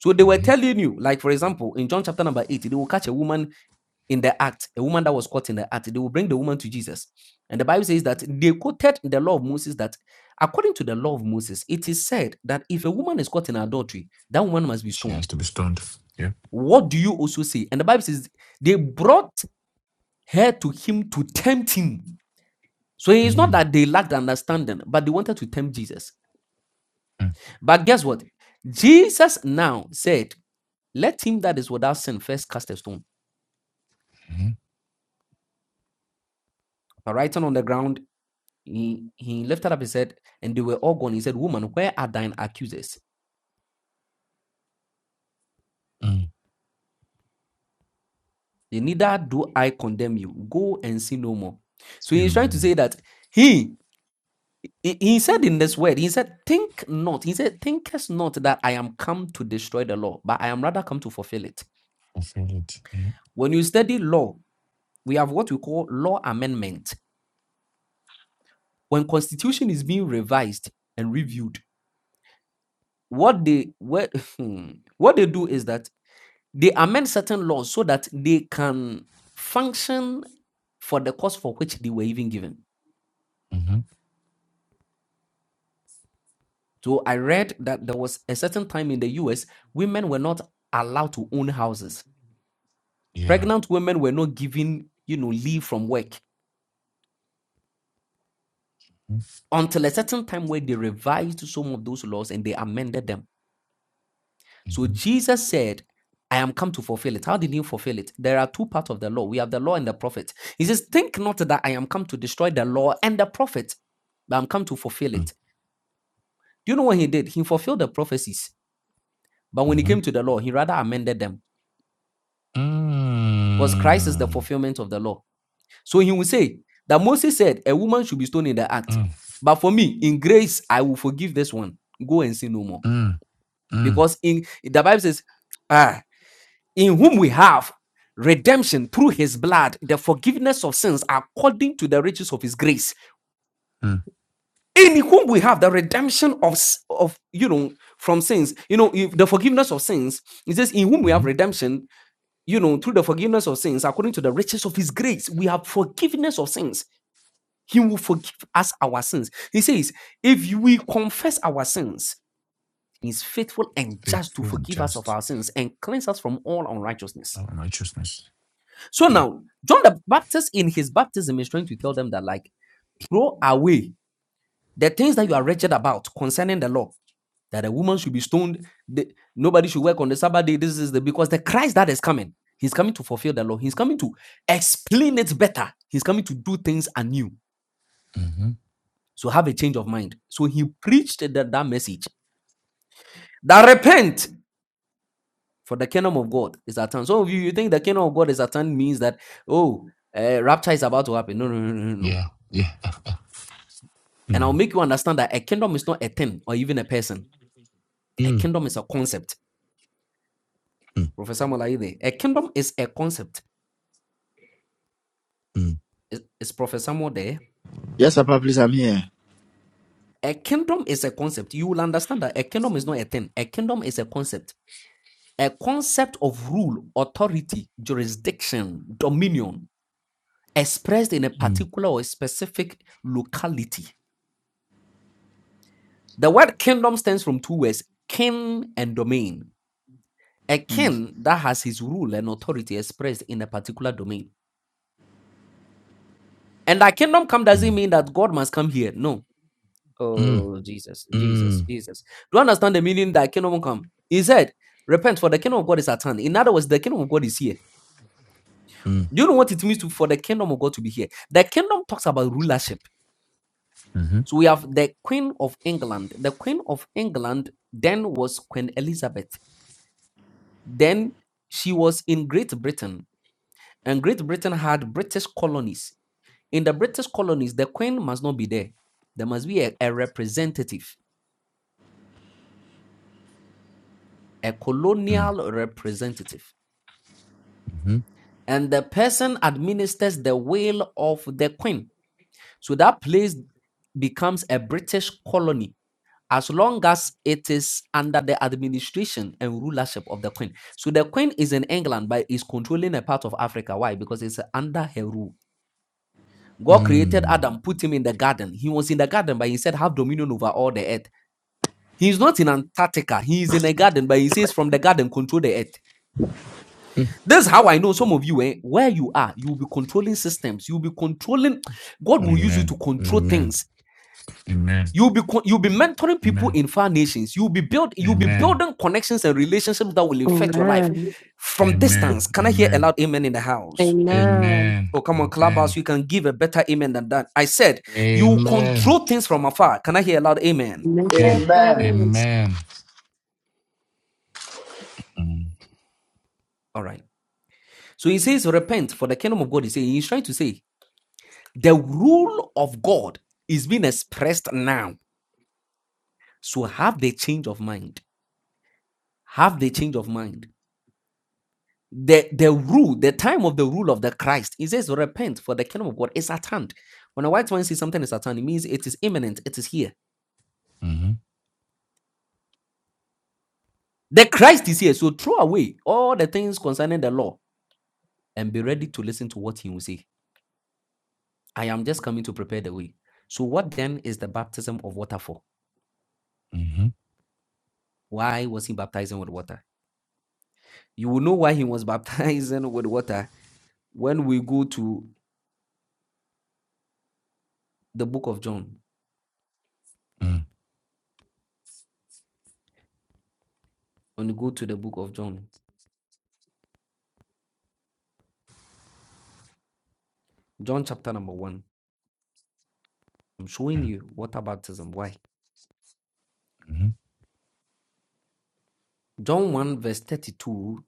Speaker 6: So they were
Speaker 4: Mm-hmm.
Speaker 6: telling you, like for example, in John chapter number 8, they will catch a woman in the act, a woman that was caught in the act. They will bring the woman to Jesus. And the Bible says that they quoted the law of Moses that according to the law of Moses, it is said that if a woman is caught in adultery, that woman must be
Speaker 4: She
Speaker 6: stoned.
Speaker 4: has to be stunned. Yeah.
Speaker 6: What do you also say? And the Bible says they brought her to him to tempt him. So it's not
Speaker 4: Mm,
Speaker 6: that they lacked understanding, but they wanted to tempt Jesus. But guess what? Jesus now said, Let him that is without sin first cast a stone.
Speaker 4: Mm-hmm.
Speaker 6: But writing on the ground, he, he lifted up his head, and they were all gone. He said, Woman, where are thine accusers?
Speaker 4: Mm,
Speaker 6: Neither do I condemn you. Go and sin no more. So he's trying to
Speaker 4: and
Speaker 6: say that he He, he said in this word, he said, Think not. He said, Thinkest not that I am come to destroy the law, but I am rather come to fulfill it.
Speaker 4: fulfill it. Yeah.
Speaker 6: When you study law, we have what we call law amendment. When constitution is being revised and reviewed, what they what, [laughs] what they do is that they amend certain laws so that they can function for the cause for which they were even given.
Speaker 4: Mm-hmm.
Speaker 6: So I read that there was a certain time in the US, women were not allowed to own houses
Speaker 4: Yeah.
Speaker 6: Pregnant women were not given, you know, leave from work until a certain time where they revised some of those laws and they amended them. So
Speaker 4: Mm-hmm.
Speaker 6: Jesus said, I am come to fulfill it. How did he fulfill it? There are two parts of the law. We have the law and the prophet. He says, Think not that I am come to destroy the law and the prophet, but I'm come to fulfill it. Do you know what he did? He fulfilled the prophecies. But when he
Speaker 4: Mm-hmm.
Speaker 6: came to the law, he rather amended them. Because Christ is the
Speaker 4: Mm,
Speaker 6: fulfillment of the law. So he will say that Moses said a woman should be stoned in the
Speaker 4: mm,
Speaker 6: act.
Speaker 4: mm,
Speaker 6: But for me, in grace, I will forgive this one. Go and sin no more.
Speaker 4: mm, mm,
Speaker 6: Because in the Bible says, ah, in whom we have redemption through his blood, the forgiveness of sins according to the riches of his grace. In whom we have the redemption of, s- of you know, from sins, you know, if the forgiveness of sins. It says, in whom we
Speaker 4: mm-hmm.
Speaker 6: have redemption, you know, through the forgiveness of sins according to the riches of his grace. We have forgiveness of sins He will forgive us our sins. He says, if we confess our sins, he is faithful and just to
Speaker 4: Faithful and
Speaker 6: forgive us of
Speaker 4: just.
Speaker 6: our sins and cleanse us from all unrighteousness.
Speaker 4: Oh, righteousness.
Speaker 6: So
Speaker 4: Yeah.
Speaker 6: now, John the Baptist in his baptism is trying to tell them that, like, throw away the things that you are wretched about concerning the law, that a woman should be stoned, the- nobody should work on the Sabbath day. This is the because the Christ that is coming, he's coming to fulfill the law, he's coming to explain it better, he's coming to do things anew.
Speaker 4: Mm-hmm.
Speaker 6: So have a change of mind. So he preached that, that message that repent for the kingdom of God is at hand. Some of you, you think the kingdom of God is at hand means that, oh, uh, rapture is about to happen. No, no, no, no, no. no.
Speaker 4: Yeah. Yeah. [laughs]
Speaker 6: And I'll
Speaker 4: mm,
Speaker 6: make you understand that a kingdom is not a thing or even a person. A
Speaker 4: mm,
Speaker 6: kingdom is a concept.
Speaker 4: mm,
Speaker 6: Professor Samuel, are you there? A kingdom is a concept.
Speaker 4: mm,
Speaker 6: Is, is Professor Samuel there?
Speaker 1: Yes, Papa, please, I'm here.
Speaker 6: A kingdom is a concept. You will understand that a kingdom is not a thing. A kingdom is a concept. A concept of rule, authority, jurisdiction, dominion expressed in a
Speaker 4: mm,
Speaker 6: particular or a specific locality. The word kingdom stems from two words king and domain. A
Speaker 1: Mm.
Speaker 6: king that has his rule and authority expressed in a particular domain. And that kingdom come doesn't
Speaker 4: mm,
Speaker 6: mean that God must come here. No.
Speaker 4: mm,
Speaker 6: Oh, Jesus, Jesus,
Speaker 4: mm,
Speaker 6: Jesus. Do you understand the meaning that kingdom come? He said, Repent, for the kingdom of God is at hand. In other words, the kingdom of God is here.
Speaker 4: mm,
Speaker 6: Do you know what it means to, for the kingdom of God to be here? The kingdom talks about rulership.
Speaker 4: mm-hmm.
Speaker 6: So we have the Queen of England. The Queen of England then was Queen Elizabeth. Then she was in Great Britain, and Great Britain had British colonies. In the British colonies, the Queen must not be there. There must be a, a representative, a
Speaker 4: Mm,
Speaker 6: colonial representative.
Speaker 4: mm-hmm.
Speaker 6: And the person administers the will of the Queen. So that place becomes a British colony as long as it is under the administration and rulership of the queen. So the queen is in England, but is controlling a part of Africa. Why? Because it's under her rule. God created
Speaker 4: Mm.
Speaker 6: Adam, put him in the garden. He was in the garden, but he said, have dominion over all the earth. He's not in Antarctica. He is in a garden, but he says, from the garden, control the earth.
Speaker 4: Mm.
Speaker 6: This is how I know some of you, eh, where you are, you will be controlling systems. You will be controlling. God will use you
Speaker 4: Amen.
Speaker 6: to control
Speaker 4: Amen.
Speaker 6: things
Speaker 4: Amen.
Speaker 6: You'll be co- you'll be mentoring people
Speaker 4: Amen.
Speaker 6: in far nations. You'll be build you'll be
Speaker 4: Amen.
Speaker 6: building connections and relationships that will affect your life from
Speaker 4: Amen.
Speaker 6: distance. Can I hear a
Speaker 4: Amen.
Speaker 6: loud amen in the house?
Speaker 7: Amen.
Speaker 4: Amen.
Speaker 6: Oh, come on, clubhouse.
Speaker 4: Amen.
Speaker 6: You can give a better amen than that. I said you will
Speaker 4: Amen.
Speaker 6: control things from afar. Can I hear a loud amen?
Speaker 4: Amen.
Speaker 1: Amen.
Speaker 7: Amen.
Speaker 4: Amen.
Speaker 6: All right. So he says, repent for the kingdom of God is saying he's trying to say the rule of God is being expressed now. So have the change of mind. Have the change of mind. the the rule, the time of the rule of the Christ. He says, repent, for the kingdom of God is at hand. When a white man says something is at hand, it means it is imminent, it is here.
Speaker 4: Mm-hmm.
Speaker 6: The Christ is here. So throw away all the things concerning the law and be ready to listen to what he will say. I am just coming to prepare the way. So what then is the baptism of water for?
Speaker 4: Mm-hmm.
Speaker 6: Why was he baptizing with water? You will know why he was [laughs] baptizing with water when we go to the book of John.
Speaker 4: Mm-hmm.
Speaker 6: When you go to the book of John, John chapter number one, I'm showing
Speaker 4: Okay.
Speaker 6: you water baptism. Why?
Speaker 4: Mm-hmm.
Speaker 6: John 1, verse 32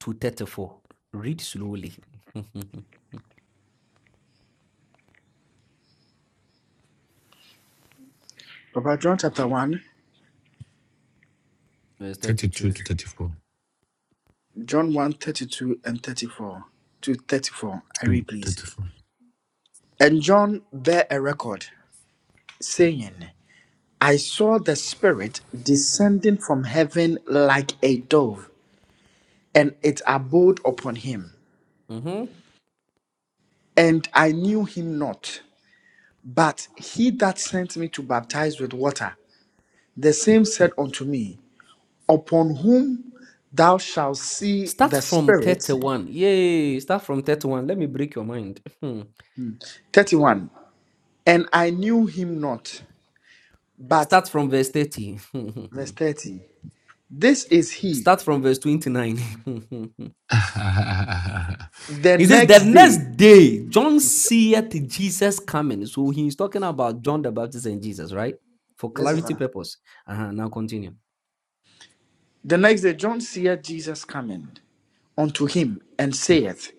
Speaker 6: to 34. Read slowly.
Speaker 1: Papa, John chapter 1,
Speaker 6: [laughs] verse
Speaker 4: 32
Speaker 6: 32.
Speaker 4: to 34.
Speaker 1: John one 32 and 34 to 34. I
Speaker 4: 2
Speaker 1: read, please.
Speaker 4: 34.
Speaker 1: And John bare a record, saying, I saw the Spirit descending from heaven like a dove, and it abode upon him.
Speaker 6: Mhm.
Speaker 1: And I knew him not. But he that sent me to baptize with water, the same said unto me, Upon whom thou shalt see
Speaker 6: Start
Speaker 1: the
Speaker 6: from
Speaker 1: Spirit,
Speaker 6: 31. Yay. Start from 31. Let me break your mind. [laughs]
Speaker 1: 31. And I knew him not. But,
Speaker 6: Start from verse 30.
Speaker 1: verse
Speaker 6: [laughs]
Speaker 1: 30, this is he.
Speaker 6: Start from verse 29.
Speaker 4: [laughs]
Speaker 6: [laughs]
Speaker 1: The
Speaker 6: he says, The
Speaker 1: next day,
Speaker 6: next day, John seeth Jesus coming. So he's talking about John the Baptist and Jesus, right? For
Speaker 1: That's
Speaker 6: clarity
Speaker 1: okay.
Speaker 6: purpose. Uh-huh. Now continue.
Speaker 1: the next day, John seeth Jesus coming unto him and saith,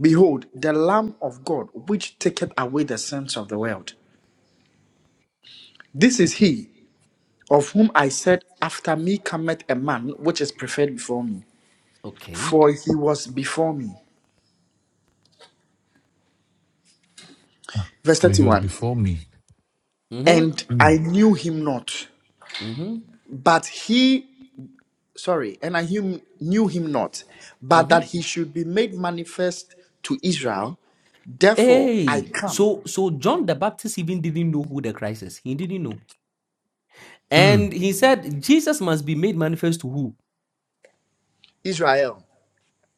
Speaker 1: Behold, the Lamb of God, which taketh away the sins of the world. This is he of whom I said, After me cometh a man which is preferred before me,
Speaker 6: Okay.
Speaker 1: for he was before me. Verse
Speaker 4: oh, he was
Speaker 1: 31.
Speaker 4: before me.
Speaker 6: Mm-hmm.
Speaker 1: And
Speaker 4: Mm.
Speaker 1: I knew him not,
Speaker 6: Mm-hmm.
Speaker 1: but he, sorry, and I him, knew him not, but
Speaker 6: Mm-hmm.
Speaker 1: that he should be made manifest to Israel. Therefore I
Speaker 6: Hey,
Speaker 1: come,
Speaker 6: so so John the Baptist even didn't know who the Christ is. He didn't know.
Speaker 4: Mm.
Speaker 6: And he said Jesus must be made manifest to who?
Speaker 1: Israel,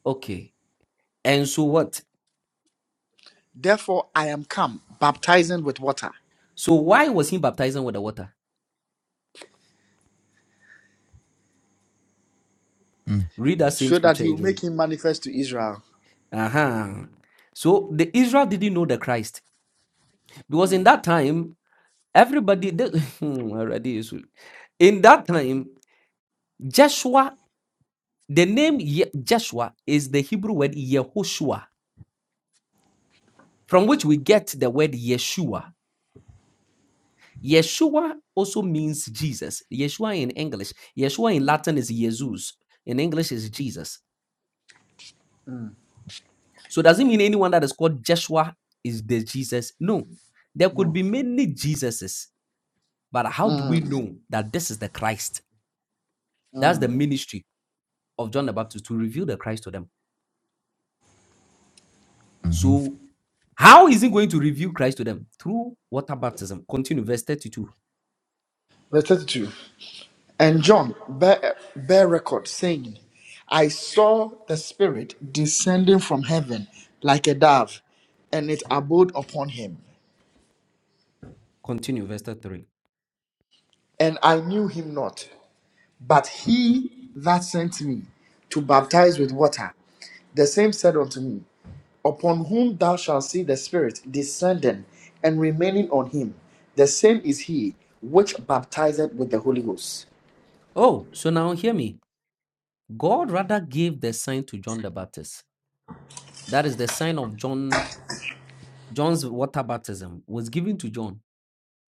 Speaker 6: Okay. And so what?
Speaker 1: therefore I am come, baptizing with water,
Speaker 6: So why was he baptizing with the water?
Speaker 4: Mm.
Speaker 6: Read that same
Speaker 1: so that
Speaker 6: scripture
Speaker 1: he will make
Speaker 6: again.
Speaker 1: him manifest to Israel.
Speaker 6: Uh-huh. So the Israel didn't know the Christ. Because in
Speaker 1: Mm,
Speaker 6: that time, everybody they- [laughs] Hmm, already is in that time, Joshua, the name Ye- Joshua is the Hebrew word Yehoshua, from which we get the word Yeshua. Yeshua also means Jesus. Yeshua in English. Yeshua in Latin is Jesus. In English is Jesus. So does it mean anyone that is called Joshua is the Jesus? No. There could
Speaker 1: No.
Speaker 6: be many Jesuses, but how do we
Speaker 1: Mm,
Speaker 6: know that this is the Christ? That's the
Speaker 1: mm.
Speaker 6: ministry of John the Baptist to reveal the Christ to them.
Speaker 4: Mm-hmm.
Speaker 6: So how is he going to reveal Christ to them? Through water baptism. Continue verse 32.
Speaker 1: Verse 32. And John bear, bear record, saying, I saw the Spirit descending from heaven like a dove, and it abode upon him.
Speaker 6: Continue verse 33.
Speaker 1: And I knew him not, but he that sent me to baptize with water, the same said unto me, Upon whom thou shalt see the Spirit descending and remaining on him, the same is he which baptizeth with the Holy Ghost.
Speaker 6: Oh, so now hear me. God rather gave the sign to John the Baptist That is the sign of John John's water baptism was given to John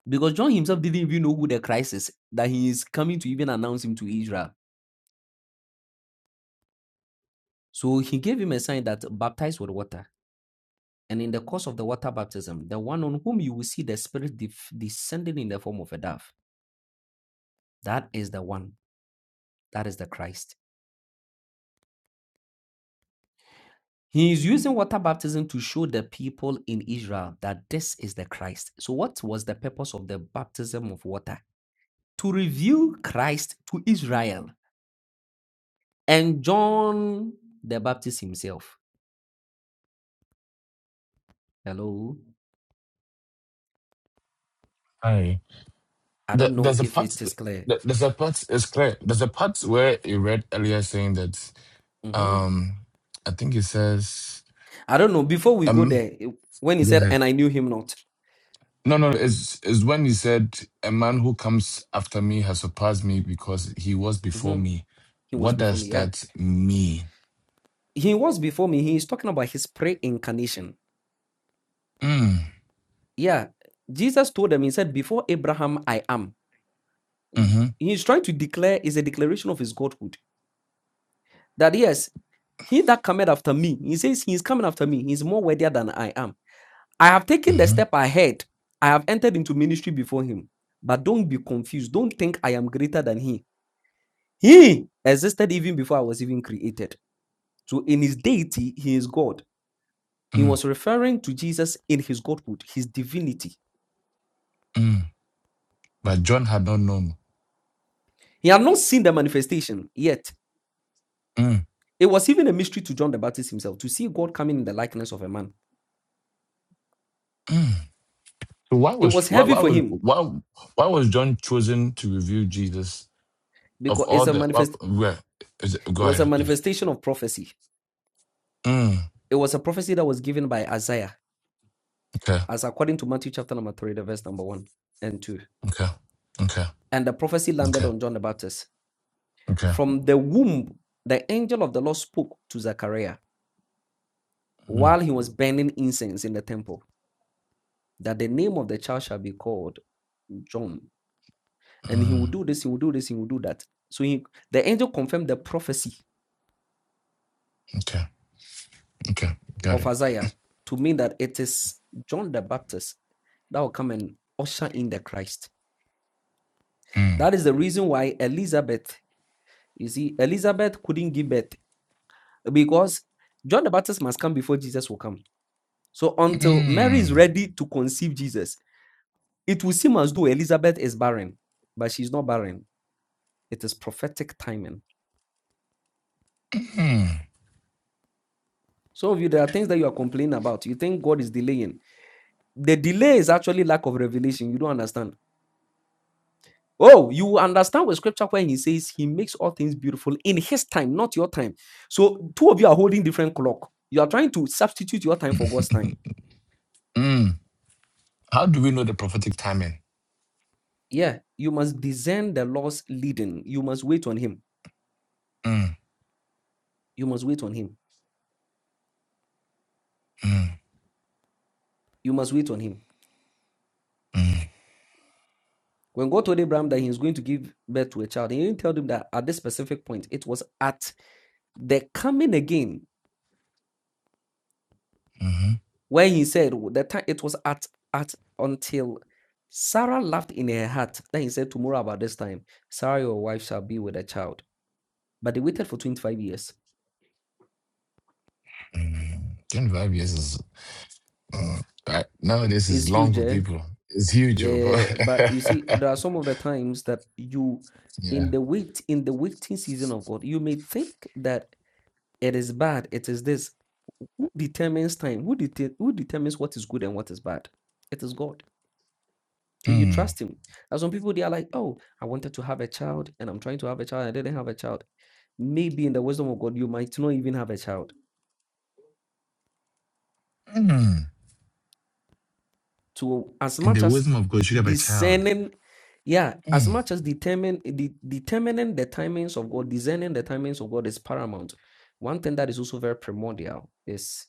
Speaker 6: because John himself didn't even know who the Christ is that he is coming to even announce him to Israel. So he gave him a sign that baptized with water. And in the course of the water baptism, the one on whom you will see the Spirit def- descending in the form of a dove, that is the one, that is the Christ. He is using water baptism to show the people in Israel that this is the Christ. So, what was the purpose of the baptism of water? To reveal Christ to Israel And John the Baptist himself. Hello.
Speaker 4: Hi.
Speaker 6: I
Speaker 4: The,
Speaker 6: don't know
Speaker 4: there's a
Speaker 6: if
Speaker 4: part.
Speaker 6: it is clear.
Speaker 4: the- There's a part. It's clear. There's a part where you read earlier saying that.
Speaker 6: Mhm.
Speaker 4: Um, I think it says.
Speaker 6: I don't know. Before we go
Speaker 4: Um.
Speaker 6: there, it- when he
Speaker 4: Go
Speaker 6: said,
Speaker 4: ahead.
Speaker 6: and I knew him not,
Speaker 4: No, no, it's, it's when he said, A man who comes after me has surpassed me because he was before
Speaker 6: Mhm.
Speaker 4: me.
Speaker 6: he was
Speaker 4: What
Speaker 6: before
Speaker 4: does
Speaker 6: me. Yeah.
Speaker 4: that mean?
Speaker 6: He was before me. He is talking about his pre incarnation.
Speaker 4: Mm,
Speaker 6: Yeah. Jesus told them, he said, Before Abraham, I am.
Speaker 4: mm-hmm,
Speaker 6: He's trying to declare, is a declaration of his godhood. That yes, he that cometh after me, he says, he is coming after me. He's more worthy than I am I have taken the
Speaker 4: mm-hmm,
Speaker 6: step ahead. I have entered into ministry before him. But don't be confused. Don't think I am greater than he. He existed even before I was even created. So in his deity, he is God. He
Speaker 4: mm,
Speaker 6: was referring to Jesus in his godhood, his divinity.
Speaker 4: mm. But John had not known.
Speaker 6: He had not seen the manifestation yet.
Speaker 4: Mm,
Speaker 6: It was even a mystery to John the Baptist himself to see God coming in the likeness of a man.
Speaker 4: mm. So why
Speaker 6: It
Speaker 4: was
Speaker 6: was
Speaker 4: why,
Speaker 6: heavy
Speaker 4: why
Speaker 6: for
Speaker 4: was
Speaker 6: him
Speaker 4: why why was John chosen to reveal Jesus of
Speaker 6: because
Speaker 4: all
Speaker 6: it's a
Speaker 4: the why,
Speaker 6: manifest.
Speaker 4: where is it,
Speaker 6: It
Speaker 4: go
Speaker 6: was a
Speaker 4: ahead please.
Speaker 6: manifestation of prophecy.
Speaker 4: Mm,
Speaker 6: It was a prophecy that was given by Isaiah
Speaker 4: okay,
Speaker 6: as according to Matthew chapter number 3, the verse number 1 and 2.
Speaker 4: okay, okay,
Speaker 6: And the prophecy landed
Speaker 4: okay,
Speaker 6: on John the Baptist.
Speaker 4: okay,
Speaker 6: From the womb, the angel of the Lord spoke to Zechariah
Speaker 4: mm,
Speaker 6: while he was burning incense in the temple that the name of the child shall be called John. And he will
Speaker 4: mm,
Speaker 6: do this, he will do this, he will do that. So he, the angel confirmed the prophecy
Speaker 4: okay, okay, got
Speaker 6: of
Speaker 4: it.
Speaker 6: Isaiah to mean that it is John the Baptist that will come and usher in the Christ.
Speaker 4: Mm,
Speaker 6: That is the reason why Elizabeth, you see, Elizabeth couldn't give birth because John the Baptist must come before Jesus will come. So until Mary is
Speaker 4: mm,
Speaker 6: ready to conceive Jesus, it will seem as though Elizabeth is barren, but she's not barren. It is prophetic timing.
Speaker 4: mm.
Speaker 6: Some of you, there are things that you are complaining about. You think God is delaying. The delay is actually lack of revelation. You don't understand. Oh, you will understand with scripture when he says he makes all things beautiful in his time, not your time. So two of you are holding different clock. You are trying to substitute your time for God's time.
Speaker 4: Mm. How do we know the prophetic timing?
Speaker 6: Yeah, you must discern the Lord's leading. You must wait on him
Speaker 4: Mm,
Speaker 6: You must wait on him.
Speaker 4: mm,
Speaker 6: You must wait on him.
Speaker 4: mm,
Speaker 6: When God told Abraham that he was going to give birth to a child, he didn't tell him that at this specific point. It was at the coming again
Speaker 4: mhm,
Speaker 6: when he said the time it was at at until Sarah laughed in her heart. Then he said, Tomorrow about this time, Sarah, your wife, shall be with a child. But they waited for 25 years.
Speaker 4: mm. 25 years is uh, I- nowadays is
Speaker 6: It's
Speaker 4: long
Speaker 6: huge,
Speaker 4: for
Speaker 6: eh?
Speaker 4: people. It's huge. oh, but-
Speaker 6: Yeah. But you see,
Speaker 4: [laughs]
Speaker 6: there are some of the times that you in
Speaker 4: yeah.
Speaker 6: the wait in the waiting season of God, you may think that it is bad, it is this, Who determines time? Who dete- who determines what is good and what is bad? It is God. So you
Speaker 4: Mm,
Speaker 6: trust Him. As some people, they are like, oh, I wanted to have a child and I'm trying to have a child. I didn't have a child. Maybe in the wisdom of God, you might not even have a child.
Speaker 4: mm.
Speaker 6: So as
Speaker 4: In the
Speaker 6: much as
Speaker 4: wisdom of God, you should have a child.
Speaker 6: discerning, yeah, as
Speaker 4: Mm,
Speaker 6: much as determine, de- determining the timings of God, discerning the timings of God is paramount. One thing that is also very primordial is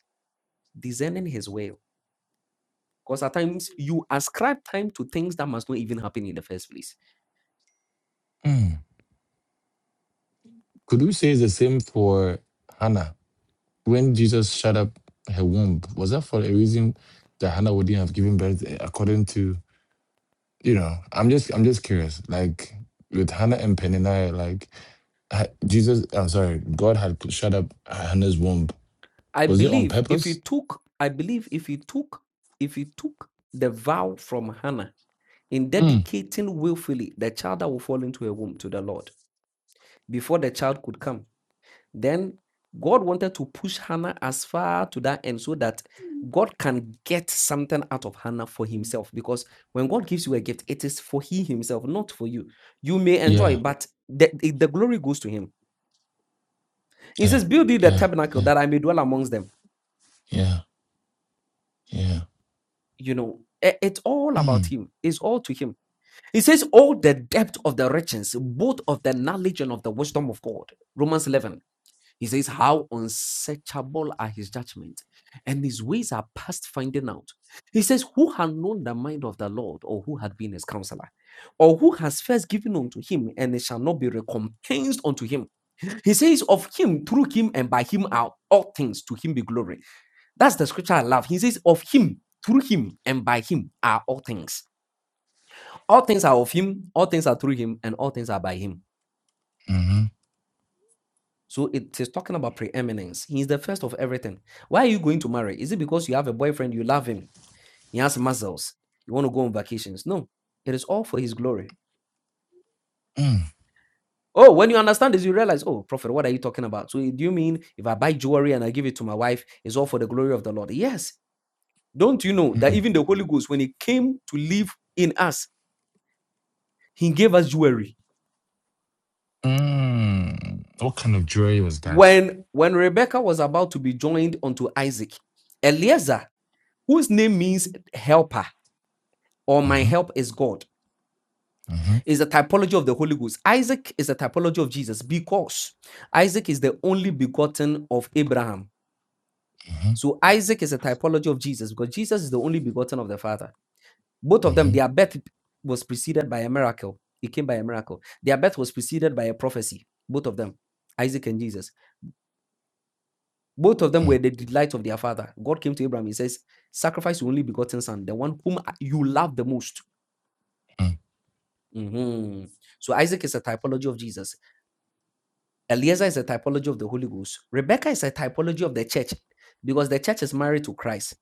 Speaker 6: discerning His will Because at times you ascribe time to things that must not even happen in the first place.
Speaker 4: mm. Could we say it's the same for Hannah? When Jesus shut up her womb, was that for a reason that Hannah wouldn't have given birth eh, according to? You know, I'm just I'm just curious. Like with Hannah and Penina, like ha- Jesus, I'm sorry, God had shut up Hannah's womb.
Speaker 6: I
Speaker 4: Was it on
Speaker 6: believe if you
Speaker 4: purpose?
Speaker 6: took, I believe if you took, if you took the vow from Hannah in
Speaker 4: Mm.
Speaker 6: dedicating willfully the child that will fall into a womb to the Lord before the child could come. Then God wanted to push Hannah as far to that end so that God can get something out of Hannah for himself. Because when God gives you a gift, it is for he himself, not for you. You may enjoy,
Speaker 4: Yeah,
Speaker 6: but the, the the glory goes to him. He
Speaker 4: yeah,
Speaker 6: says, Build thee the
Speaker 4: yeah,
Speaker 6: tabernacle
Speaker 4: yeah,
Speaker 6: that I may dwell amongst them.
Speaker 4: yeah, yeah.
Speaker 6: You know, i- it's all about
Speaker 4: Mm.
Speaker 6: him, it's all to him. He says, All the depth of the riches, both of the knowledge and of the wisdom of God. Romans 11. He says, How unsearchable are his judgments, and his ways are past finding out. He says, Who had known the mind of the Lord, or who had been his counselor, or who has first given unto him, and it shall not be recompensed unto him? He says, Of him, through him, and by him are all things, to him be glory. That's the scripture I love. He says, Of him, through him, and by him are all things. All things are of him, all things are through him, and all things are by him.
Speaker 4: Mm-hmm.
Speaker 6: So it is talking about preeminence. He is the first of everything. Why are you going to marry? Is it because you have a boyfriend, you love him, he has muscles, you want to go on vacations? No, it is all for his glory.
Speaker 4: Mm.
Speaker 6: Oh, when you understand this, you realize, oh, prophet, what are you talking about? So do you mean if I buy jewelry and I give it to my wife, it's all for the glory of the Lord? Yes. Don't you know that
Speaker 4: Mm.
Speaker 6: even the Holy Ghost, when he came to live in us, he gave us jewelry.
Speaker 4: Mm. What kind of jury was that?
Speaker 6: When when Rebecca was about to be joined unto Isaac, Eliezer, whose name means helper, or my
Speaker 4: Mm-hmm.
Speaker 6: help is God
Speaker 4: Mm-hmm.
Speaker 6: is a typology of the Holy Ghost. Isaac is a typology of Jesus because Isaac is the only begotten of Abraham.
Speaker 4: Mm-hmm.
Speaker 6: So Isaac is a typology of Jesus because Jesus is the only begotten of the Father. Both of them, their
Speaker 4: Mm-hmm.
Speaker 6: birth was preceded by a miracle. It came by a miracle. Their birth was preceded by a prophecy. Both of them, Isaac and Jesus. Both of them
Speaker 4: Mm.
Speaker 6: were the delight of their father. God came to Abraham. He says, Sacrifice your only begotten son, the one whom you love the most.
Speaker 4: Mm.
Speaker 6: Mhm. So Isaac is a typology of Jesus. Eliezer is a typology of the Holy Ghost. Rebecca is a typology of the church because the church is married to Christ,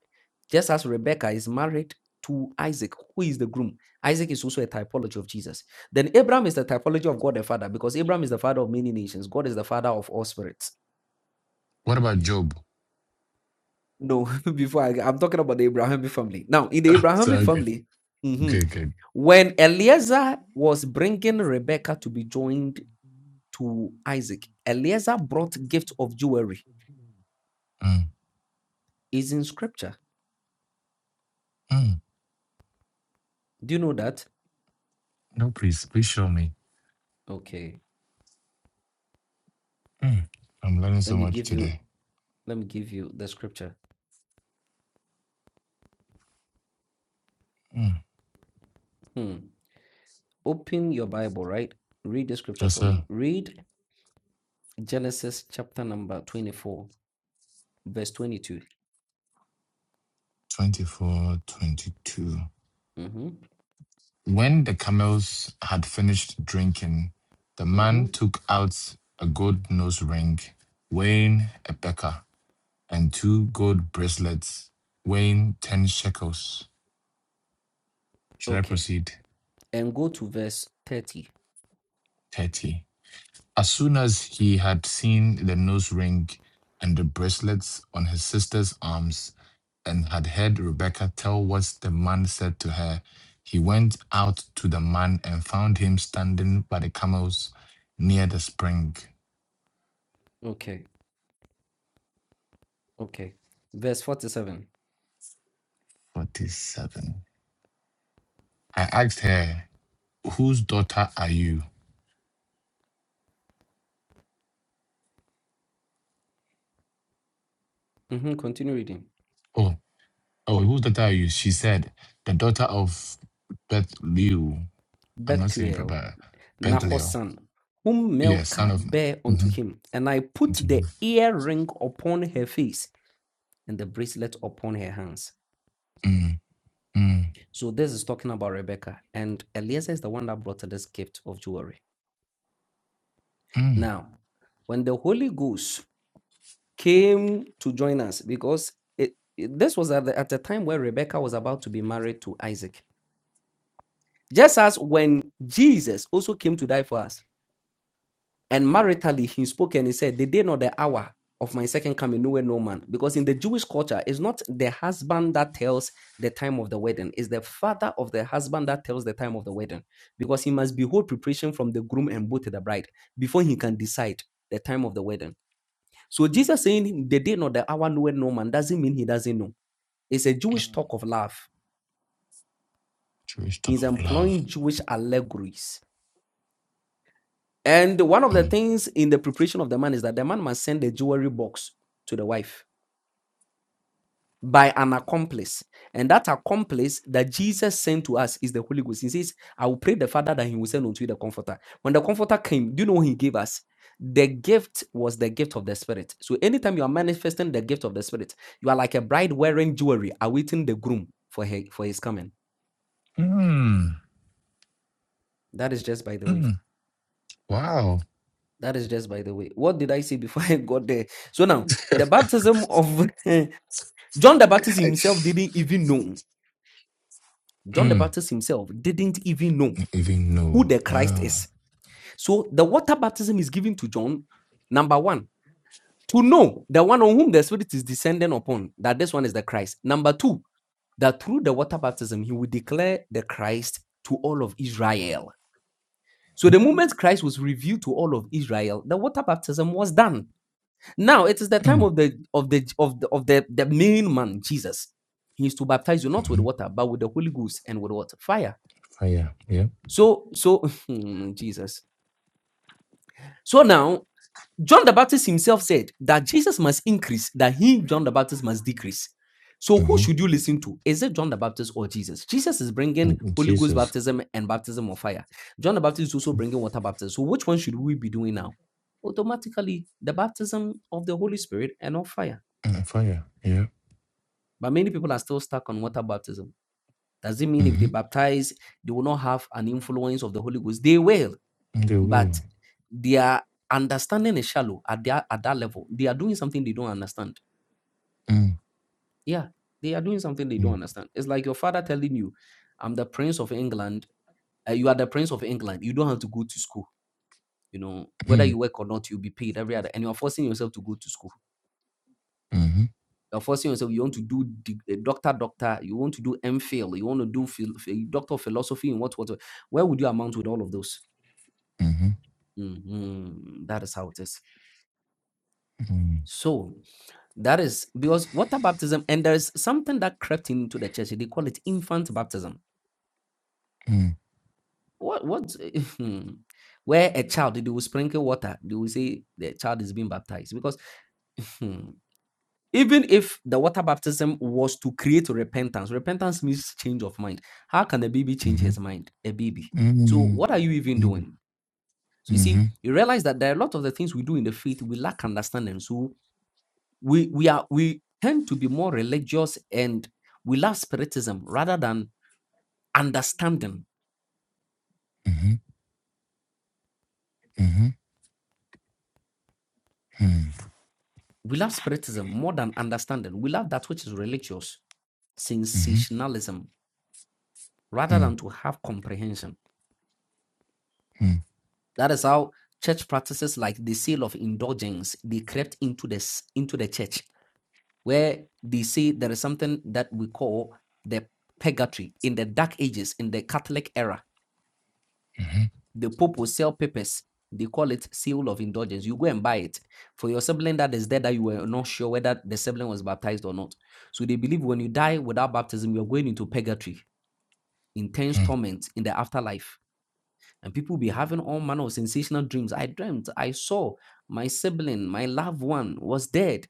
Speaker 6: just as Rebecca is married to Isaac, who is the groom. Isaac is also a typology of Jesus. Then Abraham is the typology of God the Father because Abraham is the father of many nations. God is the father of all spirits.
Speaker 4: What about Job?
Speaker 6: No, [laughs] before I, I'm talking about the Abrahamic family. Now, in the
Speaker 4: [laughs]
Speaker 6: Abrahamic
Speaker 4: sorry.
Speaker 6: family, mhm,
Speaker 4: Good, good.
Speaker 6: when Eliezer was bringing Rebecca to be joined to Isaac, Eliezer brought gift of jewelry.
Speaker 4: Mm.
Speaker 6: Is in scripture.
Speaker 4: Mm.
Speaker 6: Do you know that?
Speaker 4: No, please, please show me.
Speaker 6: Okay.
Speaker 4: Mm. I'm learning
Speaker 6: Let
Speaker 4: so
Speaker 6: me
Speaker 4: much
Speaker 6: give you
Speaker 4: today.
Speaker 6: let me give you the scripture.
Speaker 4: Mm.
Speaker 6: Hmm. Open your Bible, right? Read the scripture
Speaker 4: Verse
Speaker 6: for me. Read Genesis chapter number 24, verse 22.
Speaker 4: 24 22.
Speaker 6: Mm-hmm.
Speaker 4: When the camels had finished drinking, the
Speaker 6: Mm-hmm.
Speaker 4: man took out a gold nose ring weighing a becker and two gold bracelets weighing 10 shekels. Should I
Speaker 6: Okay.
Speaker 4: proceed?
Speaker 6: And go to verse 30.
Speaker 4: 30. As soon as he had seen the nose ring and the bracelets on his sister's arms, and had heard Rebecca tell what the man said to her, he went out to the man and found him standing by the camels near the spring.
Speaker 6: Okay. Okay. Verse 47.
Speaker 4: 47. I asked her, Whose daughter are you?
Speaker 6: Mm-hmm. Continue reading.
Speaker 4: Oh, oh, whose daughter are you? She said, The daughter of Bethlehem. I'm not saying it,
Speaker 6: Bethuel,
Speaker 4: but
Speaker 6: Nahor's
Speaker 4: Bethlehem.
Speaker 6: son, whom
Speaker 4: Yes, son
Speaker 6: Milcah
Speaker 4: of.
Speaker 6: bare unto him, and I put the earring upon her face and the bracelet upon her hands.
Speaker 4: mhm. Mm,
Speaker 6: So this is talking about Rebecca, and Eliezer is the one that brought her this gift of jewelry.
Speaker 4: mm,
Speaker 6: Now, when the Holy Ghost came to join us, because it, it- this was at the, at the time where Rebecca was about to be married to Isaac, just as when Jesus also came to die for us, And maritally, he spoke and he said, The day nor the hour of my second coming, nowhere no man. Because in the Jewish culture, it's not the husband that tells the time of the wedding, it's the father of the husband that tells the time of the wedding. Because he must behold preparation from the groom and both the bride before he can decide the time of the wedding. So Jesus saying, The day nor the hour, nowhere no man, doesn't mean he doesn't know. It's a Jewish
Speaker 4: mm.
Speaker 6: talk of love.
Speaker 4: Joystick
Speaker 6: He's
Speaker 4: of love.
Speaker 6: employing Jewish allegories. And one of the
Speaker 4: Mm.
Speaker 6: things in the preparation of the man is that the man must send the jewelry box to the wife by an accomplice. And that accomplice that Jesus sent to us is the Holy Ghost. He says, I will pray the Father that he will send unto you the Comforter. When the Comforter came, do you know what he gave us? The gift was the gift of the Spirit. So anytime you are manifesting the gift of the Spirit, you are like a bride wearing jewelry, awaiting the groom for her for his coming.
Speaker 4: Mm,
Speaker 6: That is just by the way.
Speaker 4: mm. Wow.
Speaker 6: That is just by the way. What did I say before [laughs] I got there? So now the baptism of [laughs] John the Baptist himself
Speaker 4: Nice.
Speaker 6: didn't even know. John the
Speaker 4: Mm.
Speaker 6: Baptist himself didn't even know
Speaker 4: Even
Speaker 6: who
Speaker 4: know.
Speaker 6: the Christ
Speaker 4: Wow.
Speaker 6: is. So the water baptism is given to John, number one, to know the one on whom the Spirit is descending upon, that this one is the Christ. Number two, that through the water baptism, he will declare the Christ to all of Israel. So
Speaker 4: Mm.
Speaker 6: the moment Christ was revealed to all of Israel, the water baptism was done. Now it is the time of the of the of the of the, the main man, Jesus. He is to baptize you not with
Speaker 4: Mm-hmm.
Speaker 6: water, but with the Holy Ghost and with what? Fire.
Speaker 4: Fire. Yeah.
Speaker 6: So so [laughs] Jesus. So now John the Baptist himself said that Jesus must increase, that he, John the Baptist, must decrease. So who
Speaker 4: Mm-hmm.
Speaker 6: should you listen to? Is it John the Baptist or Jesus? Jesus is bringing
Speaker 4: Mm,
Speaker 6: Holy Ghost
Speaker 4: Jesus.
Speaker 6: baptism and baptism of fire. John the Baptist is also bringing water baptism. So which one should we be doing now? Automatically, the baptism of the Holy Spirit and of fire.
Speaker 4: Mm. Fire. Yeah.
Speaker 6: But many people are still stuck on water baptism. Does it mean if
Speaker 4: Mm-hmm.
Speaker 6: they baptize, they will not have an influence of the Holy Ghost? They will
Speaker 4: Mm, They will.
Speaker 6: but their understanding is shallow at their at that level. They are doing something they don't understand.
Speaker 4: Mm.
Speaker 6: Yeah, they are doing something they don't
Speaker 4: Mm.
Speaker 6: understand. It's like your father telling you, "I'm the prince of England. uh, you are the prince of England. You don't have to go to school. You know whether
Speaker 4: Mm.
Speaker 6: you work or not, you'll be paid every other. And you're forcing yourself to go to school.
Speaker 4: Mm-hmm.
Speaker 6: You're forcing yourself. You want to do the eh, doctor, doctor. You want to do MPhil. You want to do phil- ph- eh, doctor of philosophy and what what. what. Where would you amount with all of those?
Speaker 4: Mm-hmm.
Speaker 6: Mhm, That is how it is.
Speaker 4: Mm.
Speaker 6: So That is because water baptism, and there's something that crept into the church. They call it infant baptism.
Speaker 4: Mm.
Speaker 6: What what [laughs] where a child they will sprinkle water, they will say the child is being baptized. Because [laughs] even if the water baptism was to create repentance, repentance means change of mind. How can a baby change
Speaker 4: Mm-hmm.
Speaker 6: his mind? A baby.
Speaker 4: Mm.
Speaker 6: So what are you even
Speaker 4: Mm.
Speaker 6: doing? So you
Speaker 4: Mm-hmm.
Speaker 6: see, you realize that there are a lot of the things we do in the faith we lack understanding. So we we are we tend to be more religious and we love spiritism rather than understanding
Speaker 4: Mm-hmm. Mm-hmm. Mm. Mm-hmm. Mm.
Speaker 6: we love spiritism more than understanding we love that which is religious
Speaker 4: Mm.
Speaker 6: sensationalism rather
Speaker 4: Mm-hmm.
Speaker 6: than to have comprehension that is how church practices like the sale of indulgence they crept into this into the church where they say there is something that we call the purgatory in the dark ages in the catholic era The Pope will sell papers. They call it seal of indulgence. You go and buy it for your sibling that is dead that you were not sure whether the sibling was baptized or not. So they believe when you die without baptism, you're going into purgatory, intense torment in the afterlife. And people be having all manner of sensational dreams. I dreamt, I saw my sibling, my loved one was dead,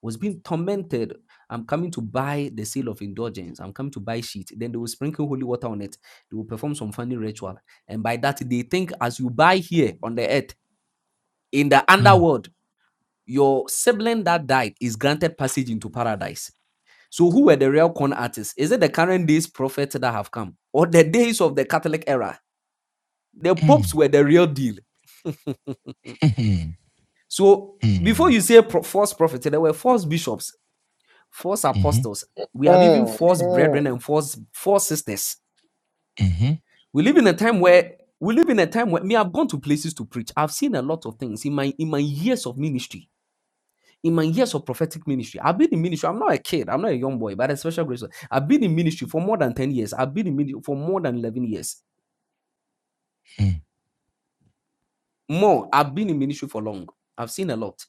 Speaker 6: was being tormented. I'm coming to buy the seal of indulgence. I'm coming to buy sheet. Then they will sprinkle holy water on it. They will perform some funny ritual. And by that, they think as you buy here on the earth, in the underworld, your sibling that died is granted passage into paradise. So who were the real con artists? Is it the current days prophets that have come? Or the days of the Catholic era? The
Speaker 4: Mm.
Speaker 6: popes
Speaker 4: Mm.
Speaker 6: were the real deal.
Speaker 4: Mm.
Speaker 6: [laughs]
Speaker 4: [laughs]
Speaker 6: So
Speaker 4: mm.
Speaker 6: before you say pro- false prophets, there were false bishops, false
Speaker 4: hmm
Speaker 6: apostles. We have even
Speaker 1: Mm,
Speaker 6: false
Speaker 1: mm.
Speaker 6: brethren and false false sisters.
Speaker 4: hmm
Speaker 6: We live in a time where we live in a time where me I've gone to places to preach. I've seen a lot of things in my in my years of ministry. In my years of prophetic ministry, I've been in ministry. I'm not a kid. I'm not a young boy, but a special grace. I've been in ministry for more than 10 years. I've been in ministry for more than 11 years.
Speaker 4: hmm
Speaker 6: More. I've been in ministry for long. I've seen a lot.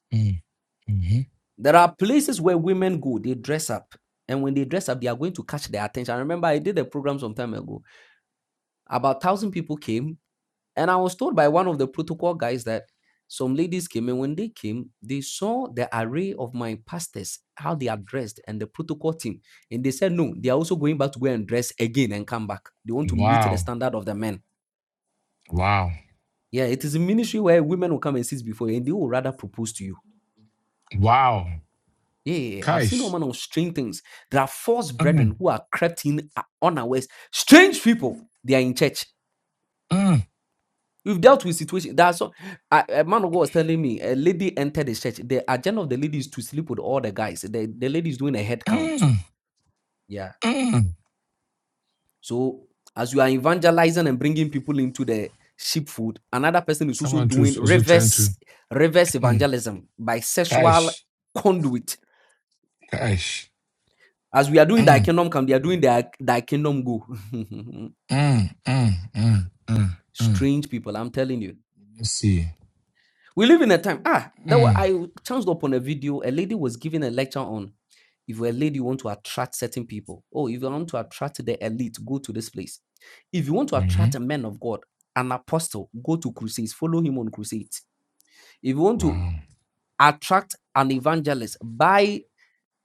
Speaker 4: hmm
Speaker 6: There are places where women go, they dress up. And when they dress up, they are going to catch their attention. I remember I did a program some time ago. About one thousand people came, and I was told by one of the protocol guys that some ladies came, and when they came, they saw the array of my pastors, how they are dressed, and the protocol team. And they said, No, they are also going back to go and dress again and come back. They want to meet the
Speaker 4: Wow.
Speaker 6: standard of the men.
Speaker 4: Wow.
Speaker 6: Yeah, it is a ministry where women will come and sit before you and they will rather propose to you.
Speaker 4: Wow.
Speaker 6: Yeah, yeah, yeah. I've seen no
Speaker 4: Guys.
Speaker 6: man on strange things. There are false
Speaker 4: Mm,
Speaker 6: brethren who are crept in uh, unawares. Strange people, they are in church.
Speaker 4: mm,
Speaker 6: We've dealt with situation. That's so. A, a man of God was telling me a lady entered the church. The agenda of the lady is to sleep with all the guys. The, the lady is doing a head count.
Speaker 4: mm,
Speaker 6: Yeah.
Speaker 4: mm.
Speaker 6: So as you are evangelizing and bringing people into the sheepfold, another person is also
Speaker 4: Someone too is
Speaker 6: doing
Speaker 4: also trying to.
Speaker 6: reverse reverse
Speaker 4: Mm.
Speaker 6: evangelism by sexual
Speaker 4: Guys.
Speaker 6: conduit.
Speaker 4: Guys.
Speaker 6: As we are doing thy
Speaker 4: Mm,
Speaker 6: kingdom come, they are doing their thy kingdom go. [laughs]
Speaker 4: mm, mm, mm, mm, mm.
Speaker 6: Strange people, I'm telling you.
Speaker 4: Let's see.
Speaker 6: We live in a time. Ah, that wa-
Speaker 4: Mm.
Speaker 6: I chanced upon a video. A lady was giving a lecture on if you're a lady, you want to attract certain people. Oh, if you want to attract the elite, go to this place. If you want to
Speaker 4: hmm
Speaker 6: attract a man of God, an apostle, go to crusades, follow him on crusades. If you want to
Speaker 4: Wow.
Speaker 6: attract an evangelist, buy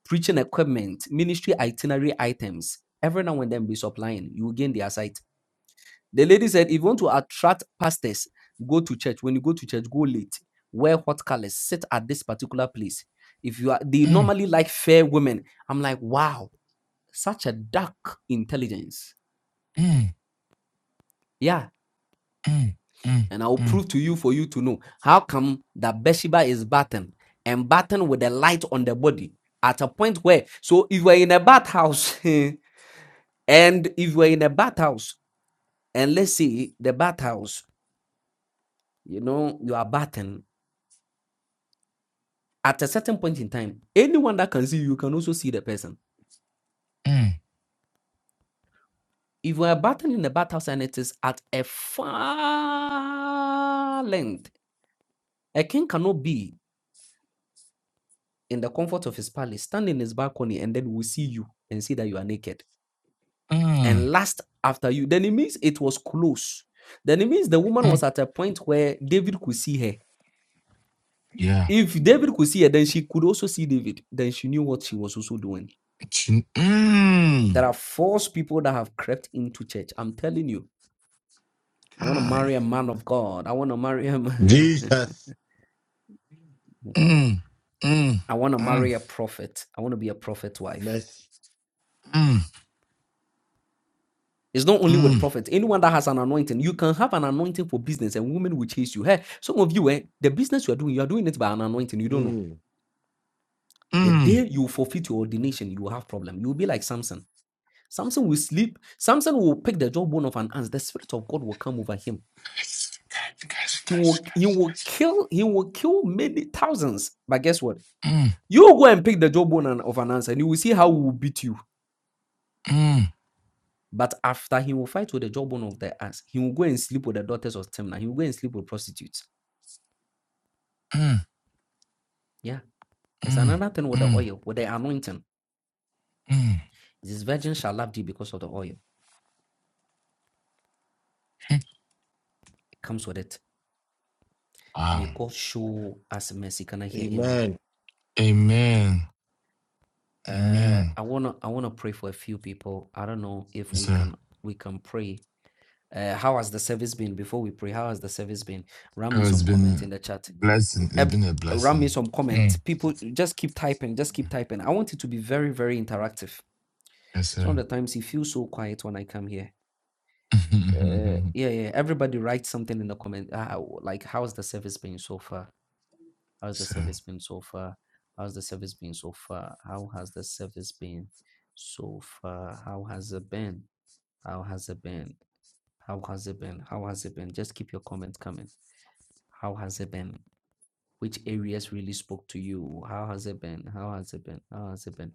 Speaker 6: preaching equipment, ministry itinerary items. Every now and then be supplying, you will gain their sight. The lady said, if you want to attract pastors, go to church. When you go to church, go late. Wear hot colors. Sit at this particular place. If you are, they
Speaker 4: Mm,
Speaker 6: normally like fair women. I'm like, wow, such a dark intelligence.
Speaker 4: mm,
Speaker 6: Yeah.
Speaker 4: mm, mm,
Speaker 6: And I will
Speaker 4: mm,
Speaker 6: prove to you for you to know how come that Bathsheba is bathing and bathing with the light on the body at a point where, so if we're in a bathhouse [laughs] and if we're in a bathhouse and let's say the bathhouse, you know, you are bathing at a certain point in time, anyone that can see you can also see the person.
Speaker 4: mm,
Speaker 6: If we are battling in the battlehouse and it is at a far length, a king cannot be in the comfort of his palace, stand in his balcony, and then we see you and see that you are naked
Speaker 4: mm,
Speaker 6: and last after you. Then it means it was close. Then it means the woman
Speaker 4: mm.
Speaker 6: was at a point where David could see her.
Speaker 4: Yeah.
Speaker 6: If David could see her, then she could also see David. Then she knew what she was also doing.
Speaker 4: Chin-
Speaker 6: There
Speaker 4: Mm.
Speaker 6: are false people that have crept into church. I'm telling you I want to
Speaker 4: Guy.
Speaker 6: marry a man of God. I want to marry him. [laughs]
Speaker 8: Jesus.
Speaker 4: Mm, mm,
Speaker 6: I want to
Speaker 4: mm,
Speaker 6: marry a prophet. I want to be a prophet wife.
Speaker 8: Mercy.
Speaker 4: mm,
Speaker 6: It's not only
Speaker 4: mm.
Speaker 6: with prophets. Anyone that has an anointing, you can have an anointing for business and women will chase you. Hey, some of you, eh, the business you are doing, you are doing it by an anointing. You don't know.
Speaker 8: Mm.
Speaker 6: The
Speaker 4: Mm.
Speaker 6: day you forfeit your ordination, you will have problem. You will be like Samson. Samson will sleep. Samson will pick the jawbone of an ant. The spirit of God will come over him. He will, he will kill, he will kill many thousands. But guess what?
Speaker 4: Mm,
Speaker 6: You will go and pick the jawbone of an answer, and you will see how we will beat you.
Speaker 4: mm,
Speaker 6: But after he will fight with the jawbone of the ass, he will go and sleep with the daughters of Timnah. He will go and sleep with prostitutes.
Speaker 4: mm,
Speaker 6: Yeah. It's
Speaker 4: mm,
Speaker 6: another thing with the
Speaker 4: mm,
Speaker 6: oil, with the anointing.
Speaker 4: mm.
Speaker 6: This virgin shall love thee because of the oil. It comes with it. May
Speaker 4: Wow.
Speaker 6: God show us mercy. Can I hear amen?
Speaker 8: Amen.
Speaker 4: Amen.
Speaker 6: Uh,
Speaker 4: Amen.
Speaker 6: I wanna I wanna pray for a few people. I don't know if
Speaker 4: Yes,
Speaker 6: we
Speaker 4: sir.
Speaker 6: can we can pray. Uh, how has the service been before we pray? How has the service been? Ram me
Speaker 4: Oh, it's
Speaker 6: some
Speaker 4: been
Speaker 6: comment
Speaker 4: a
Speaker 6: in the chat.
Speaker 4: blessing. It's
Speaker 6: Ev-
Speaker 4: been a
Speaker 6: Ram me
Speaker 4: blessing.
Speaker 6: some comment.
Speaker 4: Mm.
Speaker 6: People just keep typing, just keep typing. I want it to be very, very interactive
Speaker 4: Yes,
Speaker 6: Some
Speaker 4: sir.
Speaker 6: of the times it feels so quiet when I come here.
Speaker 4: [laughs]
Speaker 6: Uh, yeah, yeah. Everybody writes something in the comment. Ah, w- like, how's the service been so far? How's the
Speaker 4: so,
Speaker 6: service been so far? How's the service been so far? How has the service been so far? How has it been? How has it been? How has it been? How has it been? Just keep your comments coming. How has it been? Which areas really spoke to you? How has it been? How has it been? How has it been?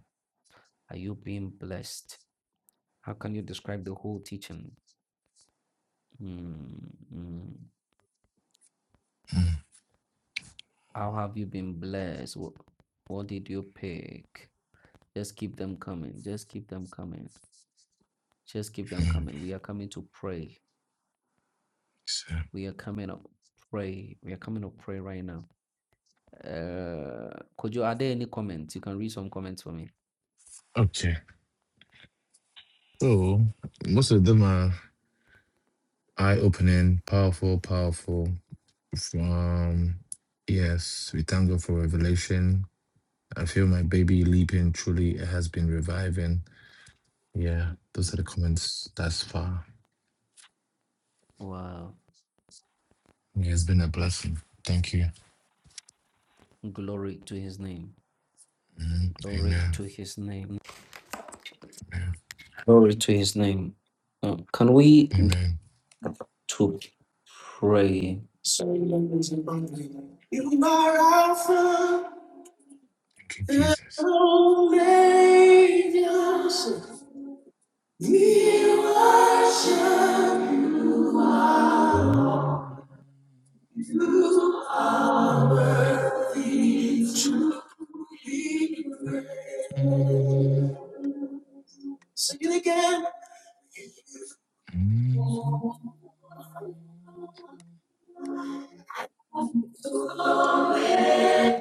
Speaker 6: Are you being blessed? How can you describe the whole teaching? Mm-hmm.
Speaker 4: mm,
Speaker 6: How have you been blessed? What, what did you pick? Just keep them coming. Just keep them coming. Just keep them
Speaker 4: mm,
Speaker 6: coming. We are coming to pray.
Speaker 4: so,
Speaker 6: We are coming up. Pray. We are coming up. pray right now. Uh, could you? Are there any comments? You can read some comments for me.
Speaker 4: okay. So, most of them are eye opening, powerful, powerful. From, yes, we thank God for revelation. I feel my baby leaping truly has been reviving. Yeah, those are the
Speaker 6: Mm.
Speaker 4: comments thus far.
Speaker 6: Wow.
Speaker 4: Yeah, it's been a blessing. Thank you.
Speaker 6: Glory to his name.
Speaker 4: Mhm.
Speaker 6: Glory
Speaker 4: Amen.
Speaker 6: to his name.
Speaker 4: Amen.
Speaker 6: Glory to his name. Um, can we?
Speaker 4: Amen.
Speaker 6: to pray. You are Alpha
Speaker 4: Thank you,
Speaker 6: and
Speaker 4: Jesus.
Speaker 6: Omega. We worship you.
Speaker 4: Mm,
Speaker 6: You Are
Speaker 4: mm,
Speaker 6: worthy to be
Speaker 4: mm,
Speaker 6: praised. Sing it again.
Speaker 4: mm.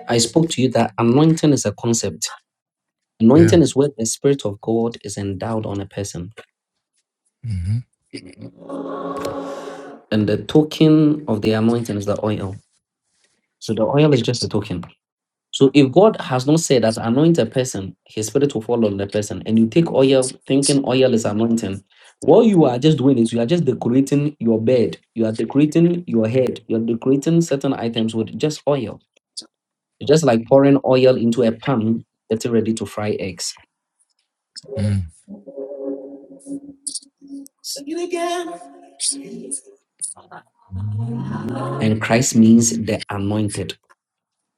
Speaker 6: I spoke to you that anointing is a concept.
Speaker 4: Yeah.
Speaker 6: Anointing is where the Spirit of God is endowed on a person.
Speaker 4: Mm-hmm.
Speaker 6: And the token of the anointing is the oil. So the oil is just a token. So if God has not said that anoint a person, his spirit will fall on the person, and you take oil thinking oil is anointing, what you are just doing is you are just decorating your bed, you are decorating your head, you are decorating certain items with just oil. Just like pouring oil into a pan, getting ready to fry eggs.
Speaker 4: Mm-hmm.
Speaker 6: Sing it again. And Christ means the anointed.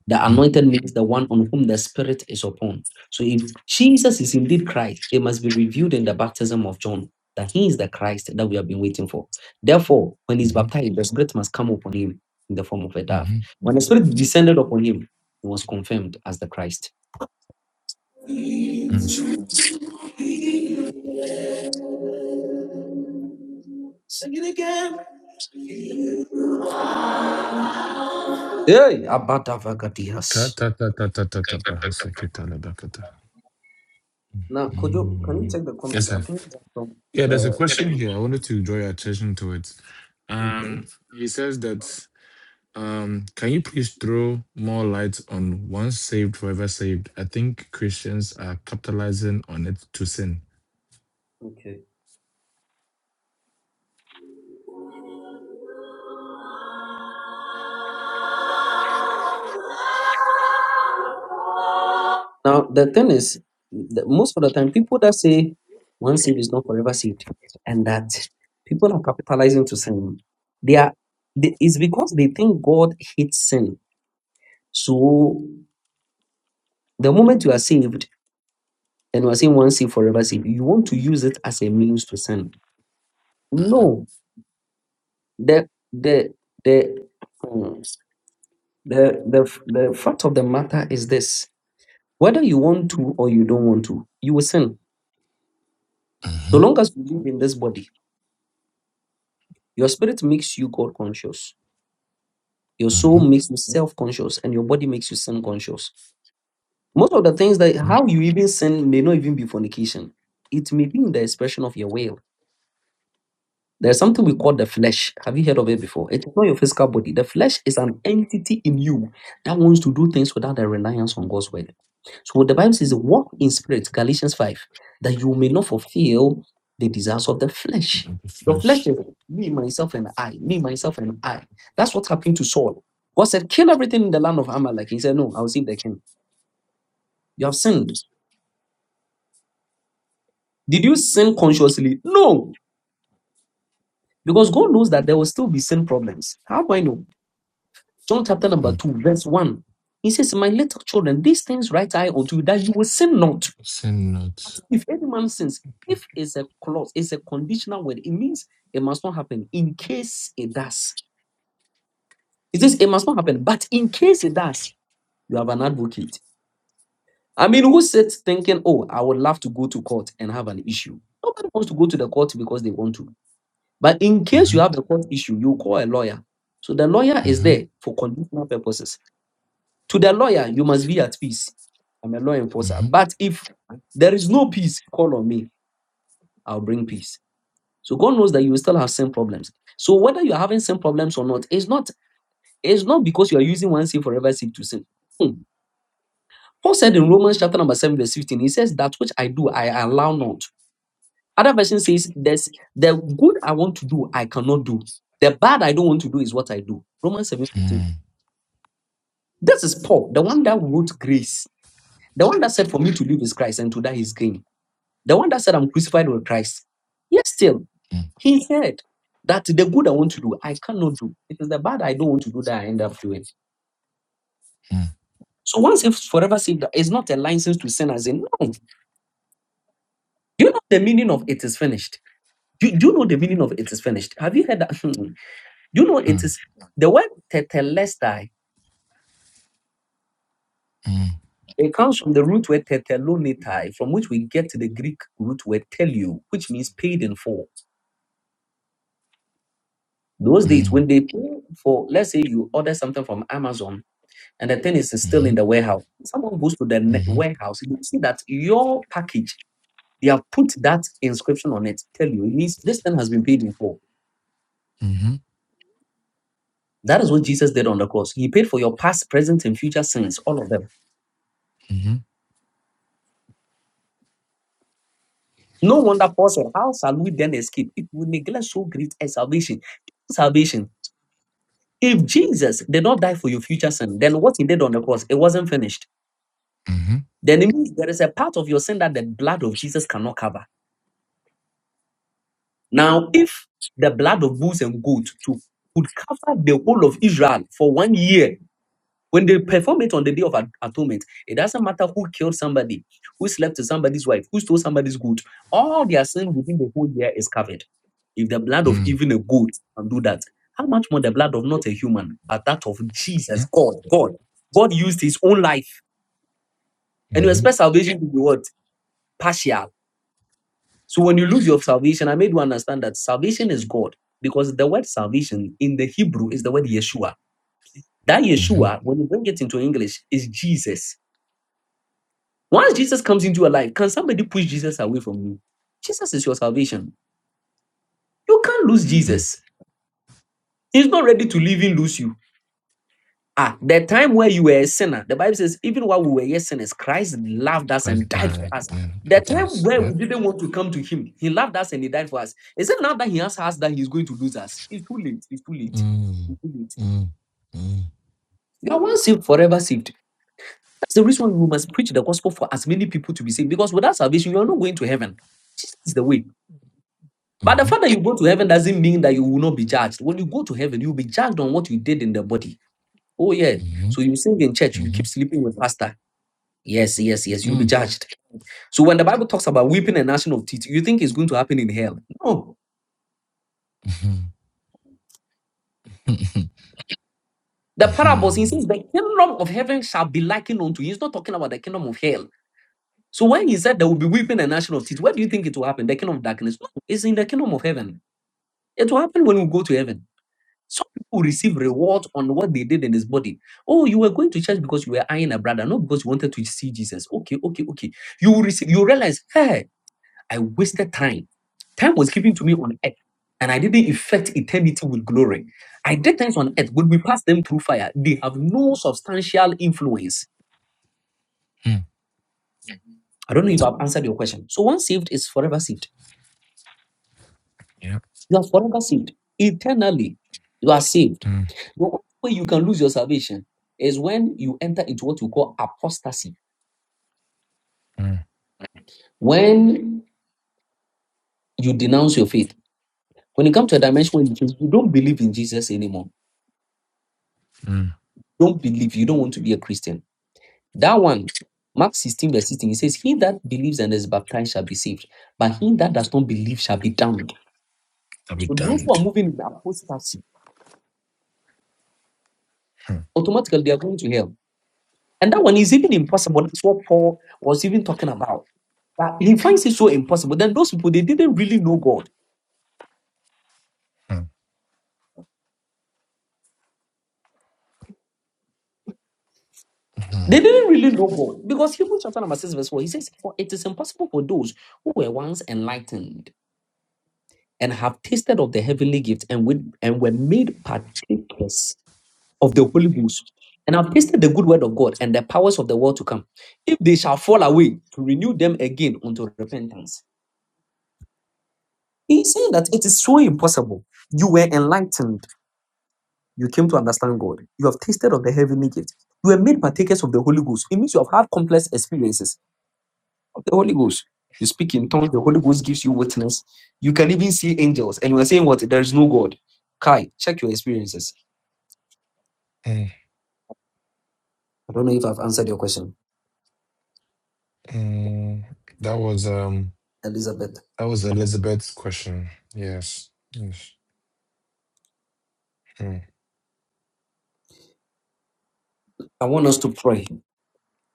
Speaker 6: The
Speaker 4: Mm-hmm.
Speaker 6: anointed means the one on whom the Spirit is upon. So if Jesus is indeed Christ, it must be revealed in the baptism of John that he is the Christ that we have been waiting for. Therefore, when he's
Speaker 4: Mm-hmm. Mm-hmm.
Speaker 6: baptized, the Spirit must come upon him in the form of a dove. When the Spirit descended upon him, he was confirmed as the Christ.
Speaker 4: Mm-hmm.
Speaker 6: Sing it again. Hey,
Speaker 4: Ta
Speaker 6: Abadavagadias.
Speaker 4: ta ta ta ta ta ta Bahasekita
Speaker 6: Now, could you can you
Speaker 4: Mm.
Speaker 6: check the
Speaker 4: Yes,
Speaker 6: comments?
Speaker 4: sir.
Speaker 6: I think that's from
Speaker 4: Yeah, there's a
Speaker 6: uh,
Speaker 4: question here. I wanted to draw your attention to it.
Speaker 6: okay,
Speaker 4: Um, he says that um, can you please throw more light on once saved, forever saved? I think Christians are capitalizing on it to sin.
Speaker 6: okay. Now the thing is, the, most of the time, people that say one seed is not forever seed, and that people are capitalizing to sin, they are they, it's because they think God hates sin. So the moment you are saved. And we're saying one seed forever seed. You want to use it as a means to sin.
Speaker 4: Uh-huh.
Speaker 6: No. The the the hmm, the the f- the fact of the matter is this. Whether you want to or you don't want to, you will sin.
Speaker 4: Uh-huh.
Speaker 6: So long as you live in this body, your spirit makes you God conscious, your soul
Speaker 4: Uh-huh.
Speaker 6: makes you self conscious, and your body makes you sin conscious. Most of the things that
Speaker 4: uh-huh.
Speaker 6: how you even sin may not even be fornication. It may be in the expression of your will There's something we call the flesh. Have you heard of it before? It is not your physical body. The flesh is an entity in you that wants to do things without a reliance on God's word. So the Bible says, walk in spirit, Galatians 5, that you may not fulfill the desires of the flesh.
Speaker 4: Of the
Speaker 6: The flesh
Speaker 4: flesh.
Speaker 6: is me, myself, and I. Me, myself, and I. That's what happened to Saul. God said, kill everything in the land of Amalek. He said, no, I will see the king. You have sinned. Did you sin consciously? No, because God knows that there will still be sin problems. How do I know? John chapter number
Speaker 4: Mm.
Speaker 6: 2, verse 1. He says, My little children, these things write I unto you, that you will sin not.
Speaker 4: Sin not.
Speaker 6: If any man sins, if is a clause, is a conditional word, it means it must not happen in case it does. It says it must not happen, but in case it does, you have an advocate. I mean, who sits thinking, oh, I would love to go to court and have an issue? Nobody wants to go to the court because they want to. But in case you
Speaker 4: Uh-huh.
Speaker 6: have the court issue, you call a lawyer. So the lawyer is
Speaker 4: Uh-huh.
Speaker 6: there for conditional purposes. To the lawyer, you must be at peace. I'm a law enforcer.
Speaker 4: Uh-huh.
Speaker 6: But if there is no peace, call on me. I'll bring peace. So God knows that you will still have same problems. So whether you're having same problems or not, it's not it's not because you are using one sin for every sin to sin. Hmm. Paul said in Romans chapter number 7, verse 15, he says, That which I do, I allow not. Other version says, There's the good I want to do, I cannot do. The bad I don't want to do is what I do. Romans 7 15.
Speaker 4: Mm,
Speaker 6: This is Paul, the one that wrote grace. The one that said, For me to live is Christ and to die is gain. The one that said, I'm crucified with Christ. Yet still,
Speaker 4: mm,
Speaker 6: he said that the good I want to do, I cannot do. It is the bad I don't want to do that I end up doing.
Speaker 4: mm,
Speaker 6: So once if forever saved, it's not a license to sin as in, no. Do you know the meaning of it is finished? Do, do you know the meaning of it is finished? Have you heard that? [laughs] Do you know it
Speaker 4: mm,
Speaker 6: is the word tetelestai?
Speaker 4: mm,
Speaker 6: It comes from the root word tetelonitai, from which we get the Greek root word telio, which means paid in full. Those days
Speaker 4: mm,
Speaker 6: when they pay for, let's say you order something from Amazon and the thing is it's still in
Speaker 4: mhm,
Speaker 6: the warehouse. Someone goes to the ne-
Speaker 4: mhm,
Speaker 6: warehouse, you see that your package, they have put that inscription on it. Tell you, it means this thing has been paid in full.
Speaker 4: mhm,
Speaker 6: That is what Jesus did on the cross. He paid for your past, present, and future sins, all of them.
Speaker 4: Mhm,
Speaker 6: No wonder Paul said, How shall we then escape if we neglect so great a salvation? Salvation. If Jesus did not die for your future sin, then what he did on the cross, it wasn't finished.
Speaker 4: mhm,
Speaker 6: Then it means there is a part of your sin that the blood of Jesus cannot cover. Now, if the blood of bulls and goats to, could cover the whole of Israel for one year, when they perform it on the day of at- atonement, it doesn't matter who killed somebody, who slept with somebody's wife, who stole somebody's goat. All their sin within the whole year is covered. If the blood of
Speaker 4: mhm,
Speaker 6: even a goat can do that, how much more the blood of not a human, but that of Jesus, God, God. God used his own life. And you
Speaker 4: mhm,
Speaker 6: expect salvation to be what? Partial. So when you lose your salvation, I made you understand that salvation is God because the word salvation in the Hebrew is the word Yeshua. That
Speaker 4: mhm,
Speaker 6: Yeshua, when you bring it into English, is Jesus. Once Jesus comes into your life, can somebody push Jesus away from you? Jesus is your salvation. You can't lose
Speaker 4: mhm.
Speaker 6: Jesus. He's not ready to leave and lose you. Ah, the time where you were a sinner, the Bible says, even while we were yet sinners, Christ loved us and
Speaker 4: Christ
Speaker 6: died for
Speaker 4: died,
Speaker 6: us.
Speaker 4: yeah,
Speaker 6: The
Speaker 4: that
Speaker 6: time
Speaker 4: was,
Speaker 6: where we
Speaker 4: yep.
Speaker 6: didn't want to come to Him, He loved us and He died for us. Is it now that He has us that He's going to lose us? It's too late. It's too late.
Speaker 4: Mm,
Speaker 6: It's too late.
Speaker 4: mm, mm,
Speaker 6: You are once saved, forever saved. That's the reason we must preach the gospel for as many people to be saved. Because without salvation, you are not going to heaven. Jesus is the way. But the
Speaker 4: mhm,
Speaker 6: fact that you go to heaven doesn't mean that you will not be judged. When you go to heaven, you'll be judged on what you did in the body. Oh, yeah.
Speaker 4: mhm,
Speaker 6: So you sing in church, you keep
Speaker 4: mhm,
Speaker 6: sleeping with pastor. Yes, yes, yes. You'll be
Speaker 4: mm,
Speaker 6: judged. So when the Bible talks about weeping and gnashing of teeth, you think it's going to happen in hell? No.
Speaker 4: mhm, [laughs] mhm,
Speaker 6: The parables, he
Speaker 4: mhm,
Speaker 6: says, the kingdom of heaven shall be likened unto. you. He's not talking about the kingdom of hell. So when he said there will be weeping and gnashing of teeth, where do you think it will happen? The kingdom of darkness? No, it's in the kingdom of heaven. It will happen when we go to heaven. Some people receive reward on what they did in this body. Oh, you were going to church because you were eyeing a brother, not because you wanted to see Jesus. Okay, okay, okay. You will receive. You realize, hey. I wasted time. Time was given to me on earth, and I didn't effect eternity with glory. I did things on earth. When we pass them through fire, they have no substantial influence.
Speaker 4: mm,
Speaker 6: I don't know if I've answered your question. So once saved is forever saved.
Speaker 4: yep.
Speaker 6: You are forever saved. Eternally, you are saved.
Speaker 4: Mm,
Speaker 6: The only way you can lose your salvation is when you enter into what you call apostasy.
Speaker 4: mm,
Speaker 6: When you denounce your faith. When you come to a dimension where you you don't believe in Jesus anymore.
Speaker 4: mm.
Speaker 6: Don't believe. You don't want to be a Christian That one, Mark 16, verse 16, it says, He that believes and is baptized shall be saved, but he that does not believe shall be damned.
Speaker 4: I'll be
Speaker 6: So those who
Speaker 4: damned.
Speaker 6: are moving in apostasy,
Speaker 4: Mm,
Speaker 6: automatically they are going to hell. And that one is even impossible. That's what Paul was even talking about. That he finds it so impossible. Then those people, they didn't really know God.
Speaker 4: mm,
Speaker 6: They
Speaker 4: mm,
Speaker 6: didn't really know God. Because Hebrews chapter number 6, verse 4, he says, For it is impossible for those who were once enlightened and have tasted of the heavenly gift and, with, and were made partakers of the Holy Ghost and have tasted the good word of God and the powers of the world to come, if they shall fall away, to renew them again unto repentance. He's saying that it is so impossible. You were enlightened. You came to understand God. You have tasted of the heavenly gift. You were made partakers of the Holy Ghost. It means you have had complex experiences of the Holy Ghost. You speak in tongues, the Holy Ghost gives you witness. You can even see angels. And you are saying what? There is no God. Kai, check your experiences.
Speaker 4: mm,
Speaker 6: I don't know if I've answered your question,
Speaker 4: mm. That was um
Speaker 6: Elizabeth.
Speaker 4: that was Elizabeth's question. Yes. Yes. Mm.
Speaker 6: I want us to pray.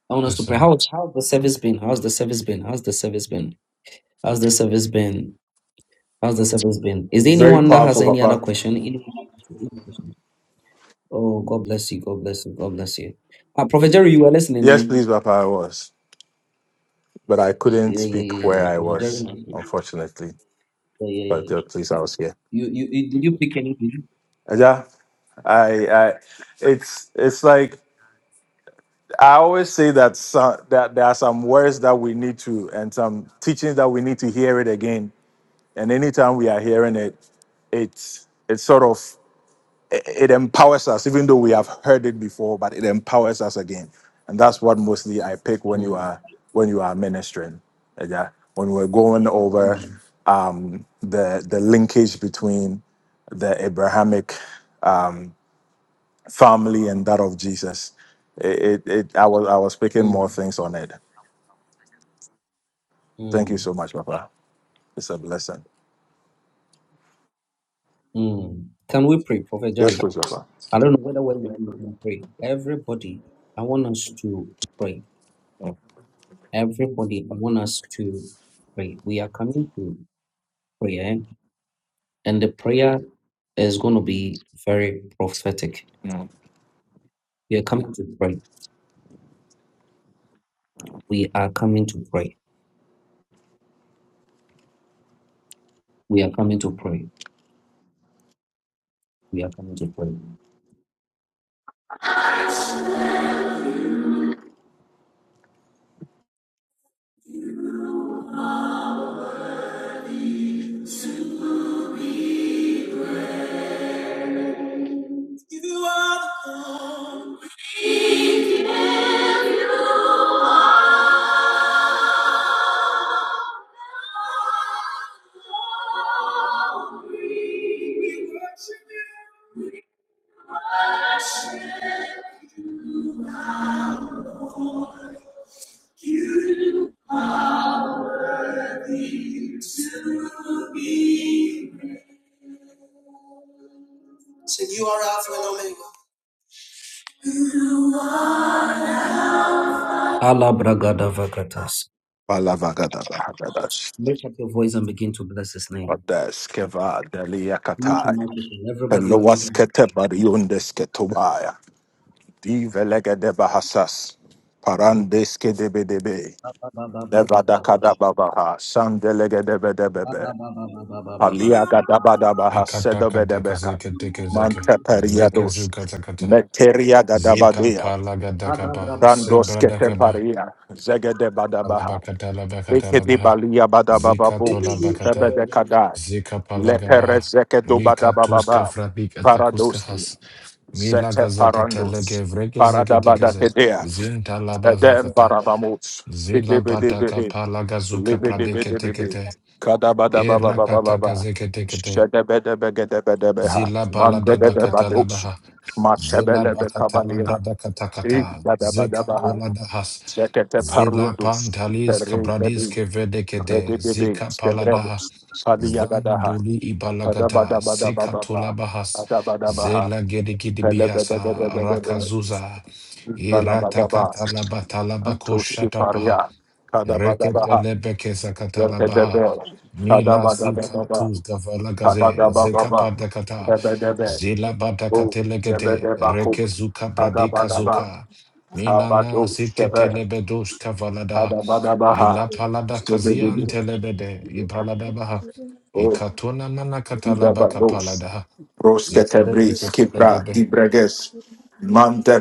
Speaker 6: I want us
Speaker 4: Yes,
Speaker 6: to pray.
Speaker 4: sir.
Speaker 6: How's how's the service been? How's the service been? How's the service been? How's the service been? How's the service been? Is there
Speaker 9: Very
Speaker 6: anyone that has
Speaker 9: powerful,
Speaker 6: any other
Speaker 9: Papa.
Speaker 6: question? Anyone Oh, God bless you. God bless you. God bless you. Uh, Prophet Jerry, you were listening,
Speaker 9: Yes,
Speaker 6: eh?
Speaker 9: please, Papa. I was, but I couldn't
Speaker 6: Yeah,
Speaker 9: speak
Speaker 6: yeah, yeah,
Speaker 9: where
Speaker 6: yeah.
Speaker 9: I
Speaker 6: Prophet Jerry.
Speaker 9: was,
Speaker 6: Yeah,
Speaker 9: unfortunately.
Speaker 6: yeah, yeah.
Speaker 9: But uh,
Speaker 6: yeah.
Speaker 9: please, I was here.
Speaker 6: You, you, you, did you pick anything?
Speaker 9: Uh, Yeah, I, I, it's, it's like I always say that some, that there are some words that we need to and some teachings that we need to hear it again. And anytime we are hearing it, it's, it's sort of it it empowers us, even though we have heard it before, but it empowers us again. And that's what mostly I pick when you
Speaker 6: Hmm.
Speaker 9: are when you are ministering. Yeah. When we're going over
Speaker 6: Hmm.
Speaker 9: um, the the linkage between the Abrahamic family and that of Jesus. It, it, it I was I was picking more
Speaker 6: Hmm.
Speaker 9: things on it. Thank you
Speaker 6: Hmm.
Speaker 9: so much, Papa. It's a blessing.
Speaker 6: Hmm. Can we pray, Prophet
Speaker 9: Yes,
Speaker 6: Jerry?
Speaker 9: please, Papa.
Speaker 6: I don't know whether when going to pray. Everybody, I want us to pray.
Speaker 9: Mm.
Speaker 6: Everybody, I want us to pray. We are coming to prayer, and the prayer is going to be very prophetic.
Speaker 9: Mm.
Speaker 6: We are coming to pray. We are coming to pray. We are coming to pray. We are coming to pray. You are the Lord. We worship you. You are worthy to be. Said you are Alpha and Omega. Allah bragada vakatas.
Speaker 9: Palavagadabahabadash.
Speaker 6: Lift up your voice and begin to bless his name.
Speaker 9: Odas keva
Speaker 6: Mute your
Speaker 9: deliakatai.
Speaker 6: microphone. Everybody on mute.
Speaker 9: Eloaskete bariondeske tobaya. Divelegede bahasas. Parandeske debedebe.
Speaker 6: Ba, ba, ba, ba, ba, ba, ba.
Speaker 9: Levadakada babaha. Sandelegede
Speaker 6: Ba, ba,
Speaker 9: bedebebe.
Speaker 6: ba, ba, ba, ba, ba, ba, ba. Ba,
Speaker 9: Aliagada badabaha
Speaker 4: Mekata kata
Speaker 9: sedobedebeha.
Speaker 4: kaseke teke zeke.
Speaker 9: Mante
Speaker 4: Rekese
Speaker 9: periados.
Speaker 4: kata kata.
Speaker 9: Meteria
Speaker 4: Zika
Speaker 9: gadabadea.
Speaker 6: ba, ba,
Speaker 4: palagadakaba,
Speaker 6: ba, ba, ba.
Speaker 9: Randoske
Speaker 4: sebradakaba,
Speaker 9: teparia. Zegede badabaha. Ekedi
Speaker 4: alabakatalabakatalaba,
Speaker 9: balia
Speaker 4: zika
Speaker 9: badabababu.
Speaker 6: Ele lu
Speaker 4: tolabakata,
Speaker 6: shada
Speaker 9: Bebede
Speaker 6: ba, ba, ba.
Speaker 4: zika
Speaker 9: Lepere
Speaker 4: palagabaha,
Speaker 9: zekedo
Speaker 4: mika tuska
Speaker 9: badabababa.
Speaker 4: frapik atakuska
Speaker 9: Paradoski.
Speaker 4: has,
Speaker 9: Zete
Speaker 4: milagazaketelege
Speaker 9: parandos.
Speaker 4: vregezegedegeze,
Speaker 9: Paradabadakedea. Edem
Speaker 4: zintalabazakata,
Speaker 9: barabamos.
Speaker 4: zilabataka
Speaker 9: Idebedebede.
Speaker 4: palagazuka
Speaker 9: Libedebedebede.
Speaker 4: pradeketekete,
Speaker 9: Kadabadabababababa.
Speaker 4: irakatakazeketekete,
Speaker 9: Shedebedebedebedebe.
Speaker 4: Zila balada bakata
Speaker 9: Mandebedebados.
Speaker 4: labaha. Zela
Speaker 9: Matebelebe
Speaker 4: bakata
Speaker 9: kabalia.
Speaker 4: labrada katakata. Zeka
Speaker 9: Ikadabadabaha.
Speaker 4: polada has.
Speaker 9: Zekete
Speaker 4: Zela
Speaker 9: parundos.
Speaker 4: pantalis kabradis
Speaker 9: Terebebe.
Speaker 4: kevede kede.
Speaker 9: Rebebebe.
Speaker 4: Zika paladaha.
Speaker 9: Stebrebos. Saliyagadaha.
Speaker 4: Zanduli ibalagata. Seka
Speaker 9: Kadabadababababa.
Speaker 4: tolabahas.
Speaker 9: Kadabadabaha.
Speaker 4: Zela gedegidi bihasa. Rakazuza. Irata
Speaker 9: Balabagaba,
Speaker 4: katalabata labako
Speaker 9: Antoski Paria, Kadabagabaha,
Speaker 4: Reketelebeke labaha
Speaker 9: Repedebe,
Speaker 4: Nila zika
Speaker 9: Kadabagababa,
Speaker 4: tuz gavala gaze. Zeka
Speaker 9: Kadabababa,
Speaker 4: padakata.
Speaker 9: Hebedebe,
Speaker 4: Zila
Speaker 9: O
Speaker 4: badakatelegete.
Speaker 9: Zebedebako,
Speaker 4: Reke zuka bradika
Speaker 9: Kadabagaba,
Speaker 4: zuka. Minana
Speaker 9: Kabado Shebe,
Speaker 4: ziketelebedush kavaladaha.
Speaker 9: Kadabagabaha,
Speaker 4: Ila palada kazian
Speaker 9: Stodegudi,
Speaker 4: telebede. Ipalada baha.
Speaker 9: O
Speaker 4: Ikatuna nana katalabaka
Speaker 9: Kidabados,
Speaker 4: paladaha.
Speaker 9: Rosketebri,
Speaker 4: Zilebedeke
Speaker 9: Skipra,
Speaker 4: pelegebe.
Speaker 9: Dibreges,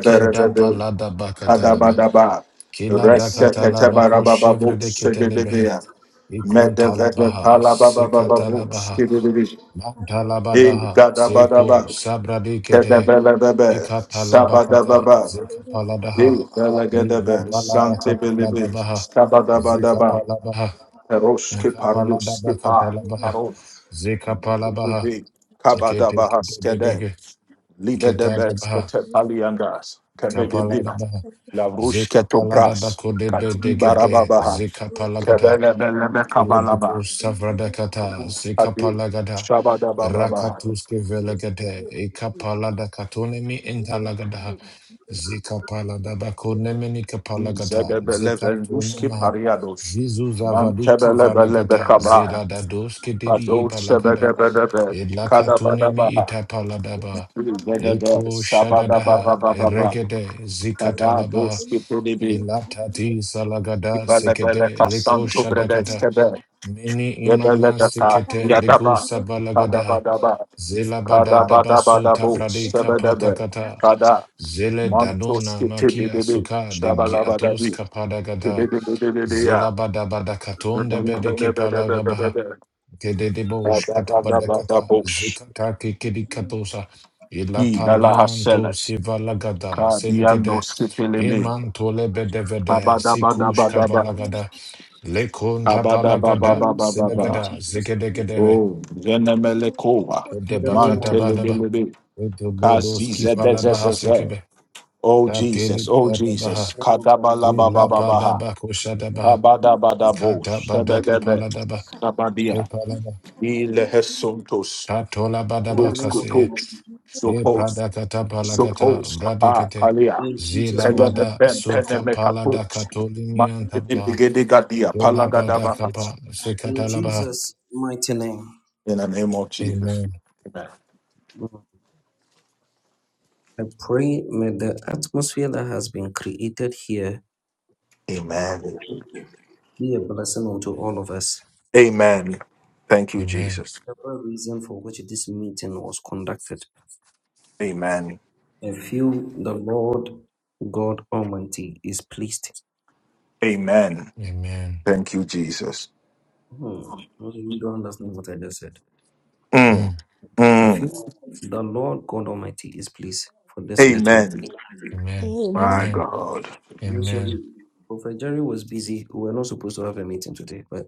Speaker 4: Kedapa lada bakatalaba.
Speaker 9: Kadabadaba,
Speaker 4: Kila dakatalaba ko shevre
Speaker 9: Resetetebarabababo,
Speaker 4: de ketelebehe.
Speaker 9: Segedebea, Medevede
Speaker 4: Ikuntalabaha,
Speaker 9: palababababus
Speaker 4: Sikatalabaha,
Speaker 9: kidididi. E
Speaker 4: Mantalabadaha,
Speaker 9: gadabadaba.
Speaker 4: Seko, Sabradikedehe,
Speaker 9: Kedebelebebe.
Speaker 4: Ikatalabakata,
Speaker 9: Sabadababa. E
Speaker 4: Zikapaladaha,
Speaker 9: belegedebe. Sante
Speaker 4: Nilabaladaka
Speaker 9: belibi.
Speaker 4: Paladabaha,
Speaker 9: Skabadabadaba.
Speaker 4: Zikapalabaha,
Speaker 9: Eroski parius kipa.
Speaker 4: Nakapaladabakatalabaha,
Speaker 9: Karos.
Speaker 4: Zikapalabaha,
Speaker 9: Bibi. Kabadabahaskede,
Speaker 4: Ketekebedebeke, Ketalabaha,
Speaker 9: Kebedebina,
Speaker 4: Kapaladabaha,
Speaker 9: La Rushketo Bras, Kati
Speaker 4: Zikapaladabakodebedegede,
Speaker 9: Barababaha,
Speaker 4: Zikapalagata,
Speaker 9: Kebelebelebe kabalaba.
Speaker 4: Kelebeko savradakata
Speaker 9: Ade,
Speaker 4: sekapalagada
Speaker 9: Shabada Baba Baha,
Speaker 4: rakatuske velegade ekapalada katonemi intalagada zikapalada bakonemeni kapalagata
Speaker 9: Zebele Venduski
Speaker 4: zekatonamaha
Speaker 9: Pariados,
Speaker 4: zizu zavadiki
Speaker 9: Mantebele Bele
Speaker 4: valagata
Speaker 9: Bekaba,
Speaker 4: zelada doske dedi
Speaker 9: Kazo
Speaker 4: ipalagada
Speaker 9: Sebede Bedebe, Kadabada
Speaker 4: elakatonemi
Speaker 9: Baha,
Speaker 4: itapaladaba
Speaker 9: Zedebe,
Speaker 4: Eko
Speaker 9: Sabada Baba
Speaker 4: shadadaha
Speaker 9: Baba Baba,
Speaker 4: regede
Speaker 9: Kaba
Speaker 4: zikatalabaha
Speaker 9: Doski Pidibi,
Speaker 4: ilatati salagada
Speaker 9: Ibele
Speaker 4: sekede
Speaker 9: Bele
Speaker 4: leko
Speaker 9: Kasanto
Speaker 4: shadagada
Speaker 9: Bredeskebe,
Speaker 4: Mini
Speaker 9: Yebele
Speaker 4: imana
Speaker 9: Deka,
Speaker 4: sikete
Speaker 9: Yadaba,
Speaker 4: legusa balagada
Speaker 9: Kadabadaba,
Speaker 4: zela bada dabasu
Speaker 9: Kadabadabadabu,
Speaker 4: tabrade
Speaker 9: Sebedebe,
Speaker 4: kapatakata
Speaker 9: Kada,
Speaker 4: zele
Speaker 9: Mantos
Speaker 4: danona makia
Speaker 9: Kitibibi,
Speaker 4: suka de giatos
Speaker 9: Shabalabadabi,
Speaker 4: kapadagata
Speaker 9: Oh,
Speaker 4: zela bada bada katonda bede kepalagabaha kede debosh katabadakata zikata kekedi katosa ila panianto sivalagada seligede iman tolebedevede sikush kavalagada Lekonta
Speaker 6: In the
Speaker 4: palagada,
Speaker 6: name of the Lord
Speaker 4: selegada,
Speaker 6: Jesus.
Speaker 4: zigedegedebe,
Speaker 9: Zenemelekova,
Speaker 6: In the name
Speaker 4: kedebakata
Speaker 6: of the Lord
Speaker 4: badaba,
Speaker 6: Jesus.
Speaker 9: Mantelebelebe,
Speaker 4: edobodoski palabaha
Speaker 9: Kazizedezezeze.
Speaker 4: sekebe,
Speaker 9: Oh Jesus, oh
Speaker 4: katelibiya
Speaker 6: In the
Speaker 4: dabaha,
Speaker 9: Jesus,
Speaker 4: sila
Speaker 9: Kadabalabababaha,
Speaker 4: palaba koshadabaha,
Speaker 9: Kabadabadabo,
Speaker 4: kata badaka
Speaker 9: Sebedebe,
Speaker 4: paladaba,
Speaker 9: Sabadia,
Speaker 4: kepalaba,
Speaker 9: Ilehesontos,
Speaker 4: katola badaba
Speaker 9: Those
Speaker 6: name
Speaker 9: good
Speaker 6: of the
Speaker 4: kase,
Speaker 6: Lord Jesus.
Speaker 9: hopes. So
Speaker 4: e
Speaker 9: post.
Speaker 4: pradakata
Speaker 9: So
Speaker 4: palagata,
Speaker 9: post. Ah,
Speaker 4: vradikete,
Speaker 9: Alia.
Speaker 6: In Jesus'
Speaker 4: zila
Speaker 6: mighty
Speaker 4: bada
Speaker 6: name.
Speaker 9: Penemepem,
Speaker 4: suka palada
Speaker 9: penemekatuch. Ma-
Speaker 4: katolimian tabaha,
Speaker 9: Idigedigadia,
Speaker 4: kela
Speaker 9: palagadabanas.
Speaker 4: badakaba,
Speaker 6: In
Speaker 4: sekatalabaha.
Speaker 6: Jesus' mighty name.
Speaker 9: In the name of Jesus.
Speaker 4: Amen,
Speaker 9: Amen.
Speaker 6: Lord, I pray may the atmosphere that has been created here
Speaker 9: Amen.
Speaker 6: be a blessing unto all of us.
Speaker 9: Amen. Thank you,
Speaker 4: amen,
Speaker 9: Jesus.
Speaker 6: The very reason for which this meeting was conducted.
Speaker 9: Amen.
Speaker 6: I feel the Lord God Almighty is pleased.
Speaker 9: Amen.
Speaker 4: amen.
Speaker 9: Thank you, Jesus.
Speaker 6: Hmm. those You don't understand what I just said.
Speaker 4: Mm.
Speaker 9: Mm.
Speaker 6: I
Speaker 9: Mm.
Speaker 6: feel the Lord God Almighty is pleased for this meeting.
Speaker 9: Amen.
Speaker 4: Amen.
Speaker 9: My
Speaker 4: Amen.
Speaker 9: God.
Speaker 6: Usually,
Speaker 4: Amen.
Speaker 6: Prophet Jerry was busy. We were not supposed to have a meeting today, but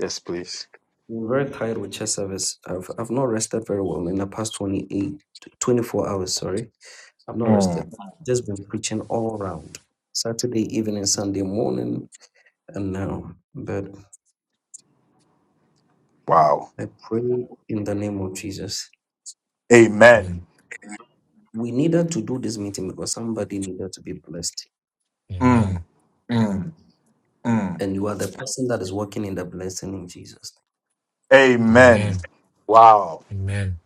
Speaker 9: Yes, please.
Speaker 6: I'm very tired with church service. I've I've not rested very well in the past 28, 24 hours, sorry. I've not rested.
Speaker 9: Mm.
Speaker 6: Just been preaching all around. Saturday evening, Sunday morning, and now. But
Speaker 9: Wow.
Speaker 6: I pray in the name of Jesus.
Speaker 9: Amen.
Speaker 4: Amen.
Speaker 6: We needed to do this meeting because somebody needed to be blessed.
Speaker 9: Mm.
Speaker 4: Amen.
Speaker 9: Mm. Mm.
Speaker 6: And you are the person that is working in the blessing in Jesus.
Speaker 9: Amen.
Speaker 4: Amen.
Speaker 9: Wow.
Speaker 4: Amen.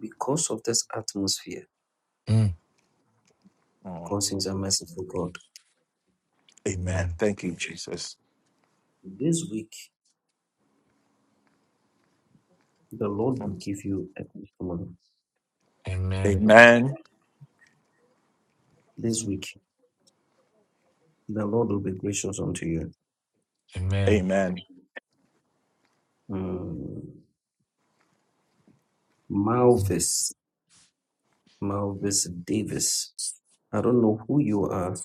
Speaker 6: Because of this atmosphere,
Speaker 4: Mm.
Speaker 9: Mm.
Speaker 6: because he's a merciful God.
Speaker 4: Amen.
Speaker 9: Amen. Thank you, Jesus.
Speaker 6: This week, the Lord will
Speaker 9: Mm.
Speaker 6: give you a testimony.
Speaker 4: Amen.
Speaker 9: Amen.
Speaker 6: This week. The Lord will be gracious unto you.
Speaker 4: Amen.
Speaker 9: Amen.
Speaker 6: Mm.
Speaker 4: Mm.
Speaker 6: Malvis, Malvis Davis. I don't know who you are,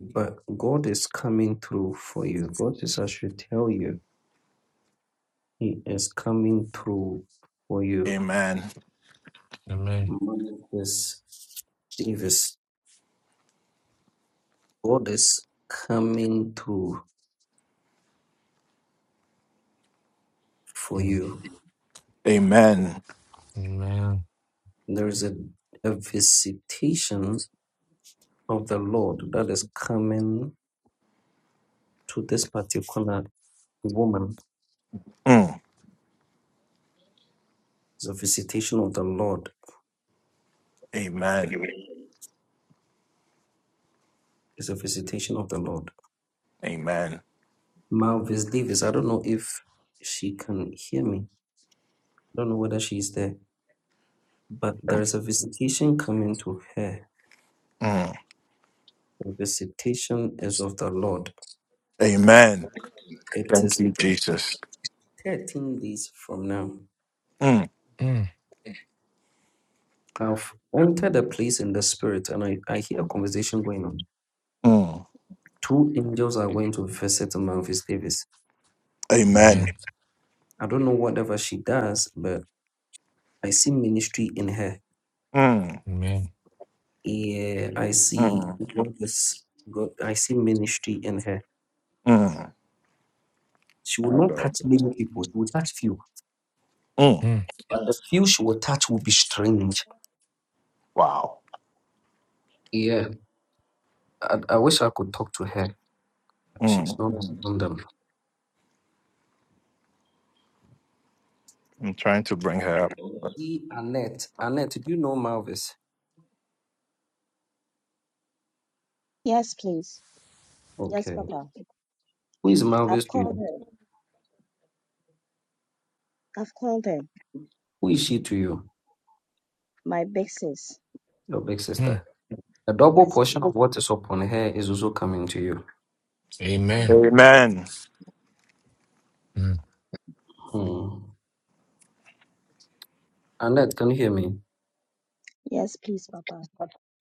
Speaker 6: but God is coming through for you. God is, I should tell you, He is coming through for you.
Speaker 9: Amen.
Speaker 4: Amen.
Speaker 6: Malvis Davis. God is coming through for
Speaker 4: Mm.
Speaker 6: you.
Speaker 9: Amen.
Speaker 4: Amen.
Speaker 6: There is a, a visitation of the Lord that is coming to this particular woman
Speaker 9: Mm.
Speaker 6: It's a visitation of the Lord.
Speaker 9: Amen.
Speaker 6: It's a visitation of the Lord.
Speaker 9: Amen.
Speaker 6: Malvis Davis, I don't know if she can hear me. I don't know whether she's there, but there is a visitation coming to her.
Speaker 9: Mm.
Speaker 6: The visitation is of the Lord.
Speaker 9: Amen.
Speaker 6: It
Speaker 9: Thank
Speaker 6: is
Speaker 9: you, Jesus.
Speaker 6: 13 days from now.
Speaker 9: Mm.
Speaker 4: Mm.
Speaker 6: I've entered a place in the spirit and I, I hear a conversation going on.
Speaker 9: Mm.
Speaker 6: Two angels are going to visit Malvis Davis.
Speaker 9: Amen.
Speaker 4: Amen.
Speaker 6: I don't know whatever she does, but I see ministry in her
Speaker 9: Mm.
Speaker 4: Amen.
Speaker 6: Yeah, I see
Speaker 9: Mm.
Speaker 6: God is God. I see ministry in her.
Speaker 9: Mm.
Speaker 6: She will
Speaker 9: My
Speaker 6: not
Speaker 9: God.
Speaker 6: touch many people. She will touch few,
Speaker 9: Mm.
Speaker 4: Mm.
Speaker 6: and the few she will touch will be strange.
Speaker 9: Wow.
Speaker 6: Yeah, I, I wish I could talk to her. She's
Speaker 9: Mm.
Speaker 6: not Mm. among them.
Speaker 9: I'm trying to bring her up.
Speaker 6: See Annette. Annette, do you know Malvis?
Speaker 10: Yes, please. Yes,
Speaker 6: Okay.
Speaker 10: Papa.
Speaker 6: Who is
Speaker 10: I've
Speaker 6: Malvis to
Speaker 10: called
Speaker 6: you?
Speaker 10: her. I've called her.
Speaker 6: Who is she to you?
Speaker 10: My big sis.
Speaker 6: Your big
Speaker 4: Mm.
Speaker 6: sister. A double
Speaker 10: Yes,
Speaker 6: portion
Speaker 10: please.
Speaker 6: of what is upon her is also coming to you.
Speaker 4: Amen.
Speaker 10: Amen.
Speaker 9: Amen.
Speaker 4: Mm.
Speaker 6: Hmm. Annette, can you hear me?
Speaker 10: Yes, please, Papa.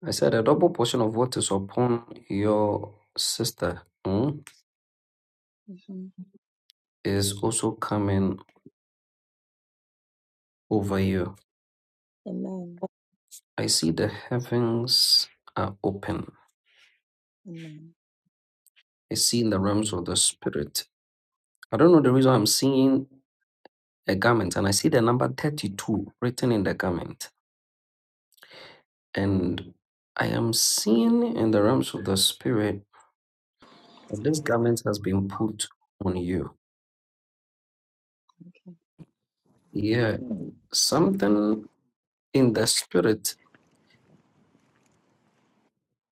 Speaker 6: I said a double portion of what is upon your sister. Hmm.
Speaker 10: hmm
Speaker 6: is also coming over you.
Speaker 10: Amen.
Speaker 6: I see the heavens are open.
Speaker 10: Amen.
Speaker 6: I see in the realms of the spirit. I don't know the reason I'm seeing a garment and I see the number 32 written in the garment. And I am seeing in the realms of the spirit that this garment has been put on you. Yeah, Mm. something in the spirit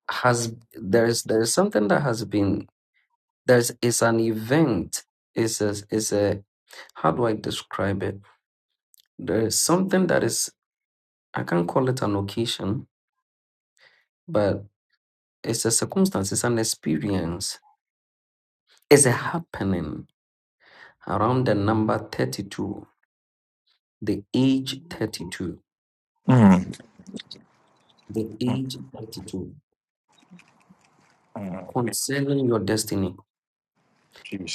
Speaker 6: has there's there's something that has been There's it's an event. It's a it's a how do I describe it? There is something that is I can't call it an occasion, but it's a circumstance, it's an experience. It's a happening around the number 32, the age
Speaker 10: Amen.
Speaker 6: 32,
Speaker 9: Mm.
Speaker 6: the
Speaker 9: Mm.
Speaker 6: age 32,
Speaker 9: Mm.
Speaker 6: concerning your destiny.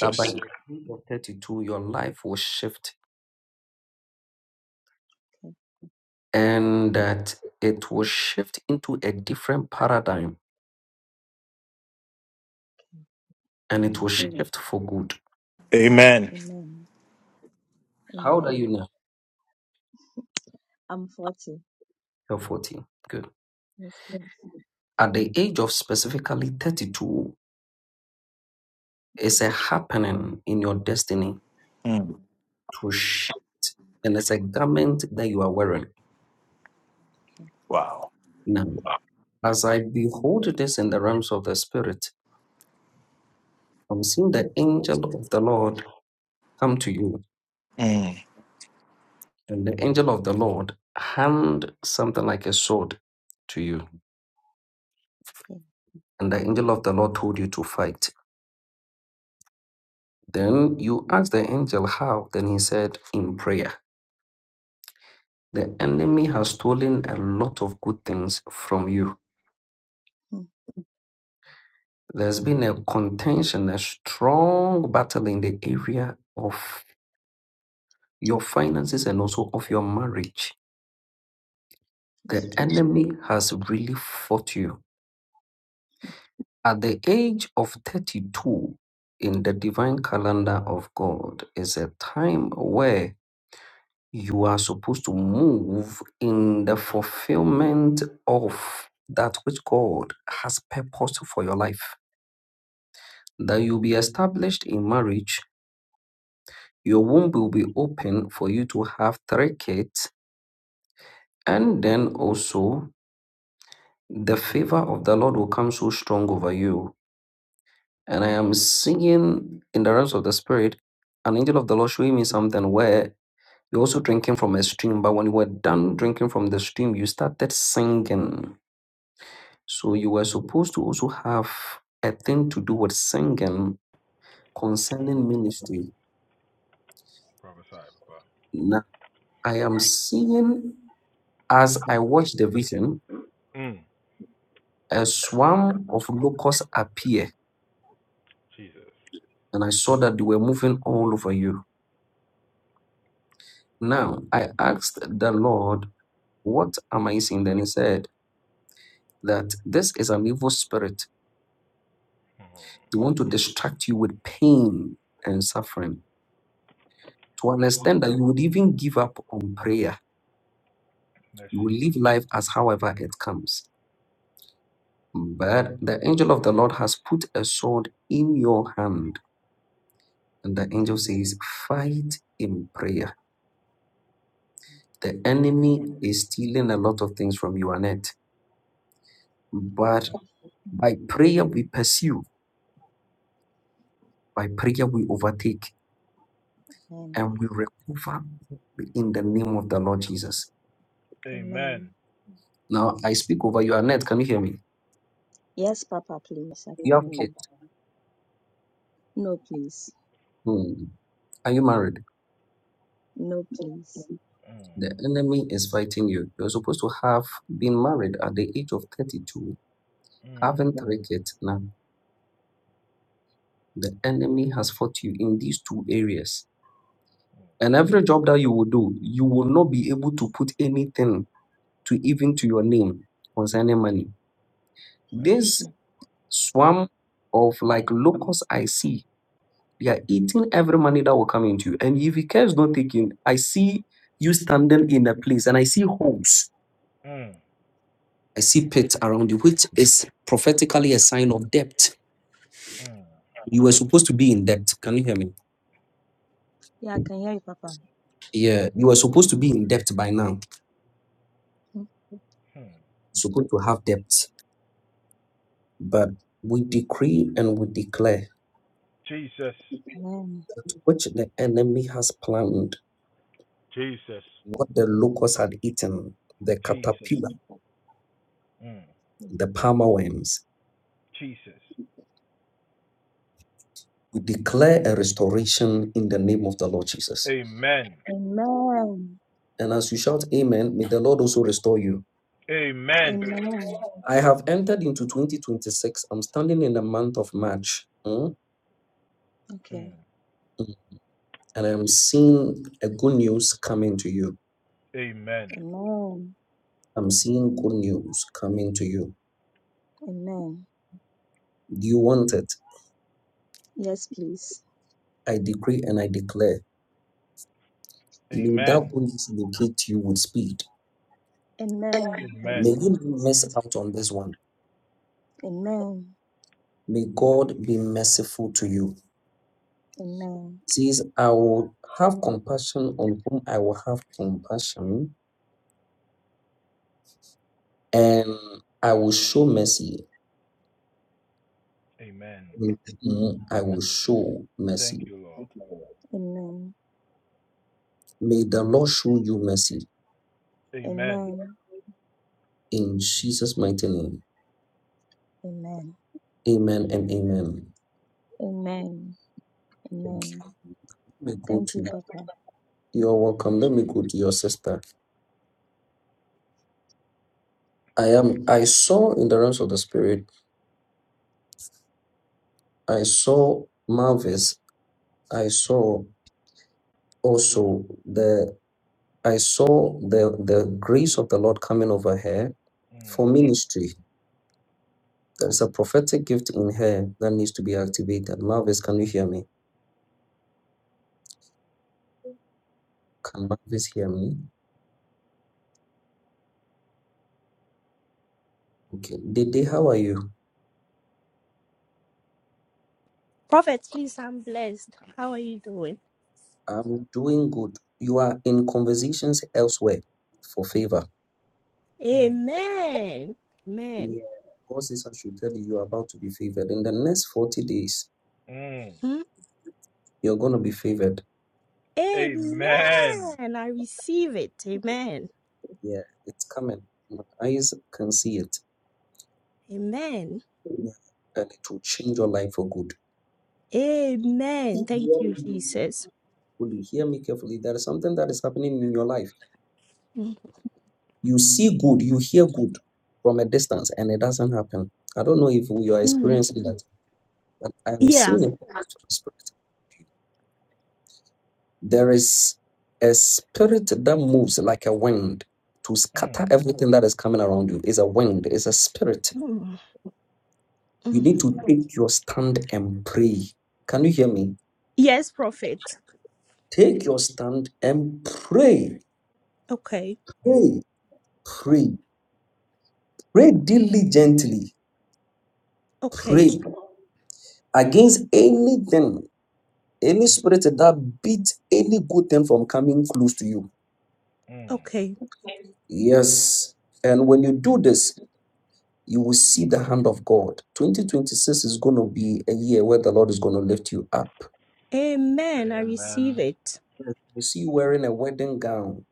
Speaker 6: That by the age of 32, your life will shift
Speaker 10: Okay,
Speaker 6: and that it will shift into a different paradigm
Speaker 10: okay.
Speaker 6: and it will
Speaker 10: Amen.
Speaker 6: Mm. shift for good.
Speaker 9: Amen.
Speaker 10: Amen.
Speaker 6: How old are you
Speaker 10: Amen.
Speaker 6: now?
Speaker 10: I'm 40.
Speaker 6: You're 40. Good.
Speaker 10: Yes, please.
Speaker 6: At the age of specifically 32, it's a happening in your destiny
Speaker 9: Mm.
Speaker 6: to shift, and it's a garment that you are wearing.
Speaker 10: Okay,
Speaker 9: Wow.
Speaker 6: Now, as I behold this in the realms of the spirit, I'm seeing the angel of the Lord come to you,
Speaker 9: Mm.
Speaker 6: and the angel of the Lord hand something like a sword to you,
Speaker 10: okay.
Speaker 6: and the angel of the Lord told you to fight. Then you asked the angel how, then he said, in prayer. The enemy has stolen a lot of good things from you.
Speaker 10: Hmm.
Speaker 6: There's been a contention, a strong battle in the area of your finances and also of your marriage.
Speaker 10: It's
Speaker 6: The
Speaker 10: true.
Speaker 6: enemy has really fought you. At the age of 32, in the divine calendar of God, is a time where you are supposed to move in the fulfillment of that which God has purposed for your life. that you'll be established in marriage, your womb will be open for you to have three kids, and then also the favor of the Lord will come so strong over you. And I am seeing in the realms of the spirit an angel of the Lord showing me something where you're also drinking from a stream, but when you were done drinking from the stream, you started singing. So you were supposed to also have a thing to do with singing concerning ministry. Now I am seeing As I watched the vision, a swarm of locusts appeared, and I saw that they were moving all over Europe. Now I asked the Lord, What am I seeing? Then he said that this is an evil spirit. They want to distract you with pain and suffering. To understand that you would even give up on prayer, you will live life as however it comes. But the angel of the Lord has put a sword in your hand, and the angel
Speaker 10: Okay.
Speaker 6: says, Fight in prayer The enemy is stealing a lot of things from you, Annette. But
Speaker 10: Papa. Mm.
Speaker 6: by prayer, we pursue, by prayer, we overtake,
Speaker 10: Amen.
Speaker 6: and we recover in the name of the Lord Jesus.
Speaker 10: Amen.
Speaker 6: Now, I speak over you, Annette. Can you hear me?
Speaker 10: Yes, Papa, please. I
Speaker 6: You
Speaker 10: can
Speaker 6: have
Speaker 10: hear
Speaker 6: kids.
Speaker 10: you. No, please.
Speaker 6: Hmm. Are you married?
Speaker 10: No, please.
Speaker 6: The enemy is fighting you. You're supposed to have been married at the age of 32, having three kids now. The enemy has fought you in these two areas. And every job that you will do, you will not be able to put anything to even to your name concerning money.
Speaker 10: Hmm.
Speaker 6: This swarm of like locusts I see, they are eating every money that will come into you. And if your care is not taken, I see you standing in a place and I see holes. I see pits around you, which is prophetically a sign of debt. You were supposed to be in debt. Can you hear me?
Speaker 10: Yeah, I can hear you, Papa.
Speaker 6: Yeah, you were supposed to be in debt by now.
Speaker 10: Mm.
Speaker 6: supposed to have debt. But we decree and we declare
Speaker 10: Amen.
Speaker 6: that which the enemy has planned what the locusts had eaten, the caterpillar, the palmer worms. We declare a restoration in the name of the Lord Jesus.
Speaker 10: Amen.
Speaker 6: And as you shout amen, may the Lord also restore you.
Speaker 10: Amen.
Speaker 6: I have entered into 2026. I'm standing in the month of March. mm,
Speaker 10: Okay.
Speaker 6: mm, And I'm seeing a good news coming to you.
Speaker 10: Amen.
Speaker 6: I'm seeing good news coming to you.
Speaker 10: Amen.
Speaker 6: Do you want it?
Speaker 10: Yes, please.
Speaker 6: I decree and I declare. May that good news locate you with speed.
Speaker 10: Amen. I
Speaker 6: May
Speaker 10: receive
Speaker 6: you not
Speaker 10: it.
Speaker 6: miss out on this one.
Speaker 10: Amen.
Speaker 6: May God be merciful to you.
Speaker 10: Amen.
Speaker 6: It says, I will have compassion on whom I will have compassion, and I will show mercy on whom I will show mercy.
Speaker 10: Amen.
Speaker 6: May the Lord show you mercy
Speaker 10: Amen.
Speaker 6: in Jesus' mighty name.
Speaker 10: Amen.
Speaker 6: Amen and amen.
Speaker 10: Amen.
Speaker 6: Okay,
Speaker 10: Amen.
Speaker 6: let me go
Speaker 10: Thank
Speaker 6: to
Speaker 10: you, Papa.
Speaker 6: you're welcome. Let me go to your sister. I am I saw in the realms of the spirit, I saw Marvis, I saw also the. I saw the, the grace of the Lord coming over her for ministry. There's a prophetic gift in her that needs to be activated. Marvis, can you hear me? Can Marvis hear me? Okay. Dede, how are you? I'm doing good. You are in conversations elsewhere for favor.
Speaker 11: Amen. Amen.
Speaker 6: Yeah. God says I should tell you you are about to be favored. In the next 40 days,
Speaker 11: Hmm?
Speaker 6: you're going to be favored.
Speaker 11: Amen. I receive it. Amen.
Speaker 6: Yeah, it's coming. My eyes can see it.
Speaker 11: Amen.
Speaker 6: Yeah. And it will change your life for good.
Speaker 11: Amen. Thank you, Jesus.
Speaker 6: carefully, hear me carefully. There is something that is happening in your life. You see good, you hear good from a distance, and it doesn't happen. I don't know if you are experiencing that, but I'm
Speaker 11: Yeah.
Speaker 6: seeing it. There is a spirit that moves like a wind to scatter everything that is coming around you. It's a wind, it's a spirit.
Speaker 11: Mm,
Speaker 6: You
Speaker 11: mm.
Speaker 6: need to take your stand and pray. Can you hear me?
Speaker 11: Yes, prophet.
Speaker 6: Take your stand and pray.
Speaker 11: Okay.
Speaker 6: Pray, pray, pray diligently.
Speaker 11: Okay.
Speaker 6: Pray. against anything, any spirit that beat any good thing from coming close to you.
Speaker 11: Okay.
Speaker 6: Yes. And when you do this, you will see the hand of God. 2026 is going to be a year where the Lord is going to lift you up.
Speaker 11: Amen. I receive it.
Speaker 6: We see you wearing a wedding gown.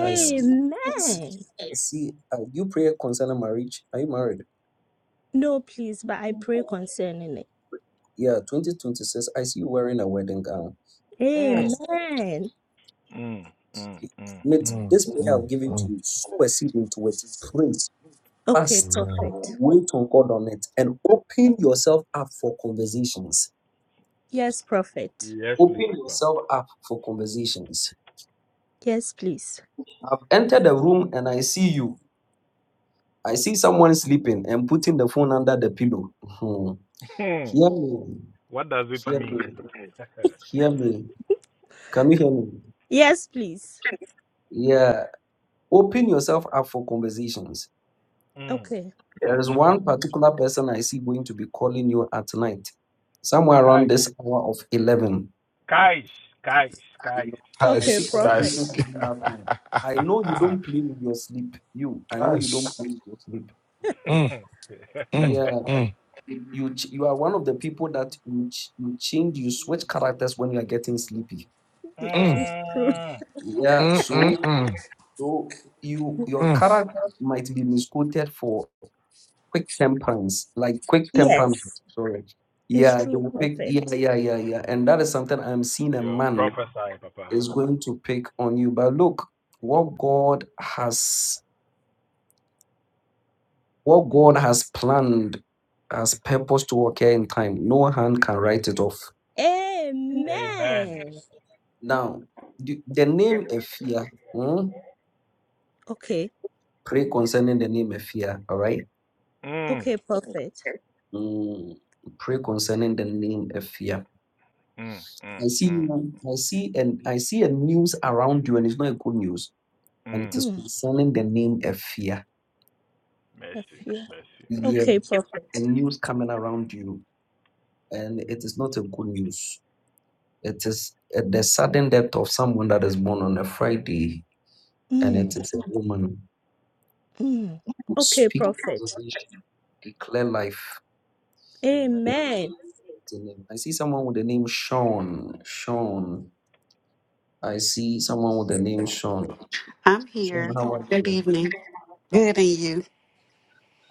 Speaker 6: I see. I see. I see uh, you pray concerning marriage. Are you married?
Speaker 11: No, please, but I pray concerning it.
Speaker 6: Yeah, 2026. I see you wearing a wedding gown. I see.
Speaker 11: Amen.
Speaker 6: Mate,
Speaker 4: Mm.
Speaker 6: this prayer I've given to
Speaker 4: Mm.
Speaker 6: you, sow a seed into it. Pray.
Speaker 11: Okay,
Speaker 4: Mm.
Speaker 6: Fast.
Speaker 4: Amen.
Speaker 11: prophet.
Speaker 6: Wait on God on it and open yourself up for conversations.
Speaker 11: Yes, prophet.
Speaker 6: Open yourself up for conversations.
Speaker 11: Yes, please.
Speaker 6: I've entered the room and I see you. I see someone sleeping and putting the phone under the pillow. Hmm. Hear me. Hear me. Hear me. Can you hear me?
Speaker 11: Yes, please.
Speaker 6: Yeah. Open yourself up for conversations.
Speaker 11: Okay.
Speaker 6: There is one particular person I see going to be calling you at night, somewhere around this hour of 11. You know, I
Speaker 11: Okay,
Speaker 6: see
Speaker 4: Guys,
Speaker 11: prophet.
Speaker 6: conversation
Speaker 4: guys,
Speaker 6: around that time. I know you don't play with your sleep. You,
Speaker 4: [laughs]
Speaker 6: I know you don't
Speaker 4: guys.
Speaker 6: play with your sleep.
Speaker 4: Mm. Mm.
Speaker 6: Yeah,
Speaker 4: Mm.
Speaker 6: you ch- you are one of the people that you ch- you change, you switch characters when you are getting sleepy.
Speaker 11: It
Speaker 4: Mm.
Speaker 11: is true. [laughs]
Speaker 6: Yeah,
Speaker 4: Mm.
Speaker 6: so
Speaker 4: Mm. Mm.
Speaker 6: so you your
Speaker 4: Mm.
Speaker 6: character might be misquoted for quick temperance, like quick temperament.
Speaker 11: Yes,
Speaker 6: Sorry.
Speaker 11: it's
Speaker 6: Yeah, they
Speaker 11: true,
Speaker 6: will pick. Yeah,
Speaker 11: Prophet.
Speaker 6: yeah, yeah, yeah, and that is something I'm seeing a man is going to pick on you. But look, what God has. What God has planned, has purpose to occur in time, no hand can write it off.
Speaker 11: Amen.
Speaker 6: Now, the, the name Ephia, hmm,
Speaker 11: Okay,
Speaker 6: pray concerning the name Ephia, all right?
Speaker 11: okay, Prophet.
Speaker 6: Mm, pray concerning the name Ephia. I see, you- I see, and I see a news around you, and it's not a good news, and it is
Speaker 11: Mm,
Speaker 6: concerning the name Ephia.
Speaker 11: I feel.
Speaker 6: Yeah,
Speaker 11: Okay, Prophet.
Speaker 6: a news coming around you, and it is not a good news. It is uh, the sudden death of someone that is born on a Friday. and it
Speaker 11: Mm,
Speaker 6: is a woman.
Speaker 11: mm. Okay,
Speaker 6: Speak
Speaker 11: Prophet.
Speaker 6: preservation, declare life in
Speaker 11: Amen.
Speaker 6: the name. I see someone with the name Sean. Sean. I see someone with the name Sean.
Speaker 12: I'm
Speaker 6: Sean,
Speaker 12: here.
Speaker 6: how are
Speaker 12: Good
Speaker 6: you?
Speaker 12: evening. Good in you.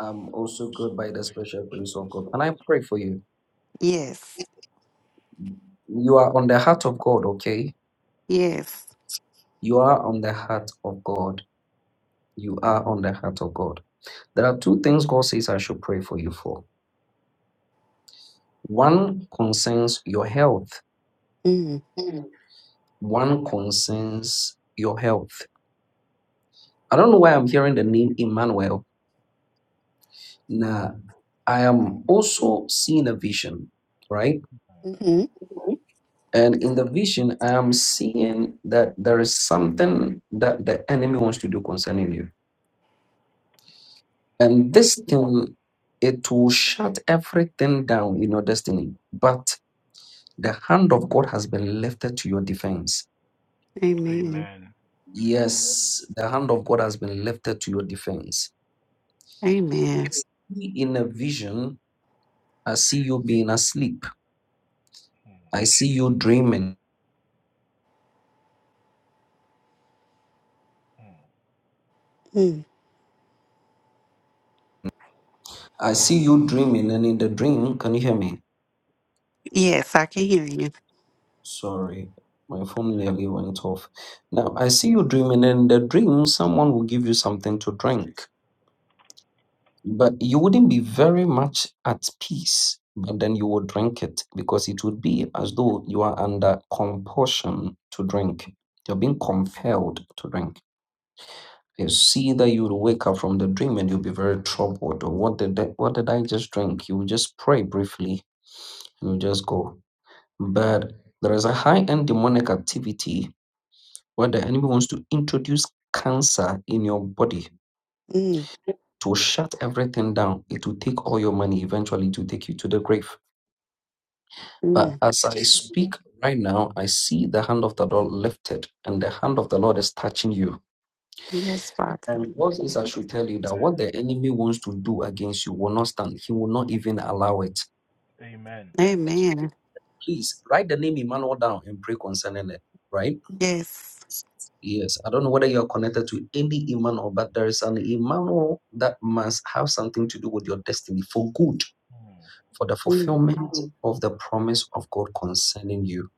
Speaker 6: I'm also good by the special grace of God. And I pray for you.
Speaker 12: Yes.
Speaker 6: You are on the heart of God, okay?
Speaker 12: Yes.
Speaker 6: You are on the heart of God. You are on the heart of God. There are two things God says I should pray for you for. One concerns your health.
Speaker 12: Mm.
Speaker 6: Mm. One concerns your health I don't know why I'm hearing the name Emmanuel. Now, I am also seeing a vision, right?
Speaker 12: hmm
Speaker 6: And in the vision, I am seeing that there is something that the enemy wants to do concerning you. And this thing, it will shut everything down in your destiny. But the hand of God has been lifted to your defense.
Speaker 12: Amen.
Speaker 6: Yes, the hand of God has been lifted to your defense.
Speaker 12: Amen.
Speaker 6: Yes. In a vision, I see you being asleep. I see you dreaming.
Speaker 12: Mm.
Speaker 6: I see you dreaming, and in the dream, can you hear me?
Speaker 12: Yes, I can hear you.
Speaker 6: Sorry, my phone nearly went off. Now, I see you dreaming, and in the dream, someone will give you something to drink, but you wouldn't be very much at peace. But then you would drink it because it would be as though you are under compulsion to drink. You're being compelled to drink. You see that you will wake up from the dream and you'll be very troubled. Or What did I, what did I just drink? You will just pray briefly and you just go. But there is a high end demonic activity where the enemy wants to introduce cancer in your body
Speaker 12: Mm.
Speaker 6: to shut everything down. It will take all your money eventually to take you to the grave. But
Speaker 12: Mm.
Speaker 6: as I speak right now, I see the hand of the Lord lifted, and the hand of the Lord is touching you.
Speaker 12: Yes, Father.
Speaker 6: And God says, I should tell you that what the enemy wants to do against you will not stand. He will not even allow it.
Speaker 12: Amen.
Speaker 6: Please write the name Emmanuel down and pray concerning it, right?
Speaker 12: Yes.
Speaker 6: Yes, I don't know whether you are connected to any Iman but there is an Iman that must have something to do with your destiny for good, for the
Speaker 12: Mm.
Speaker 6: fulfillment Mhm. of the promise of God concerning you.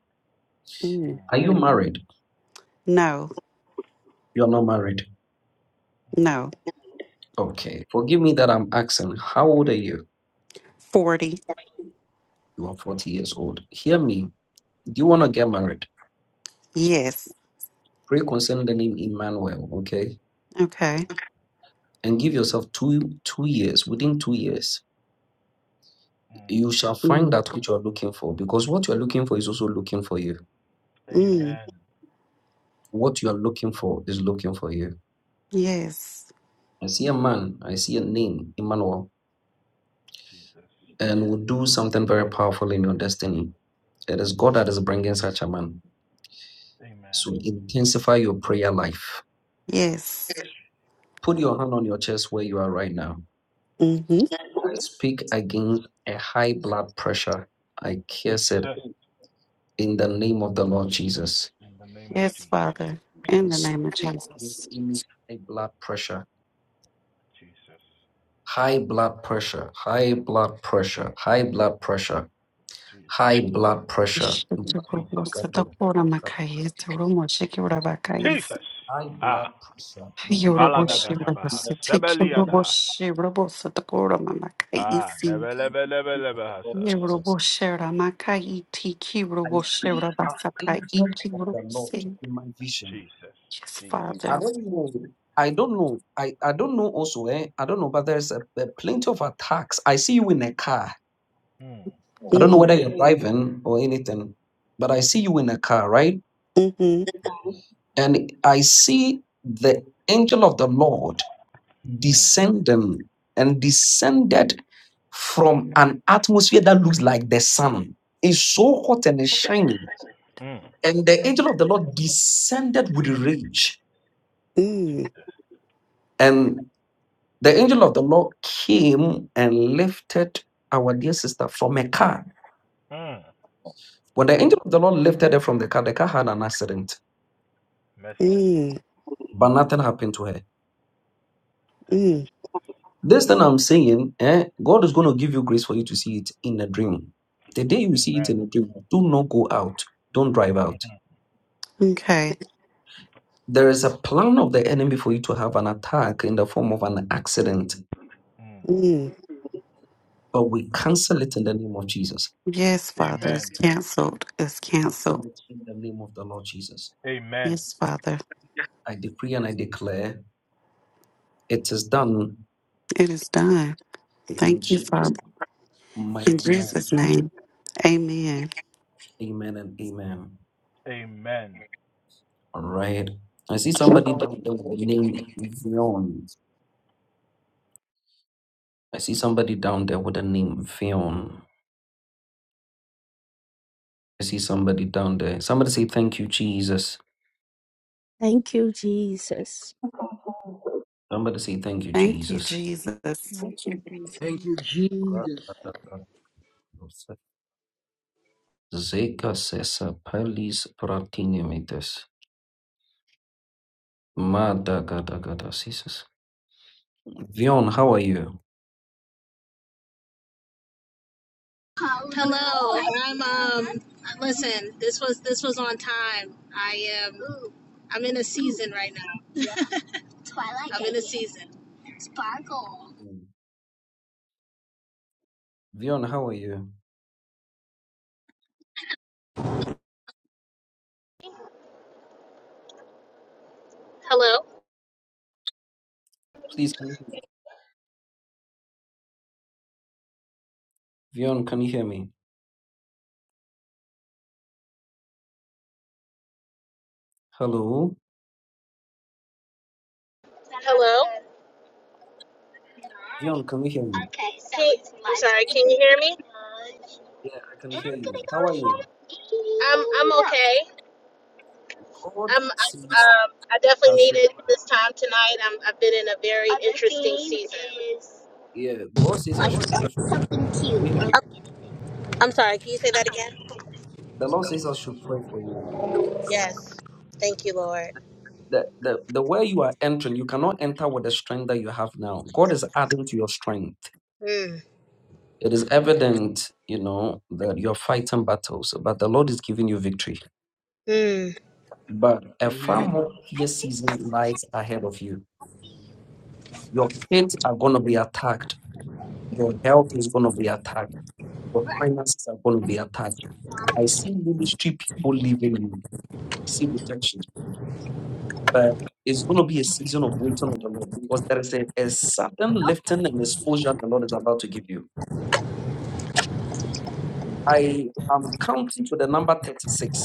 Speaker 12: Mm.
Speaker 6: Are you married?
Speaker 12: No.
Speaker 6: You are not married.
Speaker 12: No.
Speaker 6: Okay. Forgive me that I'm asking. How old are you?
Speaker 12: 40.
Speaker 6: You are 40 years old. Hear me. Do you want to get married?
Speaker 12: Yes.
Speaker 6: Pray concerning the name Emmanuel, okay?
Speaker 12: Okay.
Speaker 6: And give yourself two two years. Within two years, you shall find
Speaker 12: Mm.
Speaker 6: that which you are looking for, because what you are looking for is also looking for you.
Speaker 12: Mm.
Speaker 6: What you are looking for is looking for you.
Speaker 12: Yes.
Speaker 6: I see a man, I see a name, Emmanuel, and will do something very powerful in your destiny. It is God that is bringing such a man. So intensify your prayer life.
Speaker 12: Yes.
Speaker 6: Put your hand on your chest where you are right now.
Speaker 12: hmm
Speaker 6: I speak against a high blood pressure. I curse it in the name of the Lord Jesus.
Speaker 12: Yes, Father.
Speaker 6: I
Speaker 12: In the name
Speaker 6: speak
Speaker 12: of Jesus.
Speaker 6: against High blood pressure, high blood pressure, high blood pressure, high blood pressure. High blood pressure. Gato- gato- High blood pressure. We declare in the name of the Lord Jesus. I see an angel of the Lord in my vision.
Speaker 12: Yes,
Speaker 6: I
Speaker 12: fathers.
Speaker 6: don't know. I don't know. I, I don't know also, eh? I don't know, but there's a, a plenty of attacks. I see you in a car. I don't know whether
Speaker 12: Mm,
Speaker 6: you're driving or anything, but I see you in a car, right?
Speaker 12: mm-hmm,
Speaker 6: And I see the angel of the Lord descending and descended from an atmosphere that looks like the sun. It's so hot and it's shining. And the angel of the Lord descended with rage.
Speaker 12: mm,
Speaker 6: And the angel of the Lord came and lifted our dear sister from a car. When the angel of the Lord lifted her from the car, the car had an accident,
Speaker 12: mm,
Speaker 6: but nothing happened to her.
Speaker 12: mm.
Speaker 6: This thing I'm saying, eh, God is going to give you grace for you to see it in a dream. The day you see it in a dream, do not go out. Don't drive out
Speaker 12: Okay.
Speaker 6: There is a plan of the enemy for you to have an attack in the form of an accident,
Speaker 12: Mm.
Speaker 6: but we cancel it in the name of Jesus.
Speaker 12: Yes, Father, it's canceled. It's
Speaker 6: Cancel
Speaker 12: canceled.
Speaker 6: it in the name of the Lord Jesus.
Speaker 12: Yes, Father,
Speaker 6: I decree and I declare it is done
Speaker 12: it is done.
Speaker 6: in
Speaker 12: Thank you,
Speaker 6: Jesus'
Speaker 12: Father.
Speaker 6: mighty,
Speaker 12: In
Speaker 6: mighty
Speaker 12: Jesus'
Speaker 6: name.
Speaker 12: name, amen.
Speaker 6: Amen and amen. All right. I see somebody down there with the name Vion. I see somebody down there with the name Vion. I see somebody down there. Somebody say, Thank you, Jesus.
Speaker 11: Thank you, Jesus.
Speaker 6: Somebody say, Thank you,
Speaker 12: Thank you,
Speaker 6: Jesus.
Speaker 12: Jesus.
Speaker 10: Thank you, Jesus.
Speaker 13: Thank you, Jesus.
Speaker 6: Zeka, Zekasesa Palis Pratiniamitis. Madagadagadasis. Vion, how are you?
Speaker 14: Listen, this was this was on time. I am I'm in a season right now. Season.
Speaker 6: Vion, how are you? Please, can you hear me? Vion, can you hear me? Hello? Vion, can you hear me?
Speaker 14: sorry, can you hear me?
Speaker 6: Yeah, I can hear you. How are you?
Speaker 14: okay.
Speaker 6: God
Speaker 14: I'm I,
Speaker 6: says
Speaker 14: um I
Speaker 6: I
Speaker 14: definitely
Speaker 6: should,
Speaker 14: needed this time tonight. I'm I've been in a very
Speaker 6: yeah, God says I should pray for you. Can you hear me?
Speaker 14: I'm sorry, can you say that again?
Speaker 6: The Lord says I should pray for you.
Speaker 14: Yes. Thank you, Lord.
Speaker 6: The, the, the way you are entering, you cannot enter with the strength that you have now. God is adding to your strength.
Speaker 14: Mm.
Speaker 6: It is evident, you know, that you're fighting battles, but the Lord is giving you victory.
Speaker 14: Mm.
Speaker 6: But a far
Speaker 13: Amen.
Speaker 6: more fierce season lies ahead of you. Your kids are going to be attacked. Your health is going to be attacked. Your finances are going to be attacked. I see ministry people leaving you. See rejection. But it's going to be a season of waiting on the Lord because there is a, a sudden lifting and exposure the Lord is about to give you. I am counting to the number 36.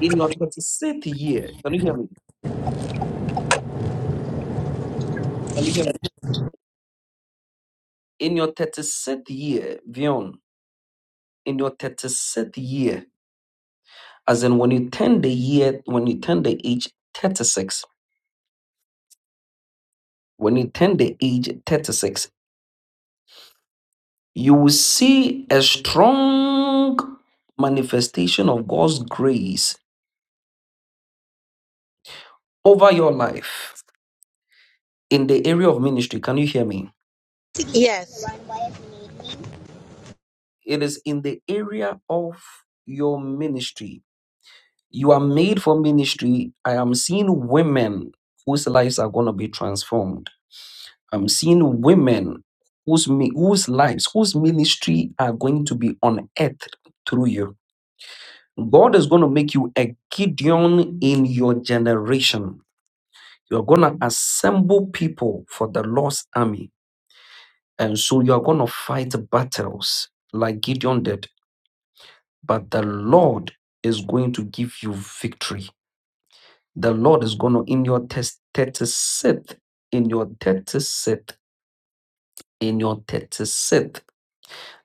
Speaker 6: In your 36th year, can you hear me? Can you hear me? In your 36th year, Vion, in your 36th year, as in when you turn the year, when you turn the age 36, when you turn the age 36, you will see a strong manifestation of God's grace over your life in the area of ministry. Can you hear me?
Speaker 14: Yes.
Speaker 6: It is in the area of your ministry You are made for ministry. I am seeing women whose lives are going to be transformed. I'm seeing women whose, mi- whose lives, whose ministry are going to be on earth through you. God is going to make you a Gideon in your generation. You're going to assemble people for the Lord's army. And so you're going to fight battles like Gideon did. But the Lord is going to give you victory. The Lord is going to, in your test, 36th, in your 36th, in your 36th,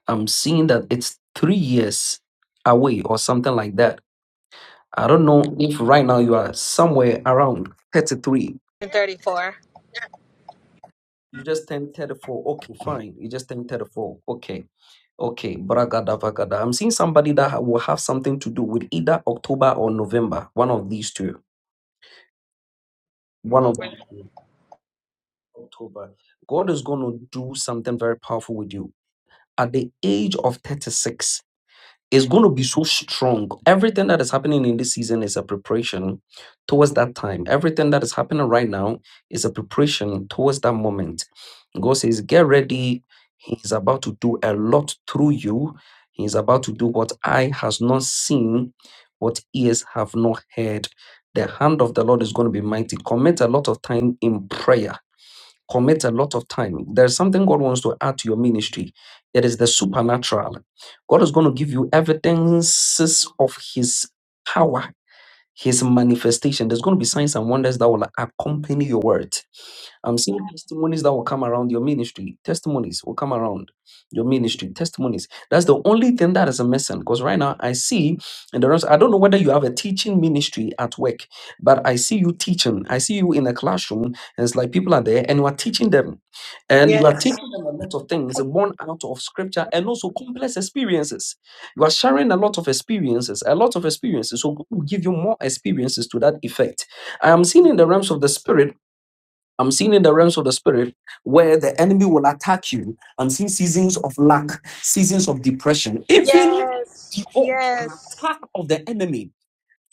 Speaker 6: I'm seeing that it's three years away or something like that. I don't know if right now you are somewhere around 33.
Speaker 14: I'm 34.
Speaker 6: You just turned 34. Okay, fine. You just turned 34. Okay. Okay, bragada vagada. I'm seeing somebody that ha- will have something to do with either October or November. One of these two. One of
Speaker 14: Over.
Speaker 6: these two. October. God is going to do something very powerful with you. at the age of 36 is going to be so strong. Everything that is happening in this season is a preparation towards that time. Everything that is happening right now is a preparation towards that moment. God says, Get ready. He's about to do a lot through you. He's about to do what eye has not seen, what ears have not heard. The hand of the Lord is going to be mighty. Commit a lot of time in prayer commit a lot of time. There's something God wants to add to your ministry. It is the supernatural. God is going to give you evidences of His power, His manifestation. There's going to be signs and wonders that will accompany your word. I'm seeing Mhm. testimonies that will come around your ministry. Testimonies will come around your ministry. Testimonies. That's the only thing that is missing. Because right now I see, and the rest, I don't know whether you have a teaching ministry at work, but I see you teaching. I see you in a classroom, and it's like people are there, and you are teaching them, and you are
Speaker 14: Yes.
Speaker 6: teaching them a lot of things born out of scripture and also complex experiences. You are sharing a lot of experiences, a lot of experiences. So God will give you more experiences to that effect. I am seeing in the realms of the spirit I'm seeing in the realms of the spirit where the enemy will attack you. I'm seeing seasons of lack, seasons of depression, even
Speaker 14: Yes.
Speaker 6: the
Speaker 14: Yes.
Speaker 6: attack of the enemy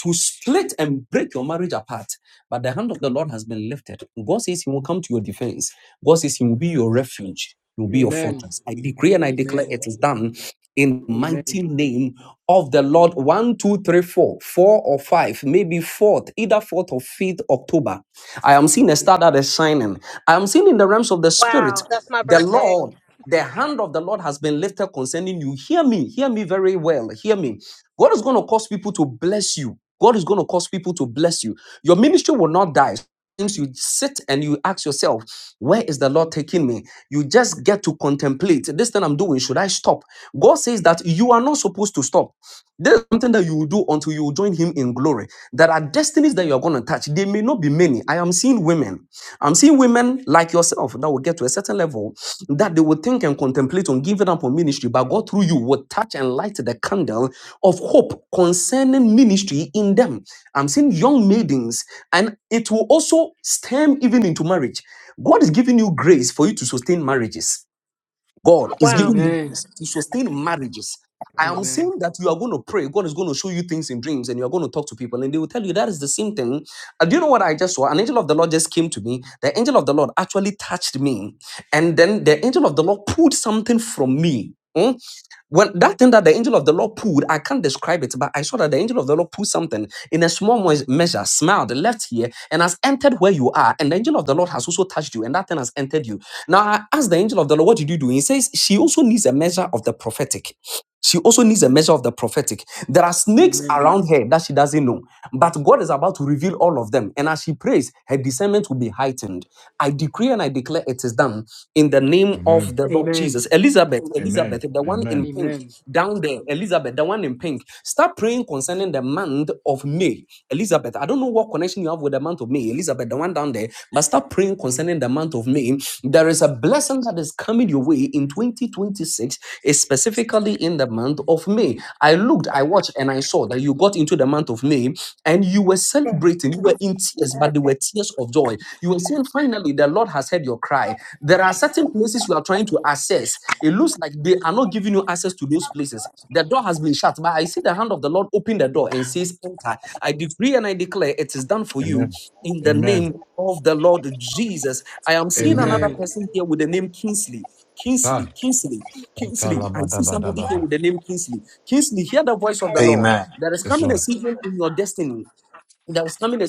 Speaker 6: to split and break your marriage apart. But the hand of the Lord has been lifted. God says He will come to your defense. God says He will be your refuge. He will be your
Speaker 13: Amen.
Speaker 6: fortress. I decree and I declare
Speaker 13: Amen.
Speaker 6: it is done in the
Speaker 13: Amen.
Speaker 6: mighty name of the Lord. One, two, three, four, four or five, maybe fourth, either fourth or fifth October. I am seeing a star that is shining. I am seeing in the realms of the spirit,
Speaker 14: Wow. That's my
Speaker 6: the
Speaker 14: birthday.
Speaker 6: Lord. The hand of the Lord has been lifted concerning you. Hear me, hear me very well. Hear me. God is going to cause people to bless you. God is going to cause people to bless you. Your ministry will not die. Things you sit and you ask yourself, where is the Lord taking me? You just get to contemplate this thing I'm doing. Should I stop? God says that you are not supposed to stop. There's something that you will do until you join Him in glory. There are destinies that you're going to touch. They may not be many. I am seeing women. I'm seeing women like yourself that will get to a certain level that they will think and contemplate on giving up on ministry, but God through you will touch and light the candle of hope concerning ministry in them. I'm seeing young maidens, and it will also stem even into marriage. God is giving you grace for you to sustain marriages. God is
Speaker 14: Wow.
Speaker 6: giving you
Speaker 13: Amen.
Speaker 6: grace to sustain marriages.
Speaker 13: Amen.
Speaker 6: I am
Speaker 13: Amen.
Speaker 6: saying that you are going to pray. God is going to show you things in dreams, and you are going to talk to people, and they will tell you that is the same thing. Uh, do you know what I just saw? An angel of the Lord just came to me. The angel of the Lord actually touched me, and then the angel of the Lord pulled something from me. Hmm? When that thing that the angel of the Lord pulled, I can't describe it, but I saw that the angel of the Lord pulled something in a small mois- measure, smiled, left here, and has entered where you are. And the angel of the Lord has also touched you, and that thing has entered you. Now I asked the angel of the Lord, What did you do? He says, She also needs a measure of the prophetic. She also needs a measure of the prophetic. There are snakes
Speaker 13: Amen.
Speaker 6: around her that she doesn't know, but God is about to reveal all of them. And as she prays, her discernment will be heightened. I decree and I declare it is done in the name
Speaker 4: Amen.
Speaker 6: of the Lord Jesus.
Speaker 13: Amen.
Speaker 6: Elizabeth,
Speaker 4: Amen.
Speaker 6: Elizabeth, the one
Speaker 4: Amen.
Speaker 6: in pink,
Speaker 13: Amen.
Speaker 6: down there, Elizabeth, the one in pink. Start praying concerning the month of May. Elizabeth, I don't know what connection you have with the month of May, Elizabeth, the one down there, but start praying concerning the month of May. There is a blessing that is coming your way in 2026 specifically in the month of May. I looked, I watched, and I saw that you got into the month of May and you were celebrating. You were in tears, but they were tears of joy. You were saying, finally, the Lord has heard your cry. There are certain places you are trying to access. It looks like they are not giving you access to those places. The door has been shut, but I see the hand of the Lord open the door and says, Enter. I decree and I declare it is done for you
Speaker 4: Amen.
Speaker 6: in the
Speaker 4: Amen.
Speaker 6: name of the Lord Jesus. I am
Speaker 13: Amen.
Speaker 6: seeing
Speaker 4: Amen.
Speaker 6: another
Speaker 13: Amen.
Speaker 6: person here with the name Kingsley.
Speaker 4: Ah.
Speaker 6: Kingsley, Kingsley. Kingsley, I see somebody here
Speaker 4: Atalabadabadabaha.
Speaker 6: with the name Kingsley. Kingsley, hear the voice of the Lord.
Speaker 15: Amen.
Speaker 6: There's
Speaker 4: Yes,
Speaker 6: coming a
Speaker 4: Lord.
Speaker 6: season, there's coming a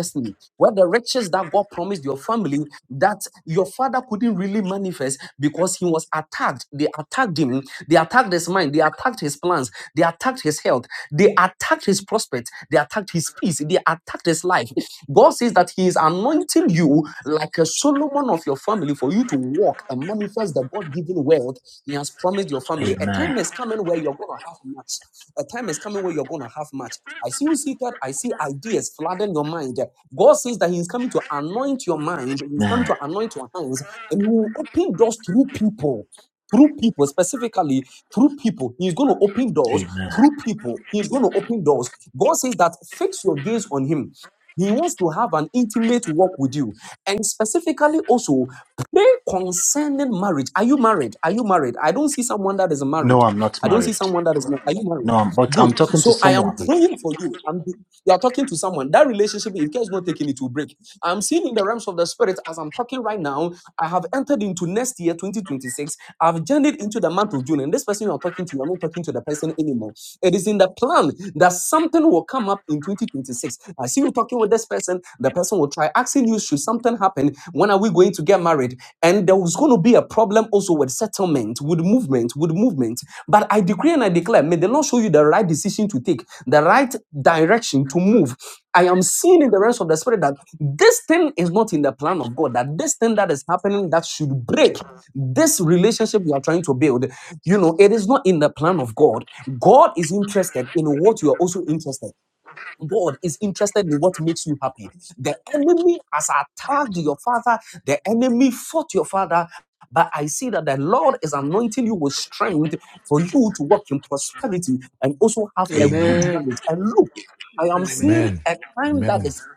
Speaker 6: destiny. where the riches that God put in your family that your father couldn't really manifest because he was attacked. They attacked him, they attacked his mind, they attacked his plans, they attacked his health, they attacked his prospect, they attacked his peace, they attacked his life. God says that He is anointing you like a Solomon of your family for you to walk and manifest wealth. He has promised your family.
Speaker 15: Amen.
Speaker 6: A time is coming when. I see idea burden your mind. God says that He is coming to anoint your mind. He is coming
Speaker 15: Amen.
Speaker 6: to and He will open doors through people, through people, specifically through people. He is going to open.
Speaker 15: Amen.
Speaker 6: He is going to open doors. God says that fix your gaze on Him. He wants to have an intimate walk with you, and specifically also pray concerning marriage. Are you married? Are you married? I don't see someone that is married.
Speaker 15: No, I'm not married.
Speaker 6: Are you?
Speaker 15: No, I'm, but I'm talking to someone.
Speaker 6: married? You You are talking to someone. That relationship, if care is not taking it, I'm seeing in the realms of the spirit as I'm. right now i have entered into next year 2026 i've journeyed into the month of june and this person you are talking to isn't anymore it is in the plan that something will come up in 2026 I see you talking with this person. The person will try asking you, should something happen? When are we going to get married? And there was going to be a problem also with settlement, with movement, with movement. But I decree and I declare, may the Lord show you the right decision to take, the right direction to move. I am seeing in the realms of the spirit that this thing is not in the plan of God, that this thing that is happening that should break this relationship you are trying to build, you know, it is not in the plan of God. God is interested in what you are also in- interested in what makes you the enemy has attacked your father. The enemy fought your father. But I see that the Lord is anointing you with strength for you to prosperity and also
Speaker 13: Amen.
Speaker 6: have a good.
Speaker 15: Amen.
Speaker 13: Amen.
Speaker 6: I am seeing
Speaker 4: Amen.
Speaker 6: a time that
Speaker 4: Amen.
Speaker 6: is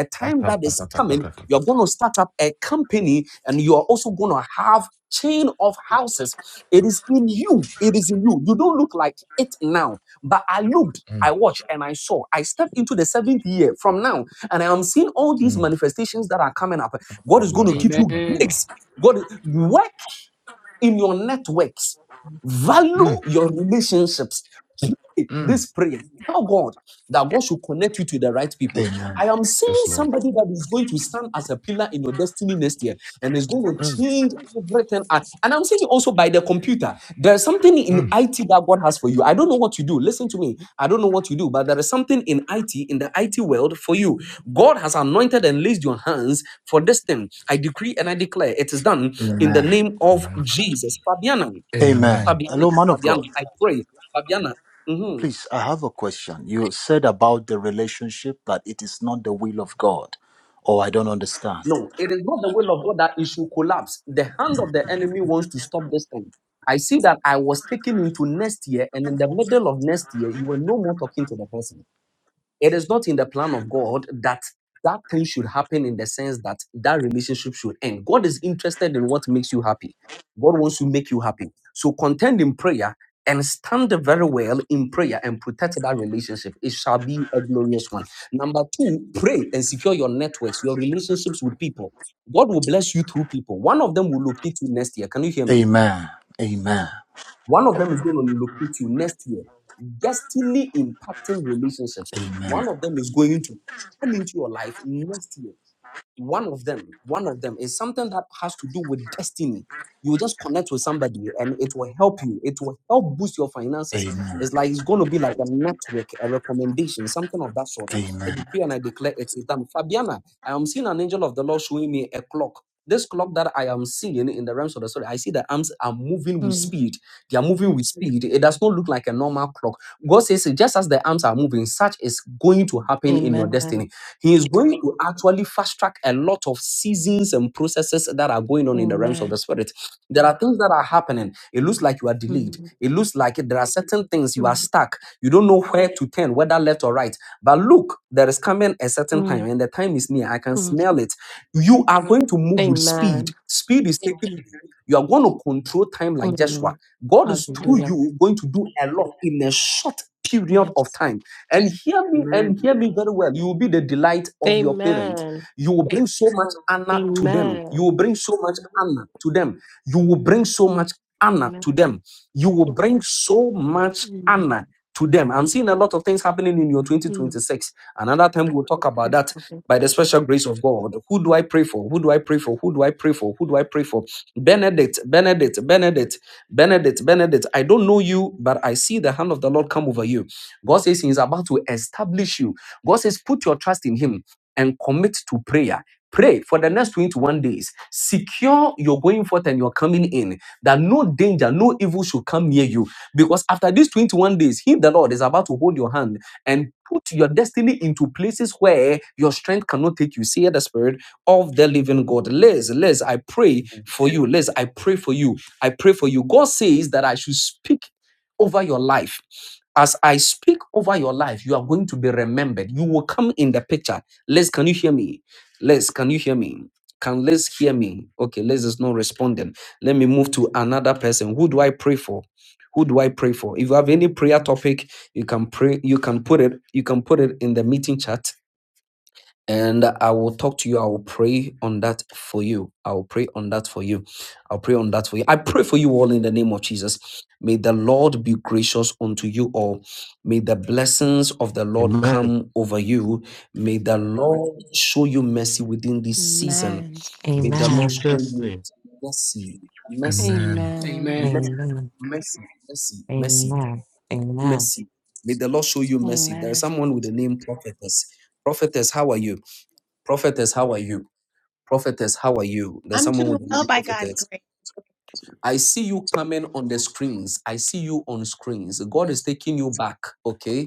Speaker 6: a time that is coming. You're
Speaker 4: Atapatapatapatapata.
Speaker 6: going to start up a company and you are also going to have chain of houses it is in you. It is in you. You don't look like it now. But I looked,
Speaker 4: Mm,
Speaker 6: I watched, and I saw. I stepped into the seventh year from now, and I am seeing all these
Speaker 4: mm.
Speaker 6: manifestations that are coming up. God is going to give
Speaker 13: Amen. Amen.
Speaker 6: you
Speaker 13: Amen.
Speaker 4: Atalabadabadaba.
Speaker 6: gigs. God, work in your networks,
Speaker 4: Mm,
Speaker 6: value your relationships. Pray
Speaker 4: mm.
Speaker 6: This prayer, tell God that God should connect you to the right people.
Speaker 15: Amen.
Speaker 6: Seeing
Speaker 4: Yes, Lord.
Speaker 6: somebody that is going to in your destiny next year and it's going to
Speaker 4: Mm,
Speaker 6: change everything. And and I'm saying also by the computer, there's something in
Speaker 4: mm.
Speaker 6: IT that God has for you. I don't know what you do. Listen to me. I don't know what you do, but there is something in IT, in the IT world for you. God has anointed and laid your hands for this thing. I decree and I declare it is done in the
Speaker 15: Amen.
Speaker 4: Amen.
Speaker 6: Fabiana.
Speaker 15: Amen.
Speaker 4: Amen.
Speaker 15: Hello, man of God.
Speaker 6: Pray, Fabiana. mhm.
Speaker 15: Please, I have a question. You said about the relationship that it is not the will of God, Oh, I don't understand.
Speaker 6: It is not the will of God that it should collapse. The hand of the I see that I was taken into next year, and in the middle of next year, you were no more. It is not in the plan of God that that thing should happen in the sense that that relationship should end. God is interested in what makes you happy. God wants to make you happy. So contend in prayer and stand very well in prayer and protect that relationship. It shall be a glorious one. Number two, pray and secure your networks. Your rela- God will bless you through people. One of them will locate you next year. Can you hear me?
Speaker 15: Amen. Amen.
Speaker 6: One of them is going to guest
Speaker 15: Amen.
Speaker 6: is going to one of them, one of them is something that has to do with to somebody and it will help you. It will help boost your finances.
Speaker 15: Amen.
Speaker 6: It's going to be like amazing, something
Speaker 15: Amen.
Speaker 6: declare it is done. Fabiana, I am seeing an angel of the Lord showing me a clock. This clock that I am seeing in the realms of the spirit, I see the arms are moving with
Speaker 7: Mm.
Speaker 6: speed. They are moving with speed. It does not look like a normal clock. God says, just as the arms are moving, such is going to happen in your
Speaker 7: Amen.
Speaker 6: destiny. He is going to actually fast track a lot of seasons and processes that are going on in the realms of the
Speaker 7: Amen.
Speaker 6: spirit. There are things that are happening. It looks like you are delayed.
Speaker 7: Mm.
Speaker 6: It looks like there are certain things you are
Speaker 7: Mm.
Speaker 6: stuck. You don't know where to turn, whether left or right. But look, there is coming a certain time,
Speaker 7: Mm.
Speaker 6: and the time is near. I can
Speaker 7: Mm.
Speaker 6: smell it. You are going to move with speed.
Speaker 7: Amen.
Speaker 6: Speed is taking you. You are going to control time like Joshua.
Speaker 7: Mm.
Speaker 6: God is through
Speaker 7: Hallelujah.
Speaker 6: you going to do a lot in a short period of
Speaker 7: Yes.
Speaker 6: time. And hear me and hear me very well. You will be the delight of your parents.
Speaker 7: Amen.
Speaker 6: You will bring so much honor to them. You
Speaker 7: Amen.
Speaker 6: will bring so much honor to them. You will bring so much honor to
Speaker 7: Amen.
Speaker 6: them. You will bring so much
Speaker 7: Mm.
Speaker 6: honor to them. I'm seeing a lot of things happening in your
Speaker 7: Mm.
Speaker 6: 2026. Another time we'll talk about
Speaker 7: Yes,
Speaker 6: that
Speaker 7: Prophet.
Speaker 6: by the special grace of God. Who do I pray for? Who do I pray for? Who do I pray for? Who do I pray for? Benedict, Benedict, Benedict, Benedict, Benedict. I don't know you, but I see the hand of the Lord come over you. God says He is about to establish you. God says, put your trust in Him and commit to prayer. Pray for the next 21 days. Secure your going forth and your coming in, that no danger, no evil should come near you because after these 21 days, He, the Lord, is about to hold your hand and put your destiny into places where your strength cannot take you. See the Spirit of the living God. Liz, Liz, I pray for you. Liz, I pray for you. I pray for you. God says that I should speak over your life. As I speak over your life, you are going to be remembered. You will come in the picture. Liz, can you hear me? Liz, can you hear me? Can Liz hear me? Okay, Liz is not responding. Let me move to another person. Who do I pray for? who do i pray for if you have any prayer topic you can pray you can put it you can put it in the meeting chat and i will talk to you i will pray on that for you i will pray on that for you i'll pray on that for you i pray for you all in the name of jesus may the lord be gracious unto you all may the blessings of the lord
Speaker 8: Amen.
Speaker 6: come over you may the lord show you mercy within this season
Speaker 7: Amen.
Speaker 8: In
Speaker 6: May the Lord
Speaker 16: Amen.
Speaker 6: show
Speaker 8: Jesus'
Speaker 6: you
Speaker 8: name.
Speaker 6: mercy, mercy,
Speaker 4: Amen.
Speaker 13: Amen.
Speaker 7: Amen.
Speaker 13: Amen.
Speaker 6: mercy,
Speaker 16: Amen.
Speaker 6: mercy, mercy, mercy
Speaker 16: Amen. Amen.
Speaker 6: mercy. May the Lord show you mercy. There is
Speaker 7: Amen.
Speaker 6: someone with the name prophetess. Prophetess, how are you? Prophetess, how are you? Prophetess, how are you? There's
Speaker 17: I'm
Speaker 6: someone
Speaker 17: doing
Speaker 6: with the
Speaker 17: well
Speaker 6: name
Speaker 17: by God's
Speaker 6: prophetess.
Speaker 17: grace.
Speaker 6: I see you coming on the screens. I see you on screens. God is taking you back. Okay.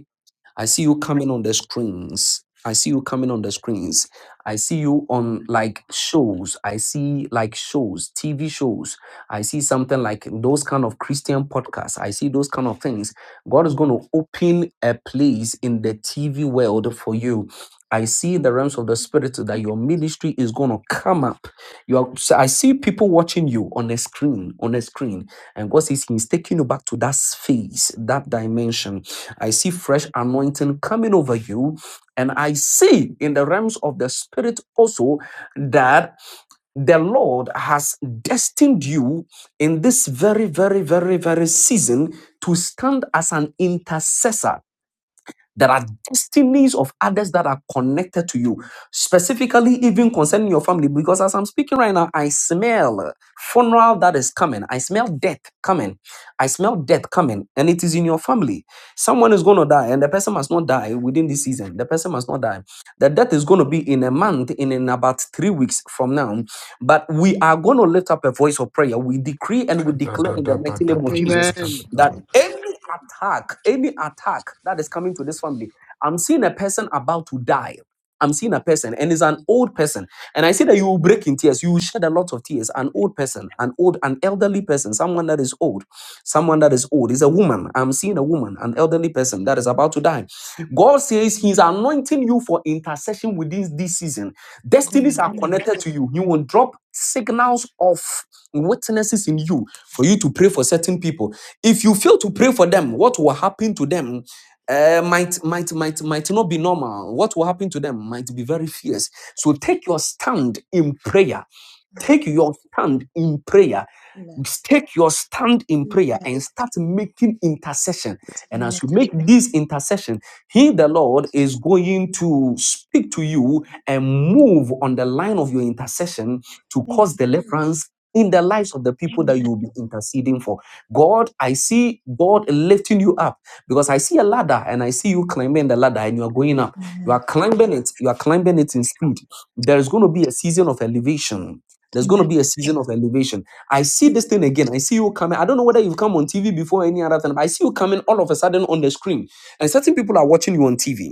Speaker 6: I see you coming on the screens. I see you coming on the screens. I see you on like shows. I see like shows, TV shows. I see something like those kind of Christian podcasts. I see those kind of things. God is going to open a place in the TV world for you. I see the realms of the spirit that your ministry is going to come up. You are, so I see people watching you on a screen, on a screen, and God says He's taking you back to that space, that dimension I see fresh anointing coming over you. And I see in the realms of the spirit also that the Lord has destined you in this very, very, very, very season to stand as an intercessor there are destinies of others that are connected to you, specifically even concerning your family. Because as I'm speaking right now, I smell funeral that is coming. I smell death coming. I smell death coming, and it is in your family. Someone is going to die, and the person must not die within this season. The person must not die. The death is going to be in a month, in, in about three weeks from now. But we are going to lift up a voice of prayer. We decree and we declare in the mighty name
Speaker 13: Amen. Amen.
Speaker 6: of
Speaker 13: Amen.
Speaker 6: Jesus
Speaker 13: Amen.
Speaker 6: that
Speaker 4: Kadadadabadabadabadabadaba.
Speaker 6: any attack, any attack that is coming to this family, I'm seeing a person about to die. I'm seeing a person, and it's an old person. And I see that you will break in tears. You will shed a lot of tears. An old person, an old, an elderly person, someone that is old, someone that is old. It's a woman. I'm seeing a woman, an elderly person that is about to die. God says He's anointing you for intercession within this season. Destinies are
Speaker 7: Amen.
Speaker 6: connected to you. You will drop signals of witnesses in you for you to pray for certain people. If you fail to pray for them, what will happen to them? uh, might might might might not be normal. What will happen to them might be very fierce. So take your stand in prayer Take your stand in prayer.
Speaker 17: Amen.
Speaker 6: Take your stand in
Speaker 17: Amen.
Speaker 6: prayer and start making intercession. And
Speaker 17: Amen.
Speaker 6: as you make this intercession, He, the Lord, is going to speak to you and move on the line of your intercession to cause deliverance in the lives of the people that you will be interceding for. God, I see God lifting you up because I see a ladder and I see you climbing the ladder and you are going up. You are
Speaker 17: Amen.
Speaker 6: climbing it, you are climbing it in speed. There is going to be a season of elevation there's going
Speaker 17: Amen.
Speaker 6: to be a season of elevation. I see this thing again. I see you coming. I don't know whether you've come on TV before or any other time. but I see you coming all of a sudden on the screen, and certain people are watching you on TV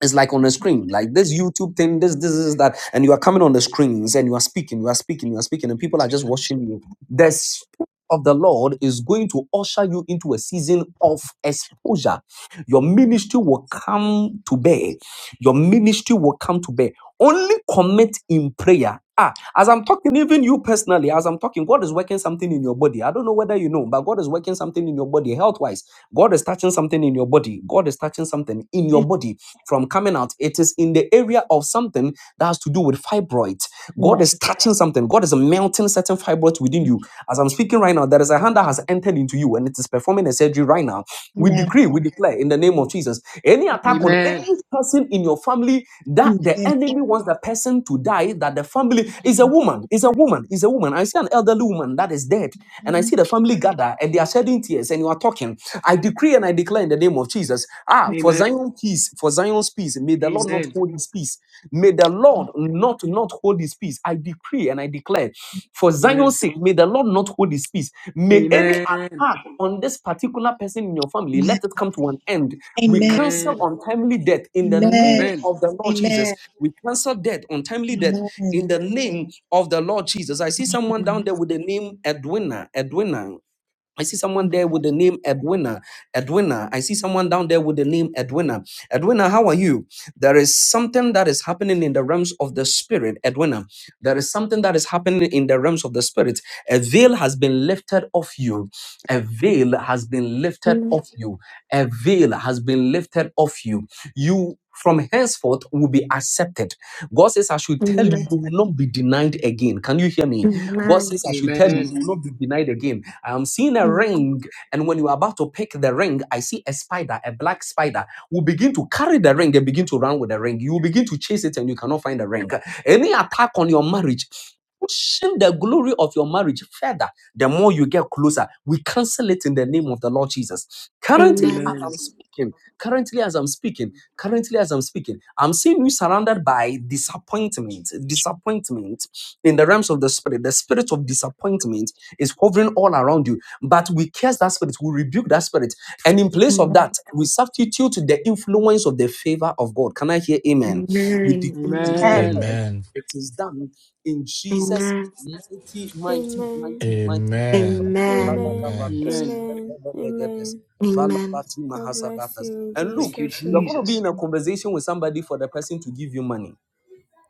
Speaker 6: it's like on a screen like this youtube thing this this is that and you are coming on the screens and you are speaking you are speaking you are speaking and people are just watching you the spirit of the lord is going to usher you into a season of exposure your ministry will come to bear your ministry will come to bear only commit in prayer ah as i'm talking even you personally as i'm talking god is working something in your body i don't know whether you know but god is working something in your body health wise god is touching something in your body god is touching something in your
Speaker 17: Amen.
Speaker 6: body from coming out. It is in the area of something that has to do with fibroids. God
Speaker 17: Yes.
Speaker 6: is touching something. God is melting certain fibroids within
Speaker 17: Amen.
Speaker 6: you. As I'm speaking right now, there is a hand that has entered into you and it is performing a surgery right now. We
Speaker 17: Amen.
Speaker 6: decree, we declare in the name of Jesus, any attack
Speaker 17: Amen.
Speaker 6: on
Speaker 13: Amen.
Speaker 6: any person in your family that the
Speaker 17: Amen.
Speaker 6: enemy wants the person to die, that the family is a woman, is a woman, is a woman. I see an elderly woman that is dead and I
Speaker 17: Amen.
Speaker 6: see the family gather and they are shedding tears and you are talking. I decree and I declare in the name of Jesus. Ah, for Zion's peace, for Zion's peace, may the Lord not
Speaker 13: Amen.
Speaker 6: hold his peace. May the Lord not not hold his peace. I decree and I declare for Zion's sake, may the Lord not hold his peace. May any attack on this particular person in your family let it come to an end. We
Speaker 17: Amen.
Speaker 6: cancel untimely death in the
Speaker 17: Amen.
Speaker 6: name of the Lord Jesus. We cancel death, untimely death in the name of the Lord Jesus. I see someone
Speaker 17: Amen.
Speaker 6: down there with the name Edwina. Edwina. I see someone there with the name Edwina. Edwina. I see someone down there with the name Edwina. Edwina, how are you? There is something that is happening in the realms of the spirit. Edwina, there is something that is happening in the realms of the spirit. A veil has been lifted off you. A veil has been lifted
Speaker 18: Amen.
Speaker 6: off you. A veil has been lifted off you. You from henceforth will be accepted. God says, I should tell you,
Speaker 18: Amen.
Speaker 6: you will not be denied again. Can you hear me? God
Speaker 18: Amen.
Speaker 6: says, I should tell you, you will not be denied again I'm seeing a
Speaker 18: Amen.
Speaker 6: ring. And when you are about to pick the ring, I see a spider, a black spider, will begin to carry the ring and begin to run with the ring. You will begin to chase it and you cannot find the ring. Any attack on your marriage, pushing the glory of your marriage further, the more you get closer. We cancel it in the name of the Lord Jesus. Currently,
Speaker 18: Amen.
Speaker 6: as I'm speaking, currently, as I'm speaking, currently, as I'm speaking, I'm seeing you surrounded by disappointment, disappointment in the realms of the spirit, the spirit of disappointment is hovering all around you. But we curse that spirit, we rebuke that spirit. And in place of that,
Speaker 18: Amen.
Speaker 6: we substitute the influence of the favor of God. Can I hear amen? We
Speaker 18: Amen.
Speaker 6: decree and we
Speaker 17: Amen.
Speaker 13: Amen.
Speaker 6: declare
Speaker 4: Amen.
Speaker 6: it is done in
Speaker 18: Amen.
Speaker 6: Jesus' mighty, mighty,
Speaker 19: Amen.
Speaker 6: mighty, mighty.
Speaker 4: Amen.
Speaker 6: And
Speaker 18: Amen.
Speaker 19: Amen.
Speaker 4: Amen.
Speaker 13: Amen.
Speaker 19: Amen. Amen.
Speaker 18: Amen.
Speaker 19: God bless you in
Speaker 13: Thank
Speaker 6: look,
Speaker 13: you,
Speaker 19: Jesus'
Speaker 6: you're
Speaker 19: name.
Speaker 6: going to be
Speaker 13: Jesus.
Speaker 6: in a conversation with somebody for the person to give you money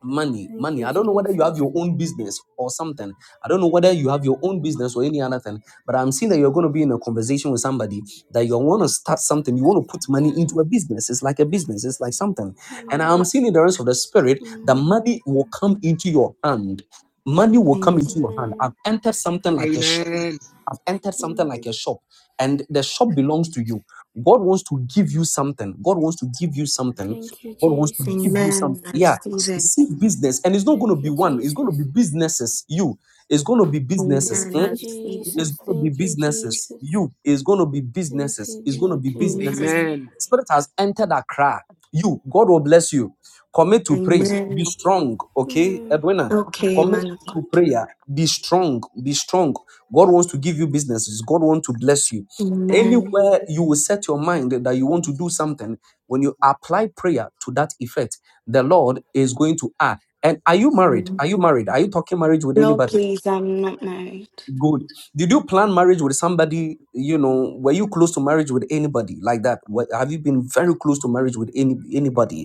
Speaker 6: money
Speaker 19: Thank
Speaker 6: money
Speaker 19: you,
Speaker 6: i don't know whether you have
Speaker 19: Jesus.
Speaker 6: your own business or something i don't know whether you have your own business or any other thing but i'm seeing that you're going to be in a conversation with somebody that you want to start something you want to put money
Speaker 19: Mm,
Speaker 6: into a business it's like a business it's like something and
Speaker 19: Hmm.
Speaker 6: i'm seeing in the rest of the
Speaker 19: mm,
Speaker 6: spirit that
Speaker 19: Hmm.
Speaker 6: money will come into your hand money will come into your hand
Speaker 19: Amen.
Speaker 6: i've entered something like a shop
Speaker 13: Amen.
Speaker 6: I've entered something
Speaker 19: Mm.
Speaker 6: like a shop, and the shop belongs to you. God wants to give you something. God wants to give you something
Speaker 19: Thank you,
Speaker 6: God wants to give
Speaker 19: Jesus.
Speaker 6: you
Speaker 18: Amen.
Speaker 6: something.
Speaker 18: I
Speaker 6: Yeah,
Speaker 18: receive it.
Speaker 6: seek business, and it's not going
Speaker 19: Thank
Speaker 6: to be
Speaker 19: you,
Speaker 6: one. It's going to be
Speaker 19: Jesus.
Speaker 6: businesses. You, it's going to be businesses.
Speaker 19: Thank
Speaker 18: Amen.
Speaker 19: you,
Speaker 6: Hmm?
Speaker 18: I receive it.
Speaker 6: It's
Speaker 19: Jesus.
Speaker 6: going to be
Speaker 19: Thank you,
Speaker 6: businesses.
Speaker 19: Jesus.
Speaker 6: You, it's going to be
Speaker 19: Thank you,
Speaker 6: businesses. It's going to
Speaker 19: Lord
Speaker 6: be
Speaker 19: Jesus.
Speaker 6: businesses.
Speaker 18: Amen.
Speaker 13: Amen.
Speaker 6: Spirit has entered Accra. You, God will bless you. Commit to pray. Be
Speaker 18: Amen.
Speaker 6: strong. Okay,
Speaker 19: Mm,
Speaker 6: Edwina.
Speaker 18: Okay,
Speaker 6: Commit
Speaker 18: man of God.
Speaker 6: to prayer. Be strong. Be strong. God wants to give you businesses. God wants to bless you.
Speaker 18: Amen.
Speaker 6: Anywhere you will set your mind that you want to do something, when you apply prayer to that effect, the Lord is going to add. And are you married? Are you
Speaker 18: No,
Speaker 6: married? Are you talking marriage with anybody?
Speaker 18: please, I'm not married.
Speaker 6: Good. Did you plan marriage with somebody? You know, were you close to marriage with anybody like that? Were- Have you been very close to marriage with any anybody?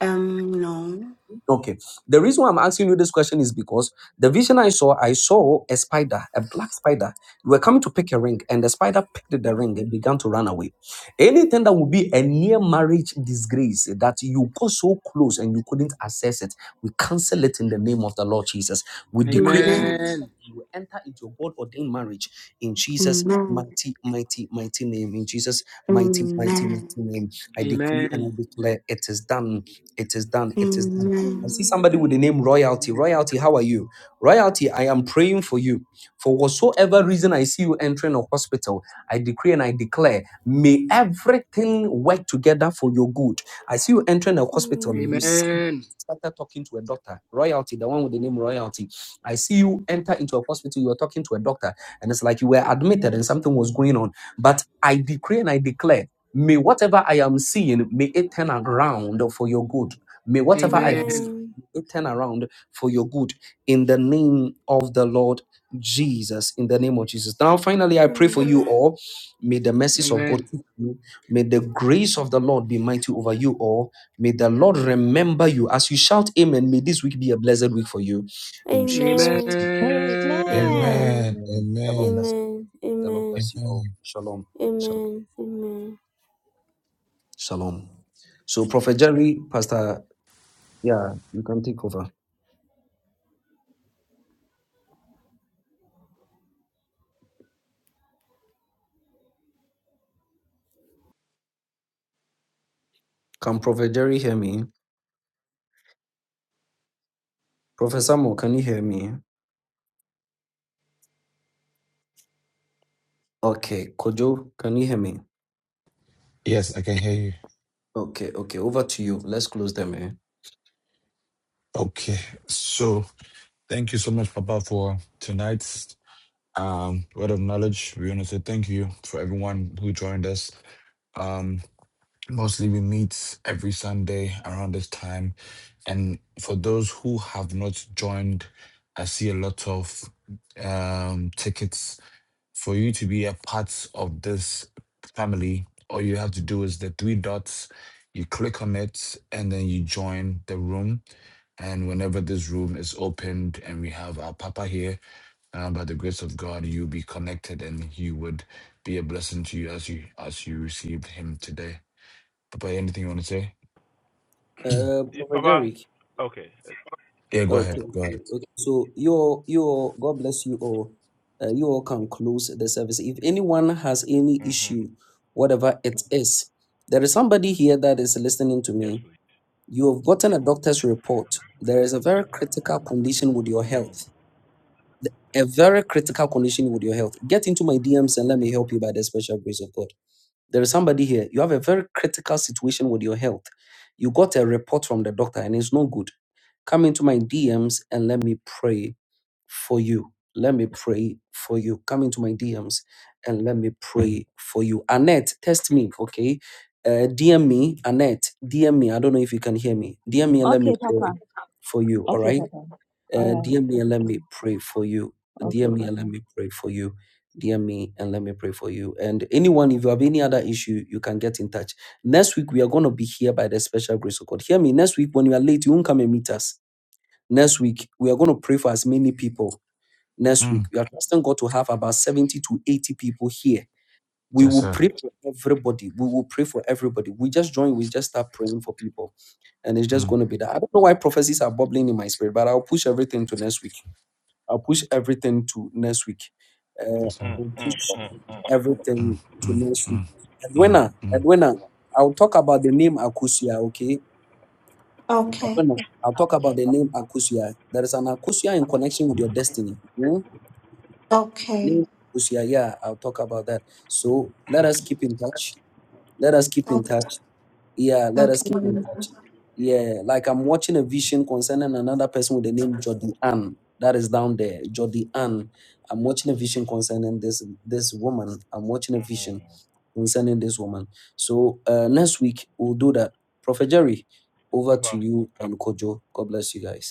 Speaker 18: Um, no.
Speaker 6: Okay. The reason why I'm asking you this question is because the vision I saw, I saw a spider, a black spider. We were coming to pick a ring, and the spider picked the ring and began to run away. Anything that would be a near marriage disgrace that you got so close and you couldn't access it, we cancel it in the name of the Lord Jesus. We decree and we
Speaker 18: Amen.
Speaker 19: mm,
Speaker 6: declare
Speaker 13: Amen.
Speaker 6: you will enter into a God ordained marriage in Jesus'
Speaker 18: Amen.
Speaker 6: mighty, mighty, mighty name. In Jesus' mighty, mighty, mighty
Speaker 18: Amen.
Speaker 6: name. I decree and
Speaker 13: Amen.
Speaker 6: I declare it is done. It is done. It is done I
Speaker 18: Amen.
Speaker 6: see
Speaker 19: Hmm.
Speaker 6: somebody with the name Royalty. Royalty, how are you? Royalty, I am praying for you. For whatsoever reason I see you entering a hospital, I decree and I declare, may everything work together for your good. I see you entering a hospital. You
Speaker 19: Amen.
Speaker 13: Amen.
Speaker 6: started talking to a doctor, royalty, the one with the name royalty. I see you enter into a hospital, you were talking to a doctor, and it's like you were admitted and something was going on. But I decree and I declare, may whatever I am seeing, may it turn around for your good. May whatever I am
Speaker 13: Amen.
Speaker 6: seeing, may it turn around for your good in the name of the Lord Jesus. In the name of Jesus. Now, finally, I pray for
Speaker 19: Amen.
Speaker 6: you all. May the mercies of God,
Speaker 13: Amen.
Speaker 6: keep you. may the grace of the Lord be mighty over you all May the Lord remember you as you shout amen. May this week be a blessed week for you. In Jesus'
Speaker 19: Amen.
Speaker 6: name.
Speaker 13: Amen.
Speaker 11: Amen.
Speaker 19: Amen.
Speaker 4: Amen.
Speaker 20: Amen.
Speaker 6: The
Speaker 19: Amen.
Speaker 6: Lord
Speaker 4: Amen.
Speaker 6: bless you.
Speaker 19: Amen.
Speaker 6: The Lord
Speaker 19: Amen.
Speaker 6: bless you
Speaker 4: Amen.
Speaker 6: all. Shalom. Shalom.
Speaker 19: Amen. Amen.
Speaker 6: Shalom. So Prophet Jerry, Pastor, yeah, you can take over. Can Prophet Jerry hear me? Professor Mo, can you hear me? Okay. Kojo, can you hear me?
Speaker 4: Yes, I can hear you.
Speaker 6: Okay, okay. Over to you. Let's close them, eh?
Speaker 4: Okay. So thank you so much, Papa, for tonight. Um, word of knowledge, we want to say thank you for everyone who joined us. Um, mostly we meet every Sunday around this time. And for those who have not joined, I see a lot of um, tickets. For you to be a part of this family, all you have to do is the three dots. You click on it and then you join the room. And whenever this room is opened and we have our papa here, and by the grace of God, you'll be connected, and He would be a blessing to you as you as you received Him today. Papa, anything you want to say?
Speaker 6: Uh, Prophet Jerry,
Speaker 4: Yeah, go ahead.
Speaker 6: Okay,
Speaker 4: Go
Speaker 6: okay.
Speaker 4: ahead.
Speaker 6: okay. So you all, you all, God bless you all. Uh, you all can close the service. If anyone has any issue, whatever it is, there is somebody here that is listening to me. You have gotten a doctor's report. There is a very critical condition with your health. Th- A very critical condition with your health. Get into my DMs and let me help you by the special grace of God. There is somebody here. You have a very critical situation with your health. You got a report from the doctor and it's no good Come into my DMs and let me pray for you. Let me pray for you. Come into my DMs and let me pray for you. Annette, test me, okay? Uh, DM me, Annette. DM me. I don't know if you can hear me. DM me and let me
Speaker 10: Okay, Papa.
Speaker 6: pray for you, all
Speaker 10: Okay,
Speaker 6: right?
Speaker 10: Papa. All
Speaker 6: Uh,
Speaker 10: right.
Speaker 6: DM me and
Speaker 10: Okay,
Speaker 6: let me
Speaker 10: Papa.
Speaker 6: pray for you.
Speaker 10: Okay,
Speaker 6: DM me and
Speaker 10: Papa.
Speaker 6: let me pray for you. DM me and let me pray for you. And anyone, if you have any other issue, you can get in touch. Next week, we are going to be here by the special grace of God. Hear me. Next week, when you are late, you won't come and meet us. Next week, we are going to pray for as many people. Next
Speaker 4: Mm,
Speaker 6: week, we are trusting God to have about 70 to 80 people here. We
Speaker 4: yes,
Speaker 6: will
Speaker 4: sir.
Speaker 6: pray for everybody. We will pray for everybody. We just join, we just start praying for people. And it's just
Speaker 4: Mm,
Speaker 6: going to be that. I don't know why prophecies are bubbling in my spirit, but I'll push everything to next week. I'll push everything to next week. Uh,
Speaker 4: yes, sir.
Speaker 6: I'll push
Speaker 4: Mm,
Speaker 6: everything to
Speaker 4: mm,
Speaker 6: next week.
Speaker 4: mm, mm,
Speaker 6: Edwina,
Speaker 4: mm.
Speaker 6: Edwina, I'll talk about the name Akusia, okay? No,
Speaker 18: Okay.
Speaker 6: no. I'll talk about the name Akusia. There is an Akusia in connection with your destiny. Hmm?
Speaker 18: Okay.
Speaker 6: Name Akusia, yeah, I'll talk about that. So let us keep in touch. Let us keep in
Speaker 18: Okay.
Speaker 6: touch. Yeah, let us keep in
Speaker 18: okay.
Speaker 6: touch. Yeah, like I'm watching a vision concerning another person with the name Jodi Ann. That is down there, Jodi Ann. I'm watching a vision concerning this this woman. I'm watching a vision concerning this woman. So uh, next week we'll do that. Prophet Jerry, over to you and Kojo. God bless you guys.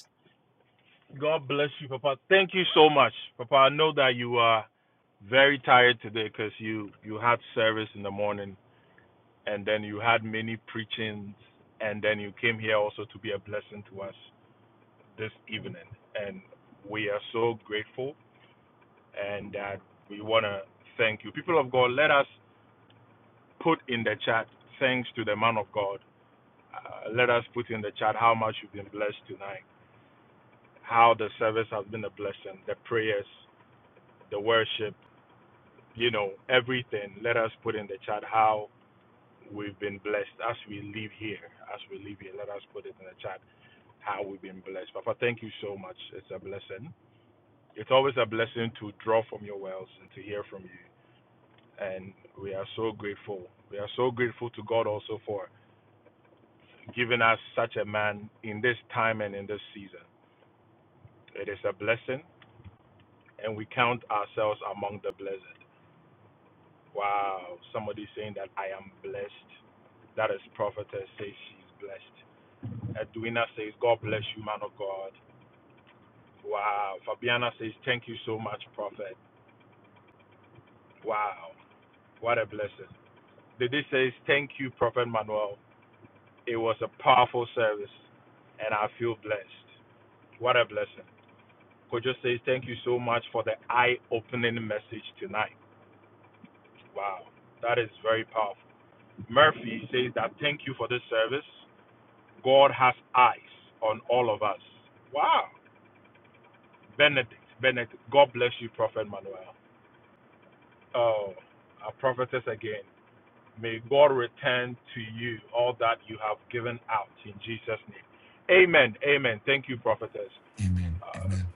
Speaker 4: Amen. Amen.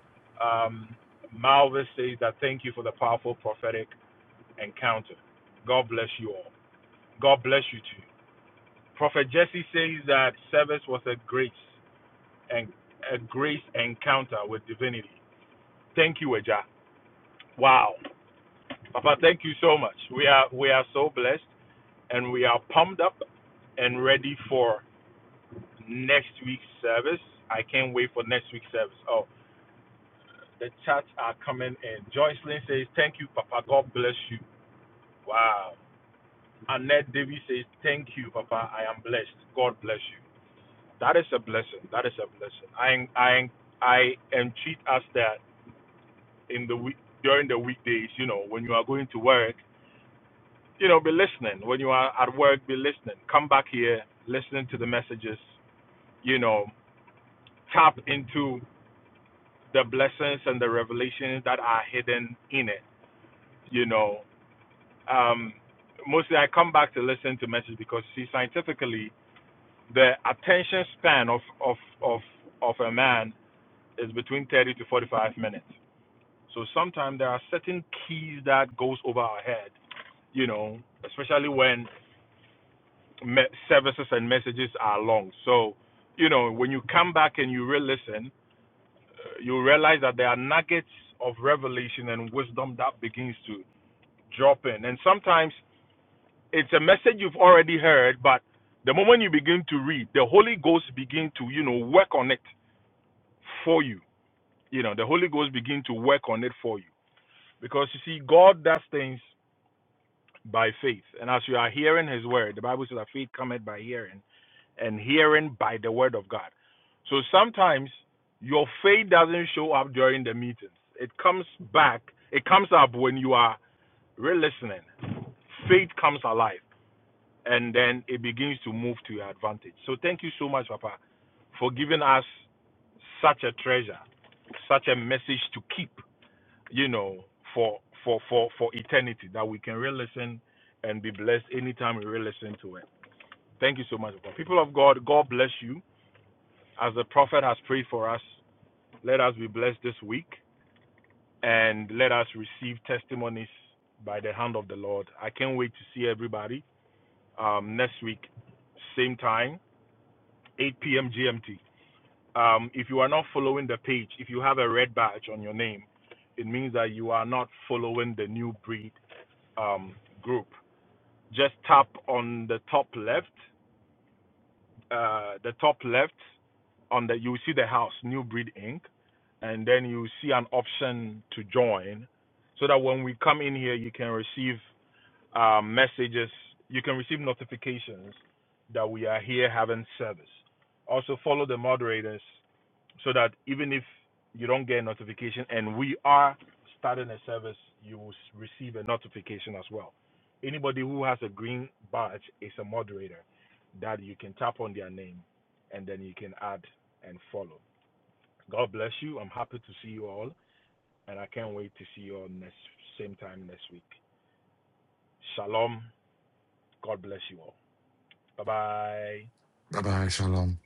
Speaker 4: Bye bye. Shalom.